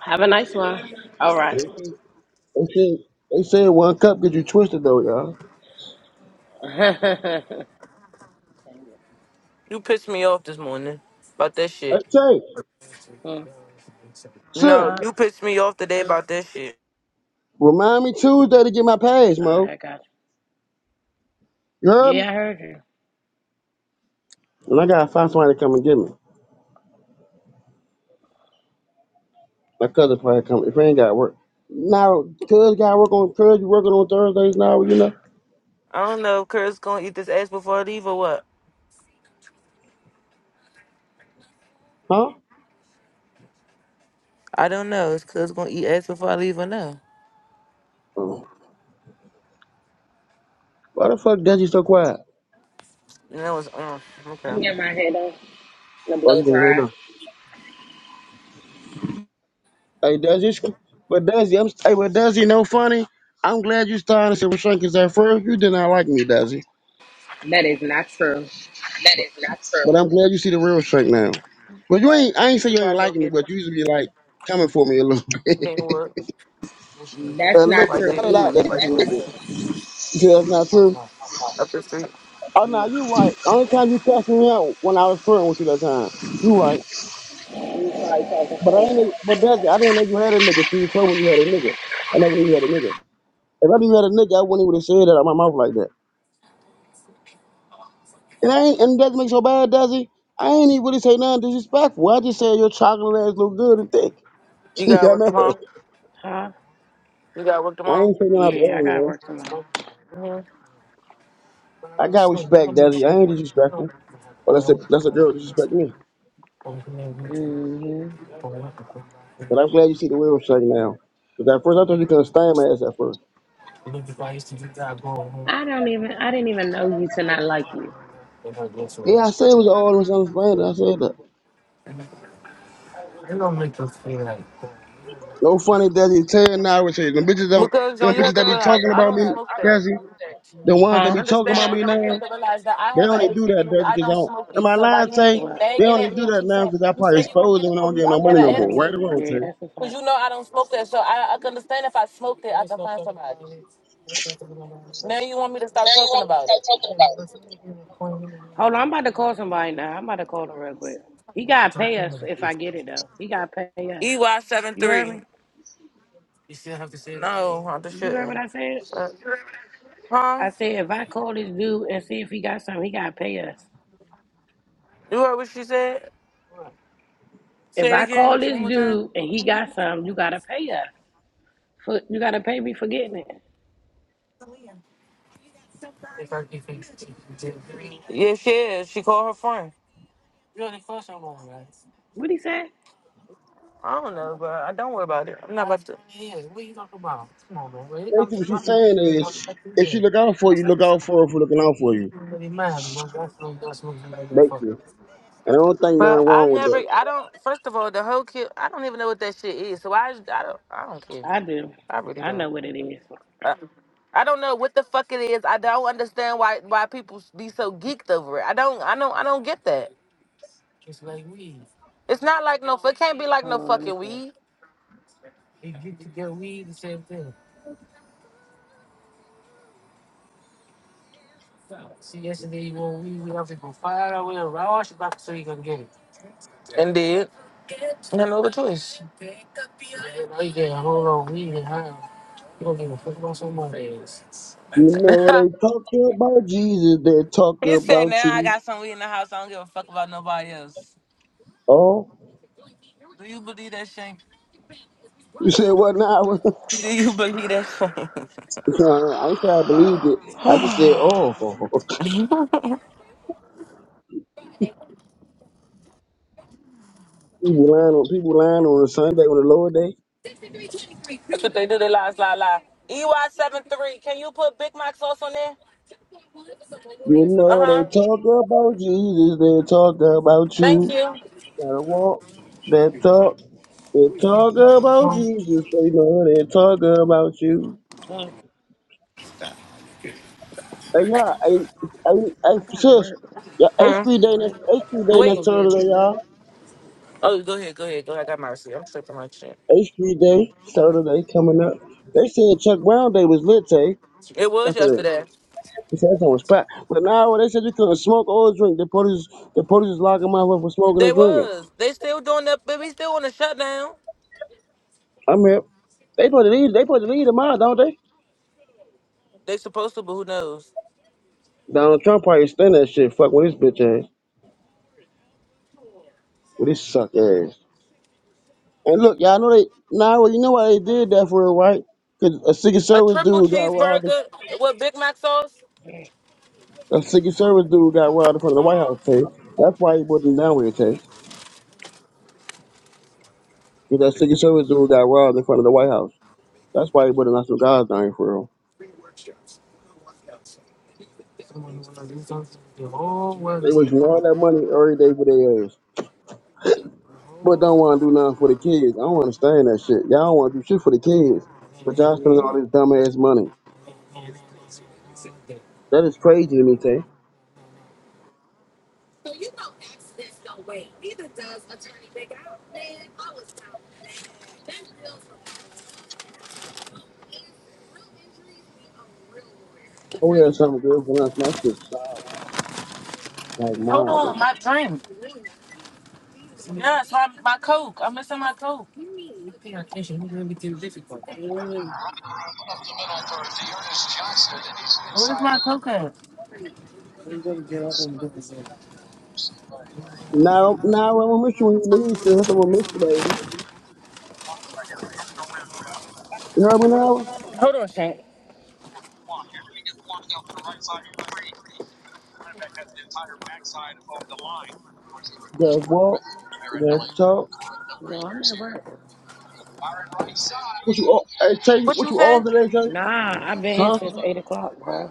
S2: Have a nice one. All
S4: They
S2: right.
S4: said they said one cup get you twisted though, y'all.
S3: You pissed me off this morning about that
S4: Hey,
S3: shit.
S4: say,
S2: Hmm.
S4: sis,
S3: No,
S2: Huh? All
S3: you pissed me off today about that shit.
S4: remind me Tuesday to get my pass,
S2: right,
S4: Mo.
S2: I got
S4: You
S2: you.
S4: heard me?
S2: Yeah, I heard you.
S4: And I gotta find somebody to come and get me. My cousin probably come if he ain't got work. Now, cuz got work on cuz you working on Thursdays now, you know?
S3: I don't know if Kurt's gonna eat this ass before I leave or what.
S4: Huh?
S3: I don't know. Is Kurt's gonna eat ass before I leave or no?
S4: Oh. Why the fuck Desi so quiet?
S3: And that was, um, okay.
S1: I'm getting my head done to
S4: Oh,
S1: blow
S4: you can hear
S1: dry.
S4: now. Hey Desi, sh- but Desi, I'm hey but Desi, no funny. I'm glad you started to see Shank because at first you did not like me, Desi.
S1: That is not true.
S4: That is not true. But I'm glad you see the real Shank now. But you ain't I ain't say
S3: We
S4: you ain't
S3: gotta go
S4: liking me,
S3: get it.
S4: but you used to be like coming for me a little bit.
S3: Didn't work.
S4: a
S1: That's
S4: little
S1: not
S4: bit.
S3: Right
S1: true
S3: there,
S4: Not a lot, Desi,
S1: either.
S3: right
S4: a little
S3: there,
S4: bit. You see, that's not true.
S3: up the street.
S4: Oh no, you right. Only time you cussed me out when I was flirting with you that time. You right. But I ain't but that I didn't know you had a nigga. So you told me you had a nigga. I never knew you had a nigga. If I knew you had a nigga, I wouldn't even have said that out my mouth like that. And I ain't and it doesn't make so bad, does it? I ain't even really say nothing disrespectful. I just said your chocolate ass look good and thick.
S3: You
S4: you
S3: gotta
S4: got
S3: work
S4: mad.
S3: tomorrow?
S4: I
S2: Huh?
S3: You gotta work tomorrow?
S4: ain't saying nothing out the
S2: Yeah, I gotta
S4: ordinary.
S2: work tomorrow.
S3: hmm
S4: I got respect, Desi. I ain't disrespectful. Well that's a that's a girl disrespect me. But I'm glad you see the way it was shaking now. Because at first I thought you couldn't stand my ass at first.
S1: I don't even. I didn't even know you to not like you,
S4: Yeah, I said it was all misunderstanding. I said that. No funny Desi tell now would say them bitches don't
S3: Because,
S4: them
S3: John, you
S4: bitches
S3: have
S4: that
S3: to
S4: be
S3: realize,
S4: talking
S3: I
S4: about
S3: don't
S4: me,
S3: smoke that.
S4: Desi. The ones that
S1: huh?
S4: be talking
S3: understand that,
S4: about
S3: but
S4: me now,
S3: don't you have to realize that I
S4: they
S3: have an
S4: only do
S3: attitude?
S4: that,
S3: because
S4: Desi,
S3: I
S4: because I
S3: don't
S4: don't
S3: smoke
S4: am
S3: it.
S4: I
S3: So by
S4: lying,
S3: you
S4: Tay?
S3: keep
S2: What?
S4: They
S3: nagging
S4: only
S3: at me
S4: do
S3: and
S4: that
S3: keep
S4: now
S3: saying,
S4: because I
S3: you
S4: probably
S3: say you're going to
S4: exposed
S3: get
S4: them
S3: it
S4: and I
S3: from
S4: don't
S3: me,
S4: give
S3: I've
S4: no
S3: got
S4: money no
S3: an
S4: more. Right or
S3: attitude.
S2: Mm-hmm.
S4: wrong,
S2: Yeah,
S4: Tay.
S2: that's a
S3: Because
S2: fact.
S3: you know I don't smoke that. So I, I can understand if I smoked it, I can find somebody. Now you want me to stop talking about it.
S2: Hold on, I'm about to call somebody now. I'm about to call him real quick. He gotta pay us if I get it though. He gotta pay us.
S3: ey seven
S2: You heard
S3: three.
S2: me?
S3: You still have to say it. No, I just
S2: You heard what
S3: shouldn't.
S2: I said?
S3: Fuck. Huh?
S2: I said if I call this dude and see if he got something, he gotta pay us.
S3: You heard what she said?
S2: If
S3: Say it
S2: I call
S3: again,
S2: this
S3: one more time.
S2: dude and he got something, you gotta pay us. For, you gotta pay me for getting it.
S3: Yeah, she is. She called her friend.
S2: What he say?
S3: I don't know, but I don't worry about it. I'm not about to.
S4: Basically what she's saying is if she look out for you, look out for her for looking out for you. Basically. And I don't think nothing
S3: But I
S4: wrong with
S3: never,
S4: that.
S3: I don't. First of all, the whole kid, I don't even know what that shit is. So I, I don't, I don't care.
S2: I do.
S3: I really
S2: I
S3: don't.
S2: know what it is.
S3: I, I don't know what the fuck it is. I don't understand why why people be so geeked over it. I don't, I don't, I don't get that. It's not like no, it can't be like no
S2: Hold on, let me
S3: fucking weed.
S2: see.
S3: Indeed, I had no other choice.
S4: You know what they talked about Jesus, they talked
S3: he said,
S4: about
S3: "Now I
S4: you.
S3: got some weed in the house. I don't give a fuck about nobody else."
S4: Oh,
S3: Do you believe that, Shane?
S4: you said what now?
S3: Do you believe that?
S4: I ain't say I believed it. I just said, oh, people lying on people lying on a Sunday on the Lord day.
S3: That's what they do. They lie, lie, lie. EY seven three. Can you put Big Mac sauce on there?
S4: You
S3: Uh
S4: know they
S3: huh.
S4: talk about Jesus, they talk about
S3: Thank
S4: you.
S3: you.
S4: Gotta walk that talk. They talk about Jesus, they know they talk about you.
S2: Huh,
S4: Hey, yeah, hey, hey, hey,
S2: I gotta
S4: sis,
S2: work.
S4: yeah, H
S3: Hmm.
S4: Street
S2: So
S4: Day
S2: I
S4: next,
S2: ain't,
S4: H Street
S2: go- I
S4: Day
S2: ain't
S4: next
S3: Wait.
S2: gonna be able
S4: Saturday,
S2: to go.
S4: y'all.
S3: Oh, go ahead. Go ahead. Go ahead. I got mercy. I'm tripping my shit.
S4: H Street Day Saturday coming up. They said Chuck Brown Day was lit, eh?
S3: It was
S4: That's it.
S3: yesterday.
S4: He said that was crack. But now they said you couldn't smoke or drink. The police, the police is locking my up for smoking
S3: They
S4: and drinking.
S3: was. They still doing that, but we still on the shutdown.
S4: I'm here. They put the lead, they put the lead in mine, don't they?
S3: They supposed to, but who knows?
S4: Donald Trump probably stand that shit. Fuck with his bitch ass, with his suck ass. And look, y'all know they now. well, you know why they did that for real, right? Cause a Secret
S3: A
S4: Service
S3: triple
S4: dude got robbed.
S3: cheeseburger with Big Mac sauce.
S2: Yeah.
S4: A Secret Service dude got robbed in front of the White
S3: Uh-huh.
S4: House, Tay. That's why he wasn't down here, Tay. Cause that Secret Service dude got robbed in front of the White House. That's why he wasn't on some guys down here for real. They was all that money every day for their ass. But don't want to do nothing for the kids. I don't understand that shit. Y'all don't want to do shit for the kids, but y'all spending all
S2: Yeah.
S4: this dumbass money. That is crazy to me, Tay. Oh, yeah, something good for us. My shit, like
S3: Hold on,
S4: Marvin.
S3: my drink. Yes, my, my Coke. I'm missing my Coke. Where's my Coke at?
S4: Now, now I'm gonna miss you when you leave, sis. I'm gonna miss you, baby. You heard me now?
S3: Hold on, Shank.
S4: Guess what? Guess talk.
S2: No, I'm at work.
S4: What you off? I tell you,
S3: What
S4: what
S3: you
S4: you
S3: say?
S4: off today, Tay?
S2: Nah, I've been here
S4: Huh?
S2: since eight o'clock, bro.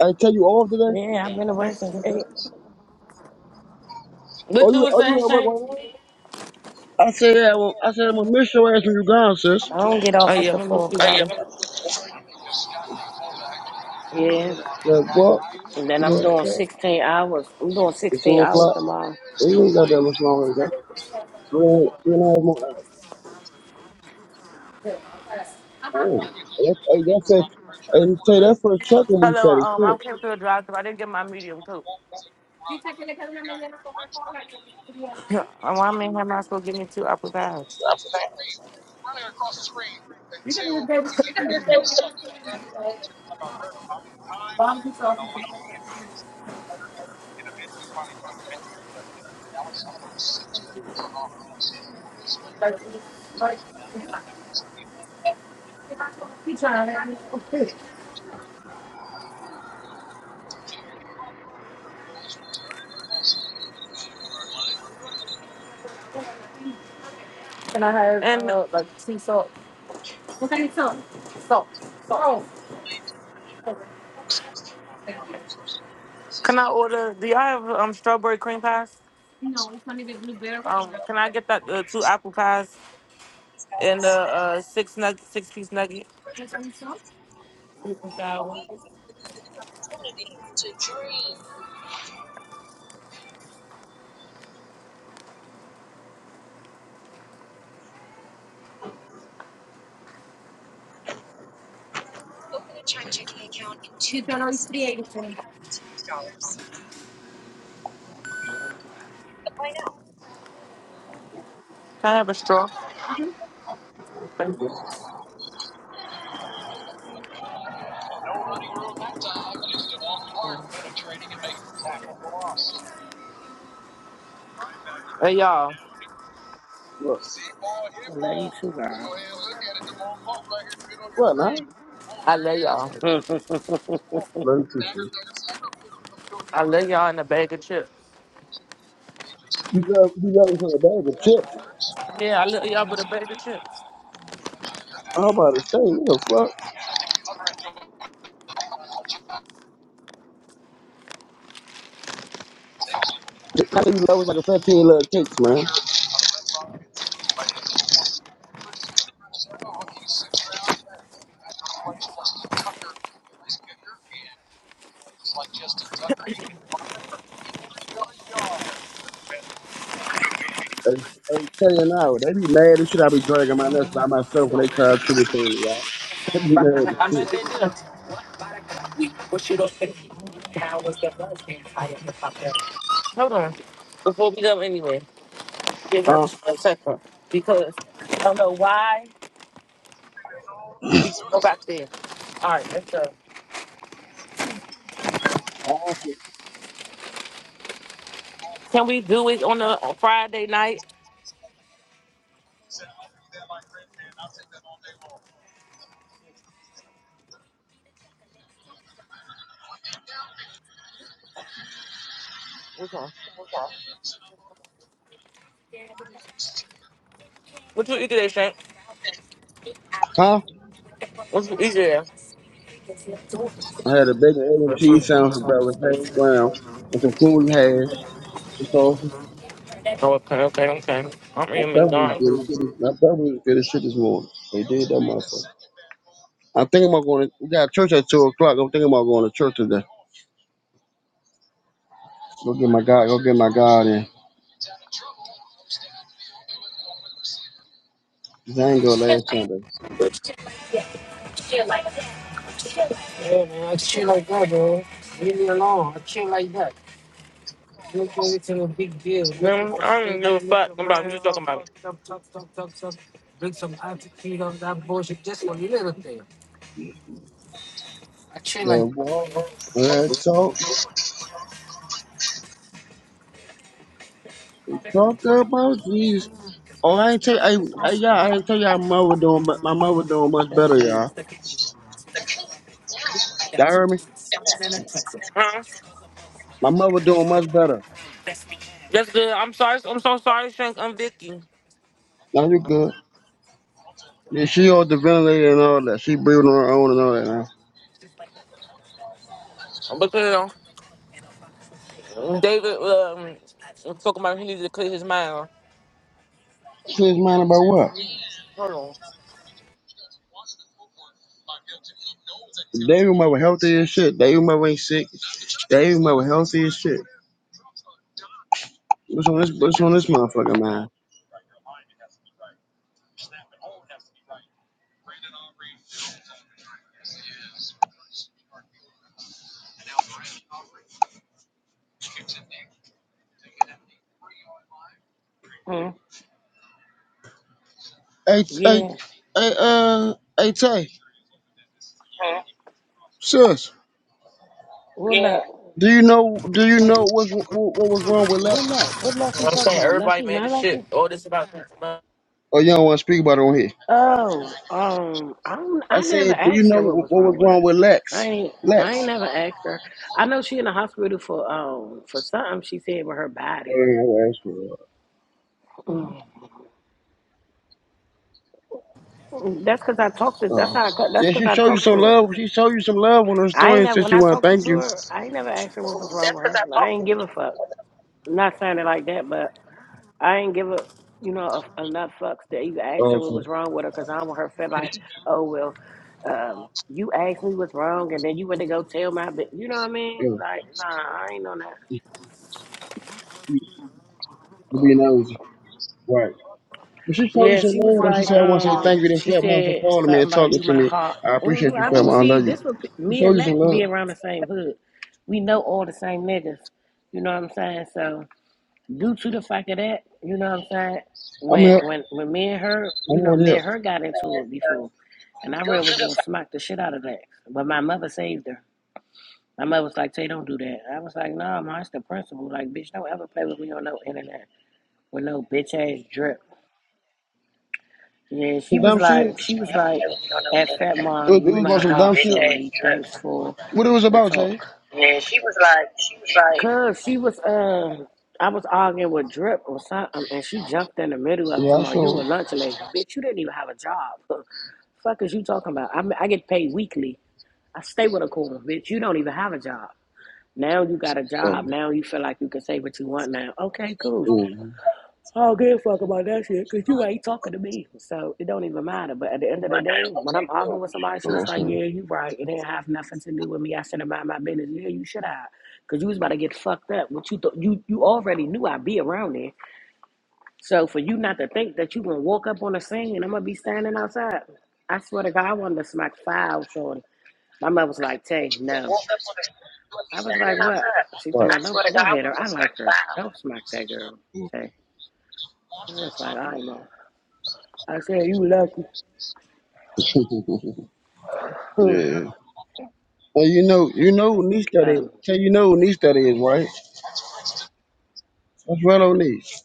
S4: I tell you off today.
S2: Yeah, I've been at work
S3: Thank
S2: since
S3: you.
S2: eight.
S4: Are
S3: What you
S4: you
S3: was
S4: are you
S3: saying,
S4: at work
S3: Shank?
S4: right now? I said, yeah, well, I said, I'm gonna miss your ass when you gone, sis.
S2: I don't get
S3: Oh
S2: off
S3: yeah, I'm
S2: until
S3: gonna go
S2: four
S3: sleep
S2: o'clock.
S3: too.
S2: Yeah,
S4: Like, what?
S2: and then
S4: You know
S2: I'm
S4: what? I'm
S2: doing
S4: saying?
S2: sixteen hours. I'm doing
S4: It's
S2: sixteen
S4: four
S2: hours
S4: o'clock.
S2: tomorrow.
S4: We ain't got that much longer, girl. Three, three and a half more hours. Damn. That, hey, that's a, and say that's for a truck when you
S3: Hello,
S4: said it's
S3: um,
S4: good.
S3: I came to a drive through. I didn't get my medium coke. Yeah, Um, I why man am not supposed to give me two apple pies? Like. Like. He trying to have have me. Okay. Can I have And uh, like salt? salt? Salt. Salt. What kind of salt? Salt. Salt. can I order? Do y'all have um strawberry cream pies? No, it's only the blueberry. Um, can I get that uh, two apple pies and uh, uh six nug six piece nugget? You turn on these three eighty-four. Can I have a straw?
S2: Mhm.
S3: Hey y'all,
S4: Look.
S2: I love you too, girl.
S4: What, man?
S3: I love y'all.
S4: Learn to
S3: I love y'all in a bag of chips.
S4: You got, you got me from a bag of chips.
S3: Yeah, I love y'all with a bag of chips.
S4: I'm about to say, what the fuck? I tell you love was like a 15 little cakes, man. I I tell you now, they be mad as shit. I be dragging my nuts by
S2: Mhm.
S4: myself when they try to triple team me, y'all. They be mad as
S3: I'm
S4: shit.
S3: just hold on. Before we go anywhere, give her
S4: Huh?
S3: a second because I don't know why she go back there. All right, let's go. Can we do it on a on Friday night? What's on? What you eat today, Shank?
S4: Huh?
S3: What you eat today?
S4: I had a big egg and cheese sandwich for breakfast, hash brown, and some cool hash. And so
S3: Oh, okay, okay, okay. I'm
S4: my
S3: eating
S4: breakfast was good
S3: McDonald's.
S4: as shit. My breakfast was good as shit this morning. They did that motherfucker. I'm thinking about going. To, we got church at two o'clock. I'm thinking about going to church today. Go get my God. Go get my God in. 'Cause I ain't go last Sunday.
S3: Man, I don't give a fuck about what you talking about.
S4: Yeah, well, all right, so Talk about Jesus. Oh, I ain't tell you, I, I,
S2: That's
S4: y'all,
S2: good.
S4: I ain't tell y'all my mother doing, but my mother doing much
S2: That's
S4: better,
S2: good.
S4: y'all. Y'all heard me?
S3: Huh?
S4: My mother doing much better.
S3: That's good. I'm sorry. I'm so sorry, Shank. I'm Vicky.
S4: Now you good. Yeah, she on the ventilator and all that. She breathing on her own and all that now.
S3: But you know, David, um, I'm talking about he needs to clear his mind.
S4: She's mind about what?
S3: Hold on. You know
S4: David mother healthy as shit. David mother ain't sick. David mother healthy as shit. What's on this, what's on this motherfucker, man?
S2: Mhm.
S4: Hey, hey,
S2: Yeah.
S4: hey, uh, hey, Tay, sis,
S2: What luck?
S4: do you know, do you know what's, what, what was wrong with that?
S2: What luck? What luck you
S3: what I'm
S2: talking
S3: saying
S2: about?
S3: everybody
S2: Lucky?
S3: made
S2: My
S3: this shit.
S2: lucky?
S3: All this about
S4: Oh, you don't want to speak about it on here?
S2: Oh, um, I don't,
S4: I
S2: I never
S4: said, do you
S2: asked her
S4: know
S2: what
S4: what,
S2: was
S4: what was
S2: wrong with
S4: wrong
S2: her.
S4: with
S2: I
S4: Lex?
S2: ain't
S4: Lex.
S2: I ain't never asked her. I know she in the hospital for um for something she said with her body.
S4: Oh, that's what-
S2: That's because I talked to. That's
S4: oh.
S2: how. I, cut- that's
S4: Yeah,
S2: because
S4: she
S2: I
S4: showed you
S2: talked
S4: some
S2: to
S4: love.
S2: her.
S4: She showed you some love on her
S2: I
S4: story
S2: ain't
S4: and
S2: never
S4: said
S2: when
S4: she
S2: I
S4: want to
S2: talked
S4: thank
S2: to
S4: you.
S2: her. I ain't never asked her what was wrong with her. I ain't give a fuck. Not saying it like that, but I ain't give a you know a, enough fucks to even ask
S4: Oh,
S2: her what
S4: okay.
S2: was wrong with her because I don't want her to feel like, oh well, um, you asked me what's wrong and then you went to go tell my. bi-" You know what I mean?
S4: Yeah.
S2: Like, nah, I ain't on that.
S4: You being honest, Right. But she showed you
S2: Yeah,
S4: some
S2: she was
S4: love and she
S2: like,
S4: said, I want to say thank
S2: um,
S4: you to
S2: she
S4: Fat Mom for
S2: said
S4: calling me
S2: something
S4: and
S2: about
S4: talking
S2: you,
S4: to
S2: my
S4: me.
S2: heart.
S4: I appreciate
S2: hmm
S4: you,
S2: I
S4: Fat
S2: be
S4: Mom. I
S2: see
S4: love you.
S2: this would
S4: She
S2: me
S4: showed
S2: and
S4: you some
S2: Lex
S4: love.
S2: be around the same hood. We know all the same niggas. You know what I'm saying? So due to the fact of that, you know what I'm saying.
S4: I'm
S2: When
S4: here.
S2: when
S4: I'm
S2: when me and her, you know,
S4: already
S2: me
S4: up.
S2: and her got into it before, and I really was gonna smack the shit out of Lex, but my mother saved her. My mother was like, "Tay, don't do that." I was like, "No, nah, ma, it's the principle. Like, bitch, don't ever play with me on no internet with no bitch ass drip." Yeah, she
S4: Some
S2: was
S4: dumb
S2: like,
S4: shit?
S2: she was like, at Fat
S4: It
S2: Mom,
S4: was, it
S2: you
S4: was
S2: my
S4: about some dumb
S2: heart,
S4: shit.
S2: shorty. Thanks for
S4: What it was
S2: the
S4: about, Jay?
S2: talk. Cause she was, uh, I was arguing with Drip or something, and she jumped in the middle of it,
S4: Yeah, I
S2: talking about you
S4: saw.
S2: a lunch lady, bitch. You didn't even have a job. Fuck is you talking about? I I get paid weekly. I stay with a cool bitch. You don't even have a job. Now you got a job.
S4: Um,
S2: Now you feel like you can say what you want. Now, okay, cool.
S4: mm,
S2: I don't give a fuck about that shit because you ain't talking to me. So it don't even matter. But at the end of the day, when I'm arguing with somebody, she was
S4: so,
S2: like,
S4: okay.
S2: Yeah, you right. It didn't have nothing to do with me. I should have mind my business. Yeah, you should have. Because you was about to get fucked up. What you thought you you already knew I'd be around there. So for you not to think that you gonna walk up on the scene and I'm gonna be standing outside. I swear to God, I wanted to smack five shorty. My mother was like, Tay, no. I was like, What? She told
S4: Right.
S2: me, Don't don't hit her.
S4: wasn't
S2: I like her. Don't smack that girl. Tay. I was like, I know. I said, you lucky.
S4: start
S2: Who?
S4: yeah. And you know, you know who niece that
S2: Uh,
S4: is. Tell you know who niece that is, right? That's Rello niece.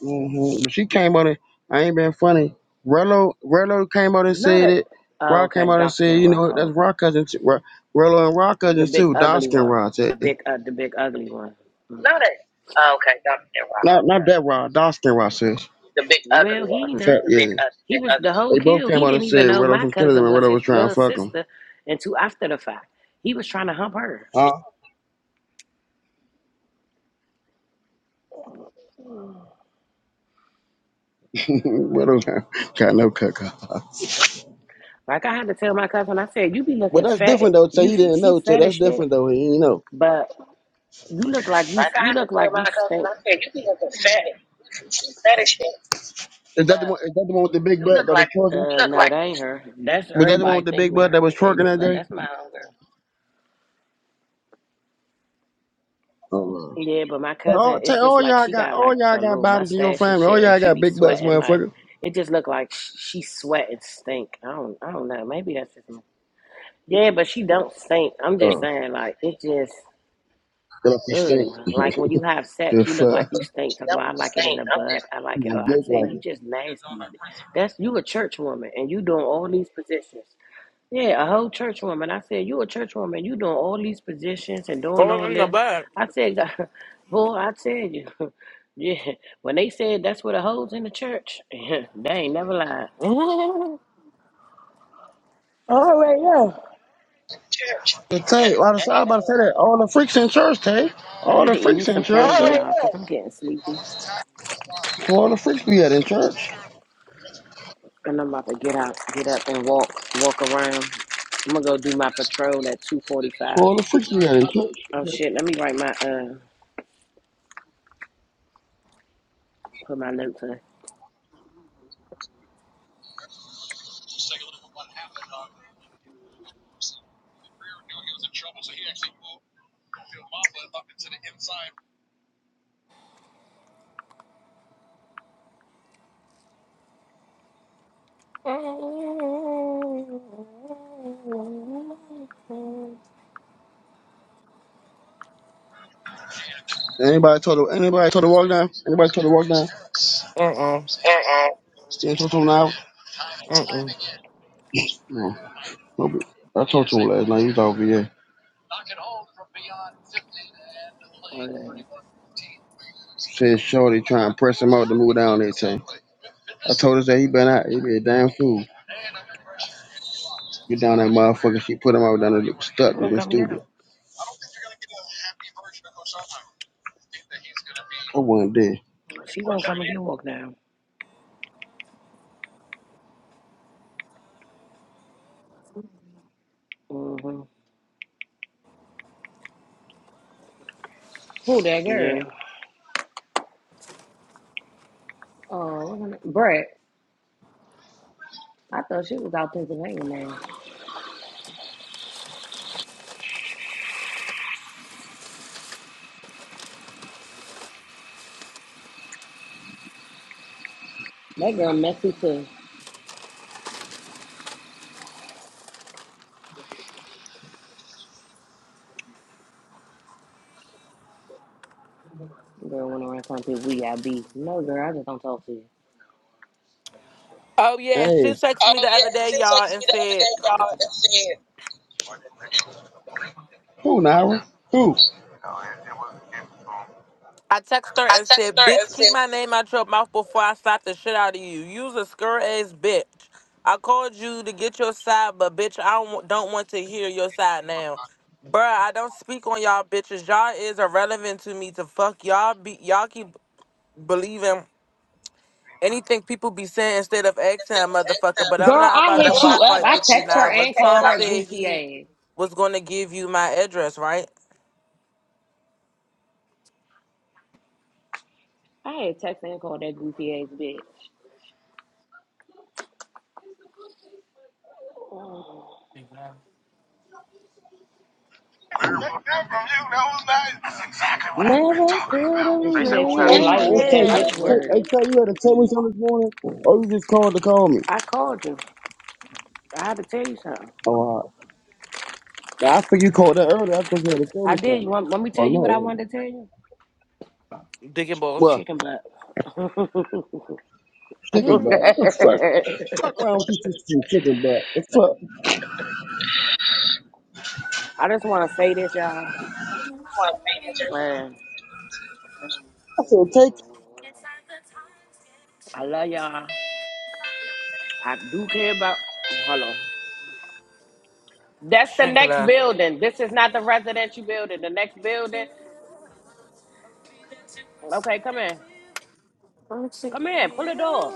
S4: hmm But she came out and I ain't been funny. Rello, Rello came out and
S2: not
S4: said
S2: a.
S4: it.
S2: Oh,
S4: Rock came
S2: okay.
S4: out and
S2: Dr. Ken
S4: said, you
S2: Rock.
S4: know,
S2: Oh,
S4: that's
S2: okay.
S4: Rock cousin too. Ra- Rello and Rock
S2: The
S4: cousin
S2: big
S4: too.
S2: ugly
S4: Doskin
S2: one.
S4: Rod
S2: The
S4: said.
S2: big, uh, the big ugly one. Mhm.
S4: Not not Okay. that Rod. Doskin Rod says.
S2: Well, he
S4: In
S2: know.
S4: fact, yeah.
S2: He was the whole
S4: They both
S2: kill.
S4: came
S2: He
S4: out and
S2: didn't even
S4: said
S2: know
S4: Rello
S2: my
S4: some skin of them
S2: cousin
S4: and
S2: was
S4: Rello
S2: his
S4: was trying to
S2: blood
S4: fuck them.
S2: sister until after the fact. He was trying to hump her.
S4: Huh? Rello got, got no cut.
S2: Like I had to tell my cousin, I said, "You be
S4: Well,
S2: looking
S4: that's
S2: fat.
S4: different though. Say
S2: You
S4: he didn't
S2: she
S4: know. Say
S2: fat as
S4: that's
S2: shit,
S4: different though. He didn't know.
S2: but you look like you you look like you stink."
S4: Is that the Yeah. one? Is that the one with the big butt that was twerking?
S2: Uh, no, that ain't her. That's
S4: Was that the one
S2: everybody
S4: with the
S2: think
S4: big butt
S2: Mary
S4: that was twerking
S2: related,
S4: that
S2: but
S4: day?
S2: that's my own girl.
S4: Oh, no.
S2: Yeah, but my
S4: But
S2: cousin,
S4: all,
S2: it's
S4: tell
S2: just
S4: all
S2: like
S4: y'all
S2: she
S4: got
S2: got
S4: all
S2: like
S4: y'all
S2: a
S4: got
S2: little
S4: bodies in your
S2: mustache and
S4: family. All
S2: shit, and
S4: y'all
S2: she
S4: got
S2: be
S4: big butts,
S2: sweating like
S4: motherfucker.
S2: it just look like sh- she sweat and stink. I don't, I don't know. Maybe that's just me. Yeah, but she don't stink. I'm just
S4: Oh,
S2: saying, like it just,
S4: good up you stink.
S2: ugh. like when you have sex,
S4: Good
S2: you look like
S4: fuck.
S2: you stink. Talking about, I like it in the butt. I
S4: You
S2: like it. Oh, I
S4: dick
S2: said
S4: like
S2: you
S4: it.
S2: just nasty. That's you a church woman, and you doing all these positions. Yeah, a whole church woman. I said, You a church woman, you doing all these positions and doing all
S3: going in the
S2: this.
S3: bag.
S2: I said, God, boy, I tell you. Yeah. When they said that's what a hoe's in the church, they ain't never lied.
S4: But Tay, I was, I was about to say that all the freaks in church, Tay.
S2: I
S4: All
S2: need
S4: the
S2: to eat me
S4: freaks in
S2: some
S4: church,
S2: candy,
S4: Tay.
S2: y'all, because I'm getting sleepy.
S4: All the freaks we had in church.
S2: And I'm about to get out, get up and walk, walk around. I'm gonna go do my patrol at two forty five.
S4: All the freaks we had in church.
S2: Oh shit, let me write my uh put my notes in.
S4: Anybody told the anybody told the walk down? Anybody told the walk down?
S3: Uh uh.
S4: Stay in church on now.
S3: Uh uh.
S4: No. No, but I talked to him last night. He was over here.
S2: Oh, yeah.
S4: Said Shorty trying to press him out to move down that Thing. I told us that he been out. He be a damn fool. Get down that motherfucker. She put him out down there. look
S2: She
S4: Stuck with
S2: gonna
S4: him
S2: come get him.
S4: stupid. I wasn't there.
S2: She gonna come and get walked down. hmm
S1: Who that
S2: Yeah.
S1: girl? Oh, uh, Brett. I thought she was out Pennsylvania now. That girl messy too. Girl went around telling people we got beef. No, girl, I just don't talk to you.
S3: Oh yeah, she
S4: Hey,
S3: texted me the other day, y'all, and said.
S4: who Nara? Who?
S3: I texted her and said, Bitch, keep my name out your mouth before I slap the shit out of you. You's a skirt ass bitch. I called you to get your side, but bitch, I don't, wa- don't want to hear your side now. Bruh, I don't speak on y'all bitches. Y'all is irrelevant to me to fuck. Y'all be y'all keep believing anything people be saying instead of asking a motherfucker, but I'm
S1: Girl,
S3: not
S1: I
S3: about to
S1: hit
S3: bar
S1: you up.
S3: fight
S1: I
S3: with you,
S1: text her
S3: Naira.
S1: and called
S3: Tom
S1: her
S3: said
S1: goofy
S3: he
S1: ass.
S3: was gonna give you my address, right?
S1: I had text and called that goofy ass bitch,
S2: Never could have
S1: and she been
S4: Hey,
S1: tread
S4: hey,
S2: made
S1: lightly with
S4: tell
S1: that bitch
S2: it. What
S4: you.
S1: word.
S4: I tell you had to tell me something this morning, or you just called to call me.
S2: I called you. I had to tell you something.
S4: Oh, uh, now, I figured you called that earlier. I thought you had to tell
S2: I
S4: me
S2: did. You
S4: something.
S2: want, want me to
S4: Oh,
S2: tell you what
S4: not
S2: I
S4: early.
S2: wanted to tell you?
S3: Digging balls.
S4: Well,
S2: Chicken butt.
S4: chicken butt. The fuck? Fuck around with you, chicken butt. The fuck?
S2: I just want to say this, y'all. Man,
S4: I said, take. it.
S2: I love y'all. I do care about. Hold on. That's the next
S3: Shankla.
S2: building. This is not the residential building. The next building. Okay, come in. Come in. Pull the door.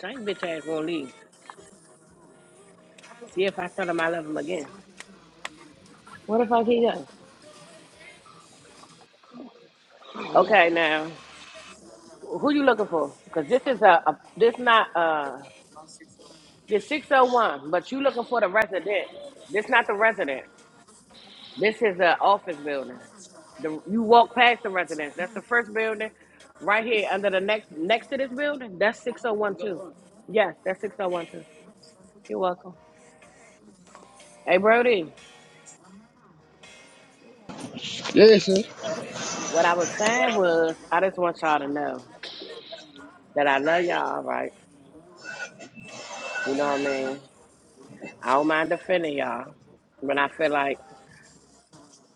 S2: Shank bitch ass gonna leave. See if I tell him I love him again.
S1: What the fuck he go?
S2: Okay, now who you looking for? Because this is a, a this not uh this six oh one, but you looking for the residence. This not the residence. This is an office building. The you walk past the residence. That's the first building, right here under the next next to this building. That's six oh one two. Yes, that's six oh one two. You're welcome. Hey Brody,
S4: Yeah, sir.
S2: what I was saying was I just want y'all to know that I love y'all, right? You know what I mean? I don't mind defending y'all when I feel like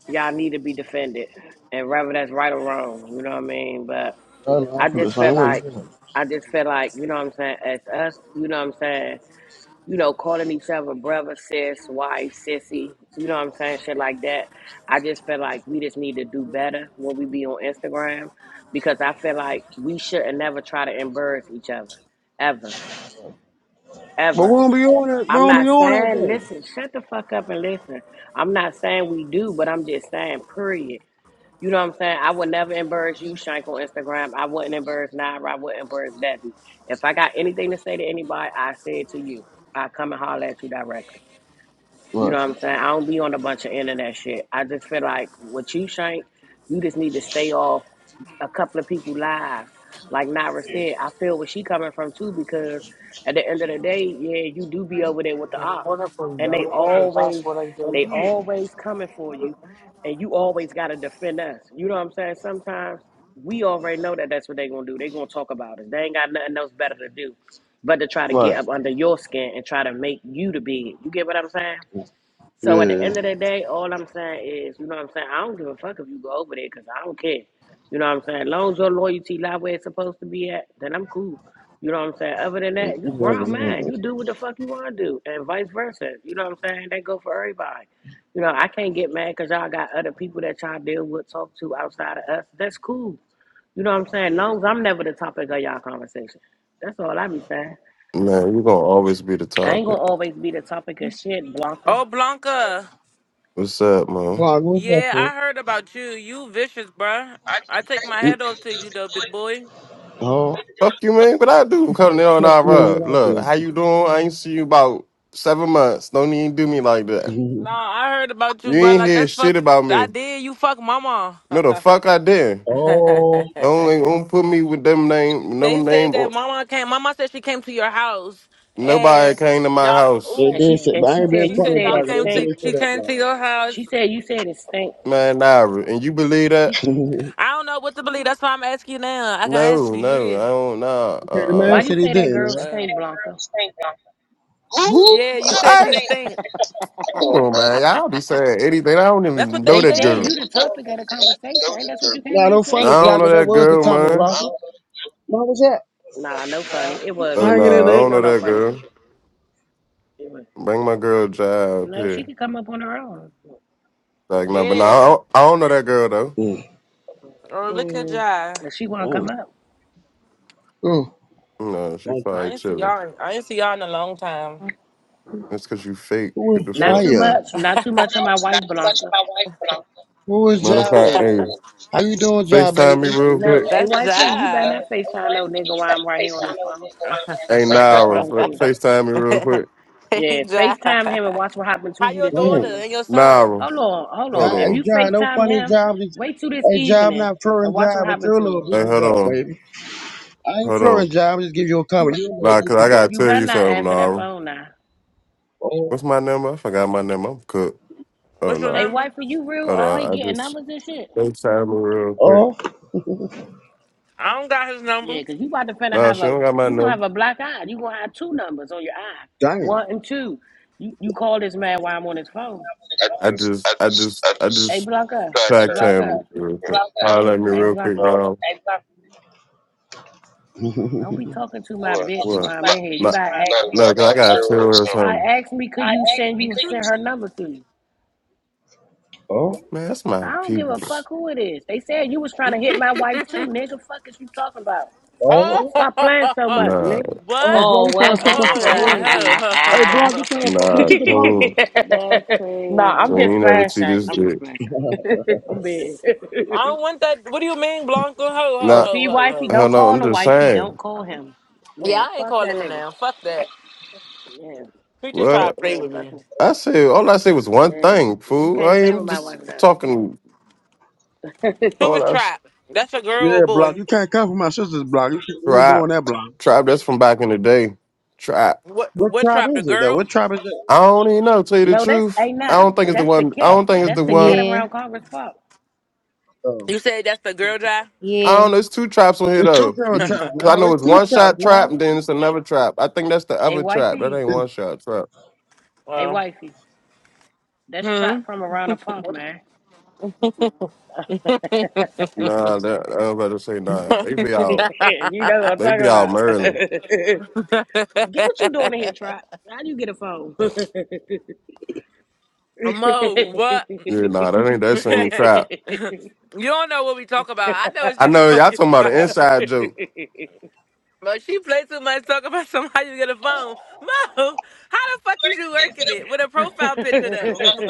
S2: y'all need to be defended. And whether that's right or wrong, you know what I mean? But
S4: I know, I
S2: I
S4: feel the
S2: just feel
S4: same way. You
S2: like
S4: feel it.
S2: I just feel like, you know what I'm saying, as us, you know what I'm saying, you know, calling each other brother, sis, wife, sissy, you know what I'm saying, shit like that. I just feel like we just need to do better when we be on Instagram because I feel like we shouldn't never try to embarrass each other. Ever.
S4: But
S2: Ever.
S4: we don't be on that. We
S2: I'm
S4: don't be
S2: not
S4: on
S2: saying
S4: that
S2: listen, shut the fuck up and listen. I'm not saying we do, but I'm just saying period. You know what I'm saying? I would never embarrass you, Shank, on Instagram. I wouldn't embarrass Naira. I wouldn't embarrass Debbie. If I got anything to say to anybody, I say it to you. I come and holler at you directly.
S4: though.
S2: You know what
S4: Right.
S2: I'm saying? I don't be on a bunch of internet shit. I just feel like with you, Shank, you just need to stay off a couple of people lives. Like Nara said, I feel where she coming from too because at the end of the day, yeah, you do be over there with the ops, and they always, they always coming for you, and you always gotta defend us. You know what I'm saying? Sometimes we already know that that's what they gonna do. They gonna talk about us. They ain't got nothing else better to do, but to try to get
S4: Right.
S2: up under your skin and try to make you the big. You get what I'm saying? So at the
S4: Yeah.
S2: end of the day, all I'm saying is, you know what I'm saying? I don't give a fuck if you go over there because I don't care. You know what I'm saying? As long as your loyalty lie where it's supposed to be at, then I'm cool. You know what I'm saying? Other than
S4: Yeah, you
S2: that, you
S4: know what
S2: grown
S4: I mean,
S2: man. You
S4: though.
S2: do what the fuck you want to do and vice versa. You know what I'm saying? That go for everybody. You know, I can't get mad because y'all got other people that y'all deal with, talk to outside of us. That's cool. You know what I'm saying? As long as I'm never the topic of y'all conversation. That's all I be saying.
S6: Man, you gonna always be the
S2: I ain't gonna
S6: topic.
S2: always be the topic of shit, Blanca.
S3: Oh, Blanca.
S6: What's up, man?
S4: Pog, what's that
S3: Yeah,
S4: for?
S3: I heard about you. You vicious, bruh. I take my
S6: You,
S3: head off to you though, big boy.
S4: Oh,
S6: fuck you, man. What I do? I'm coming in on
S4: fucking with
S6: our run.
S4: what I
S6: Look,
S4: do.
S6: how you doing? I ain't see you about seven months. Don't even do me like that.
S4: Mhm.
S3: No, I heard about
S6: You
S3: you, bruh.
S6: ain't
S3: Like
S6: hear
S3: that's
S6: shit
S3: fuck.
S6: about
S3: I
S6: me.
S3: did. You fuck mama.
S6: No, the fuck I did.
S4: oh,
S6: Don't, don't put me with them name. No
S3: they said
S6: name.
S3: that
S6: Or,
S3: mama came. Mama said she came to your house
S6: nobody
S3: and
S6: came to my
S3: y'all.
S6: house,
S4: they
S2: And
S4: did
S2: she
S4: say,
S2: and
S4: but
S3: Ooh.
S4: I
S2: she
S4: ain't been
S2: said,
S3: She
S2: "You
S4: funny
S3: said
S2: said
S3: y'all
S2: it
S3: came
S4: blogger. They
S3: to.
S2: stink."
S4: did say
S3: She
S4: that
S3: came to
S4: blogger.
S3: your house.
S2: She said, "You said it stink."
S6: man. Nah, and you believe
S2: She
S6: that?
S2: said,
S3: I don't know what to believe. That's why I'm asking you now. I can ask
S6: No,
S3: you. You
S6: no,
S3: here?
S6: I don't. Nah.
S4: okay, the
S6: Uh.
S4: man
S2: "Why
S6: uh
S2: you
S4: said he
S2: say that
S4: didn't.
S2: girl
S4: Right?
S3: Uh,
S2: stink, Blanca?"
S6: Who?
S3: yeah. You said she
S6: I.
S3: stink.
S6: Come on, man. Y'all be saying anything. I don't
S3: That's
S6: even
S3: what they
S6: know
S2: They
S6: that
S2: said
S6: girl.
S3: said.
S2: you the topic of the conversation. Ain't that's what you came
S4: Nah,
S2: in
S4: no
S2: and
S6: No,
S2: said?
S4: funny
S6: I don't know
S4: blogger. That
S6: that
S4: was the
S6: girl,
S4: Tommy
S6: man.
S4: blogger. What was that?
S2: Nah, no funny. It was
S6: Oh
S4: Hanging
S2: though.
S6: no, I
S4: in
S2: We
S4: there.
S2: ain't
S6: don't
S2: no
S6: know
S2: no
S6: that
S2: funny
S6: girl.
S2: shit. It was.
S6: Bring my girl Jai up
S2: No, she
S6: here.
S2: could come up on her own
S6: Like no, but no, I
S3: Yeah.
S6: don't, I don't know that girl though.
S4: Mm.
S3: Or look at
S1: Mm.
S3: y'all.
S2: if she want to
S4: Mm.
S2: come up.
S4: Mm.
S6: No, she
S4: Thank you.
S3: I
S6: probably
S3: ain't see
S6: chilling.
S3: y'all. I ain't see y'all in a long time.
S6: That's cause you fake.
S4: Who
S6: What
S4: is
S6: the
S2: Not
S6: fuck?
S2: too
S4: Jaya?
S2: much. Not too much on my wife, Blanca.
S4: Who is
S6: Matter of
S4: Jaya?
S6: fact,
S4: baby?
S6: hey,
S4: How you doing, Jaya,
S6: FaceTime me
S4: baby?
S6: real
S2: No,
S6: quick.
S2: hey
S3: That's
S2: wifey, you better
S3: Jive.
S2: not Facetime no nigga while I'm right here on this phone.
S3: hey,
S6: Hey
S2: Fuck
S6: Naira,
S2: wrong with
S6: fa-
S2: you?
S6: FaceTime me real quick.
S2: Yeah, Facetime
S3: Jive.
S2: him and watch what happened to
S3: How
S2: you
S3: your
S2: this
S4: Man,
S3: daughter
S2: evening.
S3: and your son?
S6: Naira,
S2: Hold on, hold
S6: hold
S4: that,
S2: on. If
S4: hey,
S2: you
S6: on.
S4: John, no
S2: FaceTime
S4: funny
S2: him,
S4: job. Just,
S2: wait till this
S4: hey, job,
S2: evening
S4: not
S2: and
S4: flooring
S2: watch what
S4: job, but
S2: happen
S4: you're a
S2: to you.
S4: little
S6: Hey,
S4: busy
S6: hold
S4: butt,
S6: on.
S4: baby. I ain't
S6: Hold on.
S4: flooring job. I Just give you a comment. You're a little
S6: Nah,
S4: busy
S6: cause I gotta
S4: butt.
S2: You
S6: tell
S2: better
S6: you
S2: not
S6: something,
S2: answer that
S6: Naira.
S2: phone now.
S4: Oh,
S6: What's my number? I forgot my number. I'm cooked. Oh
S3: What's your
S2: Hey,
S6: no.
S3: number?
S2: wife, are you real?
S6: Hold
S2: Are you
S6: on. I
S2: getting
S6: just
S2: numbers and shit?
S6: FaceTime me real quick.
S4: oh,
S3: I don't got his number.
S2: Yeah, cause you about to finna
S6: Nah,
S2: have
S6: she
S2: a,
S6: don't got my
S2: you gonna
S6: number.
S2: have a black eye. You gonna have two numbers on your eye,
S4: damn.
S2: one and two. You you call this man while I'm on his phone.
S6: I just, I just, I
S2: Hey,
S6: just
S2: Blanca,
S6: track
S2: Blanca,
S6: time real quick. Holler at me
S2: hey,
S6: real quick
S2: Blanca,
S6: now.
S2: don't be talking to my bitch
S6: What?
S2: while I'm in here. You
S6: No,
S2: gotta ask me
S6: no, cause I
S2: permission.
S6: got a tour or
S2: I
S6: something.
S2: asked me, could you send you send her number to you?
S4: oh, oh,
S6: Man, that's my
S2: I don't give a fuck
S6: people's.
S2: who it is. They said you was trying to hit my wife too, nigga. Fuck is you talking about?
S3: Oh,
S4: oh,
S2: Stop playing so much,
S6: Nah,
S2: nigga.
S4: bro,
S3: what?
S1: Oh,
S4: you trying to
S1: what?
S4: fuck my
S1: That's
S3: Hold
S4: sister
S3: that.
S4: blogger?
S3: Ho,
S1: crazy.
S3: ho, ho,
S4: Hey,
S3: ho,
S4: blog, you trying
S3: ho.
S4: to fuck my
S6: nah,
S4: sister blogger?
S6: cool.
S1: That's
S2: no,
S6: So
S2: I'm
S1: crazy.
S6: you
S2: just
S6: ain't never
S2: playing
S6: see
S2: Shank.
S6: this
S2: I'm
S6: dick.
S2: just playing Shank. I'm bad.
S3: I don't want that. What do you mean, Blanca? Ho, ho,
S2: oh,
S6: Nah,
S3: ho,
S2: see,
S3: ho,
S2: wifey,
S3: ho.
S6: hell
S2: don't
S6: no,
S2: call
S6: I'm
S2: him
S6: just
S2: wifey.
S6: saying.
S2: Don't call him. Yeah,
S3: Yeah, I ain't
S2: fuck
S3: calling
S2: that
S3: him
S2: nigga.
S3: now. Fuck that.
S2: Yeah,
S3: He just tried
S6: What?
S3: to play
S2: yeah,
S3: with
S2: fuck
S3: me.
S2: him.
S6: I said, all I said was one
S2: Yeah, you,
S6: thing,
S2: you
S6: fool. I
S2: can't play
S6: am
S2: with my
S6: just
S2: wife now.
S6: talking
S3: Who
S6: all
S3: was
S6: that
S3: trapped? That's a girl or
S4: Yeah, blog,
S3: boy?
S4: you can't come for my sister's blog. You, can't- you ain't doing
S6: trap.
S4: that blog.
S6: Trap, that's from back in the day. Trap.
S3: What?
S4: What
S3: What
S4: tribe
S3: trapped? A
S4: is it though?
S3: girl?
S4: What tribe is it?
S6: I don't even know, to tell you the
S2: no, that's
S6: truth. I
S2: A9.
S6: don't think it's the
S2: That's the
S6: one. I
S2: cat.
S6: don't think it's
S2: That's
S6: the
S2: the
S6: one.
S2: cat
S7: Yeah,
S2: around Congress Park.
S4: Oh,
S3: You said that's the girl dry?
S6: I
S7: yeah.
S6: don't know. It's two traps on here
S4: it's two
S6: though.
S4: girl
S6: you-
S4: traps
S6: Cause I
S4: now.
S6: know
S4: It's
S6: it's
S4: two
S6: one
S4: traps
S6: shot
S4: now.
S6: trap, and then it's another trap. I think that's the
S2: Hey,
S6: other trap. That
S2: wifey.
S6: ain't
S4: It's-
S6: one shot trap.
S2: Hey,
S3: well,
S2: wifey. That's
S3: hmm.
S2: trap from around the park, man.
S6: Nah, that I am about to say nah. They be out.
S2: you know what I'm
S6: They
S2: talking
S6: be out
S2: about.
S6: Maryland.
S2: get what you doing in here, trap. How do you get a phone? it's
S3: Mo, what?
S6: Yeah, nah, that ain't that
S3: you
S6: same trap.
S3: don't know what we talk about. I know what
S6: I
S3: she's
S6: know y'all
S3: talking
S6: talking about an
S3: about.
S6: inside joke.
S3: But she play too much talk about somebody you get a phone. Mo, how the fuck is you working it with a profile picture though?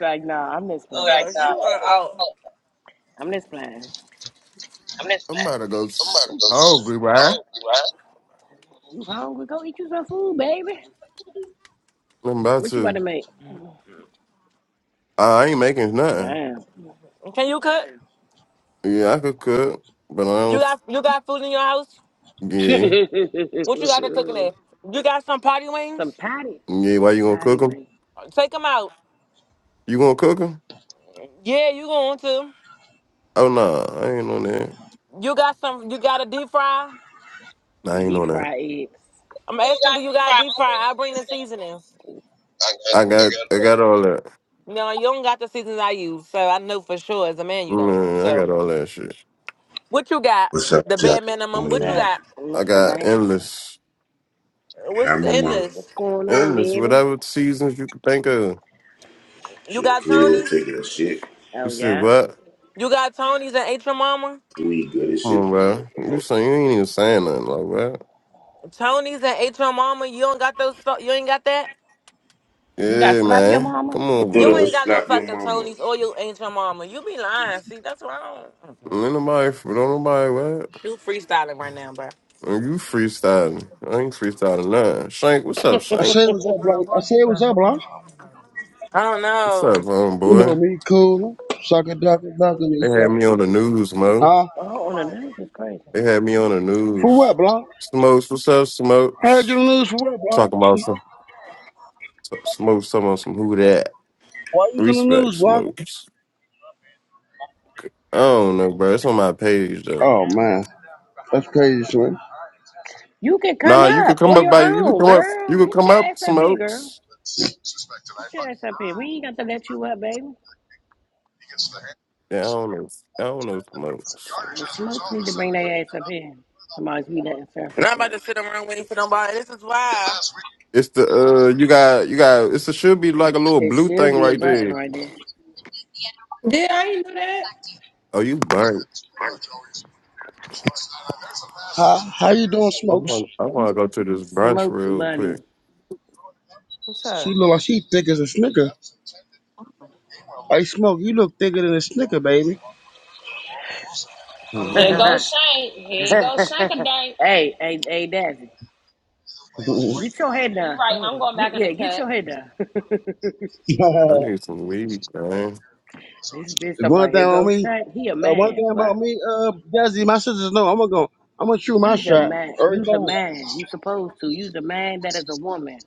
S2: like, nah, I'm this
S3: oh
S2: plan.
S3: no, she were out.
S2: I'm this plan.
S6: I'm about to go. s- I'm hungry, right?
S2: You hungry? Go eat you some food, baby.
S6: I'm about
S2: What you about
S6: to.
S2: to make?
S6: uh, I ain't making nothing.
S2: Damn.
S3: Can you cook?
S6: Yeah, I could cook, but I
S3: You
S6: don't. f-
S3: got you got food in your house?
S6: Yeah,
S3: What you got to cook in there? You got some party wings?
S2: some patty.
S6: yeah. Why you gonna cook cook them?
S2: Anyway,
S3: Take them out.
S6: You gonna cook cook them?
S3: Yeah, you going to.
S6: Oh no, I ain't on that.
S3: You got some, you got a deep fry?
S6: Nah, I ain't
S2: Deep
S6: on that.
S2: fried eggs.
S3: I'm asking, do you got a deep fry? I bring the seasonings.
S6: I got. I got all that.
S3: No, you don't got the seasonings I use, so I know for sure as a man you don't.
S6: Man, I got
S3: So,
S6: all that shit.
S3: what you got?
S8: What's up,
S3: The
S8: Jack?
S3: bare minimum.
S2: What's
S8: Morning,
S3: What you
S2: up,
S8: man.
S3: got?
S6: I
S2: Mr.
S6: got
S2: Banks?
S6: endless,
S8: Hi,
S3: What's in
S8: mama.
S2: What's
S3: this?
S2: going on,
S6: endless,
S2: baby?
S6: whatever seasons you could think of.
S3: You
S8: Shit,
S3: got
S8: cool.
S3: Tony's?
S8: Taking a shit.
S6: You
S2: Oh,
S6: said
S2: yeah.
S6: what?
S3: You got Tony's and H M Mama?
S8: We good as
S6: Come
S8: shit.
S6: on, bro. You
S8: I
S6: saying you ain't even saying nothing like what?
S3: Tony's and H M Mama? You don't got those? fu- You ain't got that?
S2: You got
S6: Yeah,
S2: slap your
S6: man.
S2: mama?
S6: Come on,
S8: thought
S3: You
S8: it
S3: ain't
S6: bro.
S8: was
S3: got no
S8: slap your
S3: fucking
S8: mama.
S3: Tony's or your H M Mama. You be lying. See, that's wrong.
S6: Ain't nobody, don't nobody what?
S3: You freestyling right now, bro.
S6: And You freestyling? I ain't freestyling nothing. Shank, what's up,
S4: I
S6: Shank?
S4: said it was up, blog. I said it was up, blog.
S3: I don't
S6: What's
S3: know.
S6: up,
S4: You know
S6: homeboy?
S4: me, cool. Suck a duck, duck, and he
S6: They had
S4: suck
S6: me
S4: it.
S6: on the news, Mo.
S4: Huh?
S2: Oh, on the nose is crazy.
S6: They had me on the
S4: For
S6: news.
S4: what, Blanc?
S6: Smokes, what's up,
S4: Heard you in
S6: Smokes?
S4: the news for what, Blanc?
S6: Talking about some, Smokes talking about some who that.
S4: Why you was in the
S6: Respect,
S4: news, Blanc?
S6: Smokes. I don't know, bro. It's on my page though.
S4: Oh, man. That's crazy, Slim.
S2: You can come
S6: Nah, you could
S2: up
S6: come
S2: on
S6: up
S2: your
S6: by you could
S2: own,
S6: come up
S2: girl.
S6: you could
S2: Get
S6: come
S2: your
S6: up
S2: ass up here, girl.
S6: smokes.
S2: Get your ass up here. We ain't got to let you up, baby.
S6: Yeah, I don't know. I don't know smokes.
S2: The smokes need to bring their ass up here. Somebody's be that in
S3: And
S2: therapy,
S3: I'm about
S2: but
S3: to sit around waiting for nobody. This is why.
S6: It's the uh you got you got it's a should be like a little
S2: it
S6: blue
S2: should
S6: thing
S2: be a
S6: right
S2: button
S6: there.
S2: right there.
S9: Yeah, I didn't know that.
S6: Oh you burnt.
S4: How, how you doing,
S6: I
S4: Smokes?
S6: want I wanna go to this brunch
S2: Smokes
S6: real
S2: bunny.
S6: quick.
S9: What's
S4: She
S9: up?
S4: look like she thick as a snicker. Hey, Smoke, you look thicker than a snicker, baby.
S9: I'm
S1: Here
S9: here.
S2: hey,
S1: goes Shank. Here goes Shank a day.
S2: hey, hey, Dazzy.
S4: There's
S2: Get your head
S1: You
S2: down.
S1: right. I'm
S9: Mm.
S1: going
S2: Get,
S1: back in the
S2: yeah, get
S1: cut.
S2: your head down.
S6: I need some weed, man.
S2: this bitch talking
S4: one
S2: about
S4: thing
S2: here
S4: on
S2: go
S4: me.
S2: sack. He a
S4: Uh, one
S2: man.
S4: thing about
S2: Fuck.
S4: me, uh, Desi, my sisters know I'm gonna go. I'm gonna shoot my
S2: He's a
S4: shot
S2: man.
S4: every
S2: You's a
S4: time.
S2: man. You supposed to. You's a man that is a woman.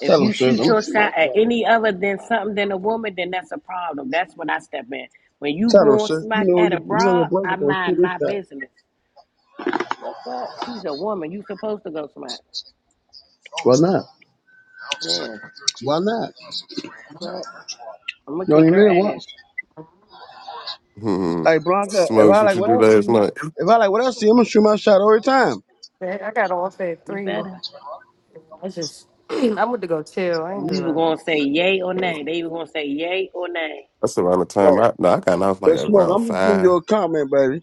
S2: If
S4: Tell them
S2: you
S4: sis. I'm
S2: shoot
S4: gonna
S2: your
S4: shoot my
S2: shot at
S4: shot.
S2: any other than something than a woman, then that's a problem. That's when I step in. When you
S4: Tell them
S2: go and
S4: sis. You
S2: smack
S4: know,
S2: at a
S4: you, you know your
S2: broad,
S4: brother
S2: I
S4: gonna shoot
S2: mind
S4: his
S2: my
S4: shot.
S2: business. The fuck? She's a woman. You supposed to go smack.
S4: Why not?
S2: damn.
S4: Why not?
S2: Fuck. I'm gonna
S4: You only
S2: kick her
S4: live
S2: ass.
S4: once.
S6: Hmm.
S4: Hey Blanca, if
S6: smokes,
S4: I
S6: what
S4: like
S6: you
S4: what
S6: do
S4: I
S6: last
S4: see,
S6: night?
S4: if I like what I see, I'm gonna shoot my shot every time.
S9: Man, I got off at
S2: You
S9: three.
S2: better.
S9: I just I went to go chill. I
S2: You
S9: ain't do
S2: either
S9: nothing.
S2: gonna say yay or
S6: Uh,
S2: nay. They either gonna say yay or nay.
S6: That's around the time
S4: Right.
S6: I no, I got off like
S4: But smoke,
S6: around
S4: I'm just giving you
S6: five.
S4: a comment, baby.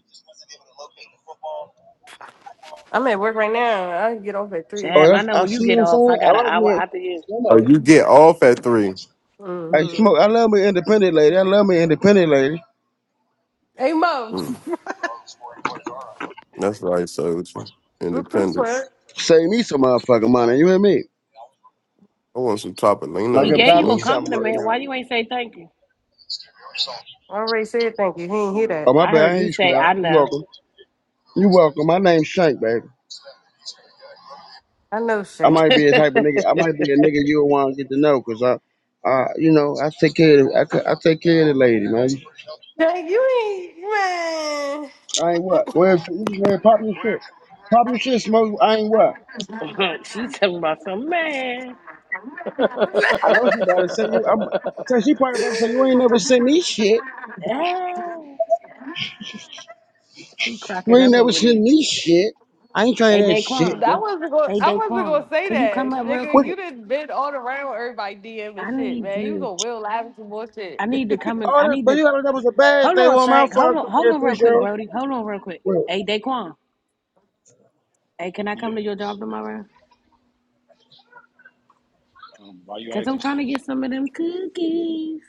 S9: I'm at work right now. I get off at three.
S4: Oh,
S2: Damn, I
S4: that's
S2: know
S4: I
S2: when you
S4: see
S2: get
S4: what I'm
S2: off, I
S4: saying. I
S2: got an
S4: like
S2: hour
S4: me
S2: after you.
S6: Oh,
S4: somebody.
S6: you get off at three.
S4: Hey
S9: Mm-hmm.
S4: smoke, I love me independent lady. I love me independent lady.
S9: Hey Mo,
S6: Mm, that's right, soldier.
S9: what the
S6: Independent.
S9: fuck?
S4: Save me some motherfucking money. You hear me?
S6: I want some
S4: Like,
S2: He
S6: Toppolinos,
S2: gave
S4: buy
S2: you
S4: me
S2: a
S6: man.
S4: something right
S2: compliment.
S4: now.
S2: Why you ain't say thank you?
S9: I already said thank you. He ain't hear
S2: Oh,
S4: Oh
S9: that.
S4: my
S2: I
S4: bad, I
S2: heard
S4: ain't
S2: you
S4: you,
S2: say,
S4: swear.
S2: I
S4: You
S2: know.
S4: welcome. You welcome. My name's Shank, baby.
S9: I know
S4: I
S9: Shank.
S4: might be a type of nigga. I might be a nigga you want to get to know, cause I, I, you know, I take care of, I, c- I take care of the lady, man.
S9: Shank, you ain't man.
S4: I ain't what. Go ahead, you just go ahead, pop your shit, pop your shit, smoke. I ain't what.
S2: she talking about some man.
S4: I know she about to say you. I'm. So she probably
S9: I
S4: about to say you ain't never sent me shit.
S2: Ah, she
S4: You
S2: cracking
S4: ain't
S2: up
S4: never
S2: over
S4: sent
S2: there.
S4: me shit. I ain't trying
S2: Hey,
S4: that shit.
S2: Daquan.
S4: Nigga.
S9: wasn't going.
S2: Hey,
S9: I wasn't going
S2: Daquan.
S9: to say
S2: Can you
S9: that,
S2: come up real
S9: nigga.
S4: What?
S2: quick?
S9: You done been all around with everybody DM and
S2: I
S9: shit,
S2: need
S9: man. You
S2: you.
S9: gonna will live with some more
S2: I
S9: shit.
S2: need to come in.
S4: All
S2: I
S4: that,
S2: need
S4: but
S2: to.
S4: you gotta know that was a bad
S2: Hold
S4: thing.
S2: on,
S4: Well, my
S2: Shank. Hold
S4: father took
S2: on. Hold
S4: care of
S2: on real
S4: three
S2: quick,
S4: girls.
S2: Brody. Hold on real quick.
S4: Wait,
S2: Hey, Daquan. Hey, can I come to your job tomorrow? Cause I'm trying to get some of them cookies.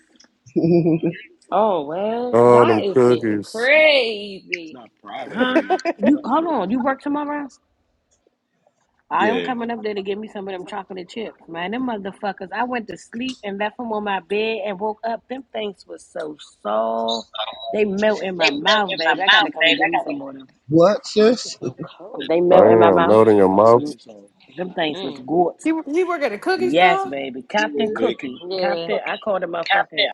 S1: Oh well,
S6: Oh,
S1: y'all
S6: them
S1: is getting
S6: cookies.
S1: crazy.
S2: Huh? You hold on. You work tomorrow? I am coming up there to get me some of them chocolate chips, man. Them motherfuckers. I went to sleep and left them on my bed and woke up. Them things was so soft. They melt in my mouth, baby. I got to come and get me some more of them.
S4: what,
S1: Why is it
S4: sis?
S1: so cold?
S2: They melt in my
S6: Damn,
S2: mouth.
S6: melt in your mouth.
S2: Mm, Them things was
S1: Mm.
S2: good.
S9: You you work at a cookie
S2: Yes,
S9: store?
S2: baby. Captain Cookie.
S1: Yeah.
S2: Captain. I called it my fucking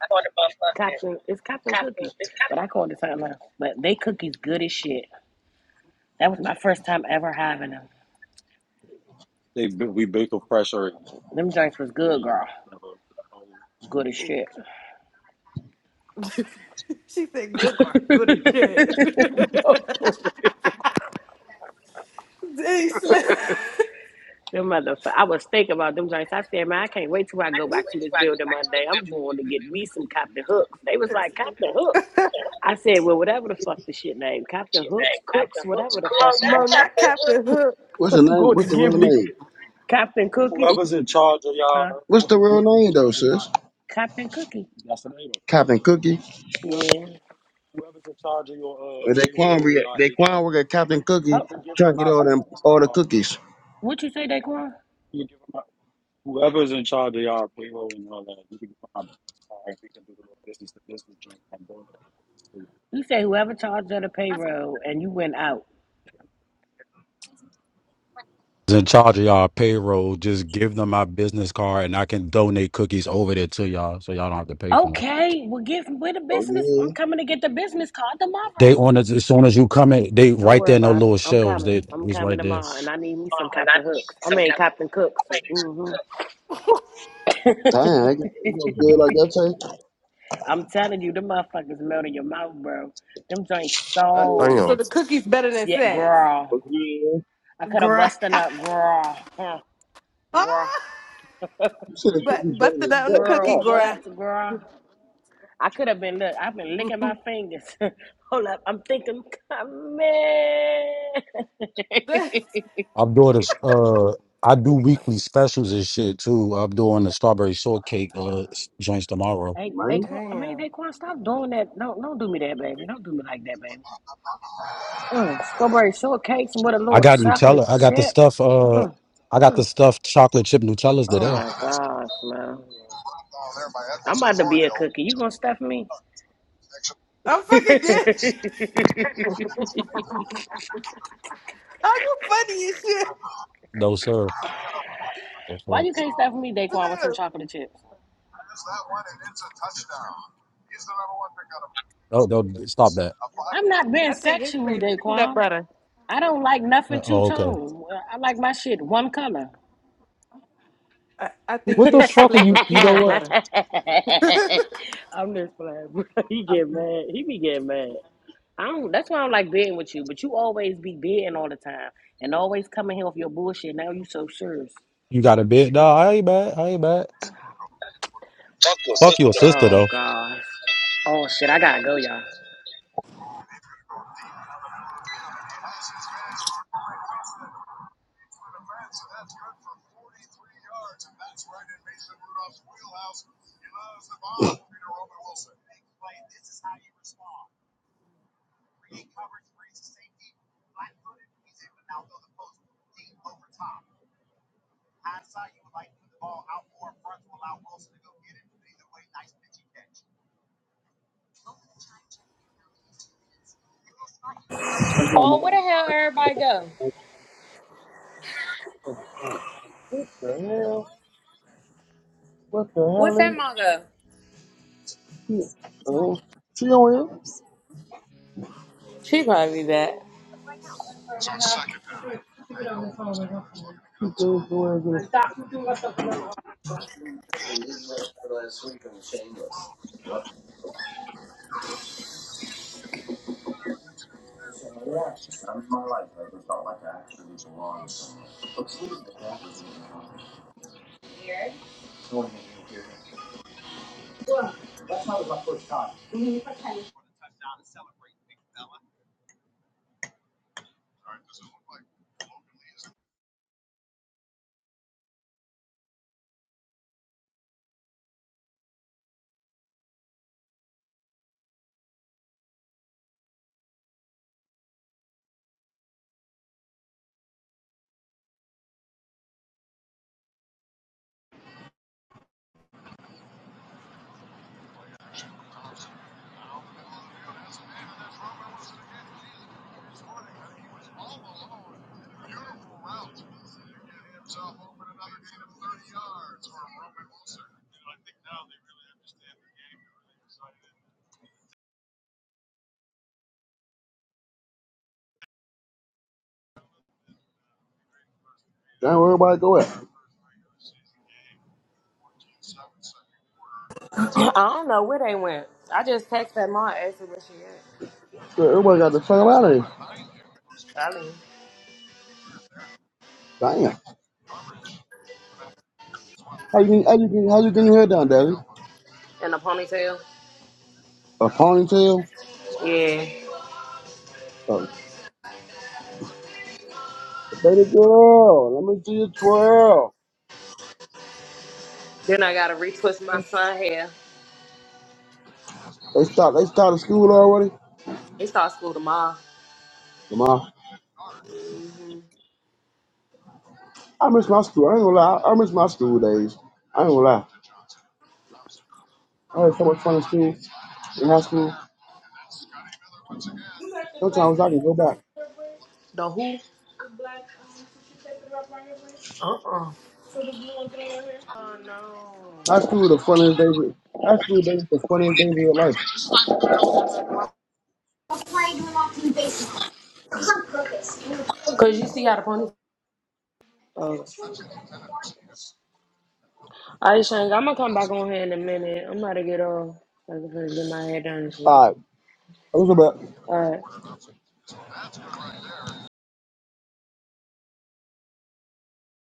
S2: Captain. It's Captain Cookie, but I called it something else. But they cookies good as shit. That was my first time ever having them. Them drinks was good, girl. Good as shit.
S9: She said, "Good
S2: no,
S9: girl, good as shit."
S2: for real.
S9: Dang, Slim.
S2: Them motherfucker. I was thinking about them drinks. I said, man, I can't wait till I go back to this building Monday. I'm going to get me some Captain Hooks. They was like, Captain Hooks. I said, well, whatever the fuck the shit name, Captain Hooks, Cooks, whatever the fuck. I'm going,
S9: Mo, not Captain Hook.
S4: What's the
S2: I'm
S4: name?
S2: going to
S4: What's the real
S2: give me
S4: name?
S2: Captain Cookie, huh?
S4: What's the real name though, sis?
S2: Captain Cookie.
S4: Captain Cookie.
S2: Yeah.
S4: And Daquan, re- Daquan work at Captain Cookie
S2: Huh.
S4: trying to get all them all the cookies.
S2: What you say, Daquan? You say whoever charged you the payroll and you went out. Okay, well, get with the
S4: Oh
S2: business.
S4: yeah,
S2: I'm coming to get the business card tomorrow. Don't worry about it. I'm coming. I'm coming tomorrow, and I need me some Captain Hooks. I mean Captain Cooks. hmm
S4: damn, I get you know, good like that take.
S2: I'm telling you, them motherfuckers melt in your mouth, bro. Them joints
S9: Uh,
S2: so
S9: so
S6: Damn.
S9: the cookie's better than
S2: shit,
S9: sex.
S2: girl.
S4: Oh yeah,
S2: I could have
S9: Grind.
S2: busted up, girl. Huh,
S9: Ah,
S2: Girl,
S4: you said the
S9: but
S4: cookies better than
S9: busted out on the
S4: yourself,
S9: cookie
S4: God
S2: girl,
S4: damn,
S2: what,
S9: grind.
S2: girl? I could have been look. I've been licking my fingers. Hold up, I'm thinking, man.
S9: That's-
S10: I'm doing this. Uh, I did too. I'm doing a shortcake uh things tomorrow.
S2: Hey, they?
S4: man.
S2: can't. I mean,
S9: Damn.
S2: they can't stop doing that. Don't don't do me that, baby. Don't do me like that, baby. Mm, strawberry shortcakes and with a
S10: I
S2: little
S10: got
S2: chocolate
S10: Nutella. I got the
S2: chip.
S10: stuff. Uh,
S2: Mm.
S10: I got the stuff.
S2: Oh my gosh, man. I'm about to be a cookie. You gonna stuff me?
S9: I'm
S2: Why
S9: fucking dead. Are you funny as shit,
S2: you can't stuff me, Daquan, with some
S9: Slim?
S2: chocolate chips? I'm not being
S9: I think his
S2: sexual,
S9: flavor peanut
S2: Daquan.
S9: butter.
S2: I don't like nothing two tone. I like my shit one color.
S9: I, I think
S2: I'm
S9: his flavor peanut butter.
S2: just playing. bro. He get mad. He be getting mad. I don't. That's why I don't like being with you. But you always be being all the time and always coming here with your bullshit. Now you so serious. Oh gosh. Oh shit. I gotta go, y'all.
S4: Thank you,
S1: Oh,
S4: Mama.
S1: where the hell everybody go?
S4: Oh, God. What the hell? What the
S1: What's
S4: hell
S1: that
S4: ain't
S1: mom go?
S4: she? Oh, she on here? She
S1: She probably be back.
S4: go go ahead, get it. Damn, where everybody go at?
S1: I don't know where they went. I just texted that mom and asked her where she
S4: Shit, Everybody got the fuck out of here.
S1: at. I mean,
S4: Damn, how you getting- how you getting how you getting your hair down, Daddy?
S1: In a ponytail.
S4: A ponytail?
S1: Yeah.
S4: Oh, baby girl, let me see you twirl.
S1: Then I gotta retwist my son hair.
S4: They start they started school already.
S1: They start school tomorrow.
S4: Lamar, I miss my school. I ain't gonna lie. I miss my school days. I ain't gonna lie. I had so much fun in school in high school. Sometimes I can go back.
S1: The who? Oh.
S4: High school the funniest days. High school days the funniest days of your life.
S1: Oh. All right, Shang, I'm gonna come back on here in a minute. I'm about to get off. I'm gonna get my hair done and shit.
S4: All right. That was about
S1: All right.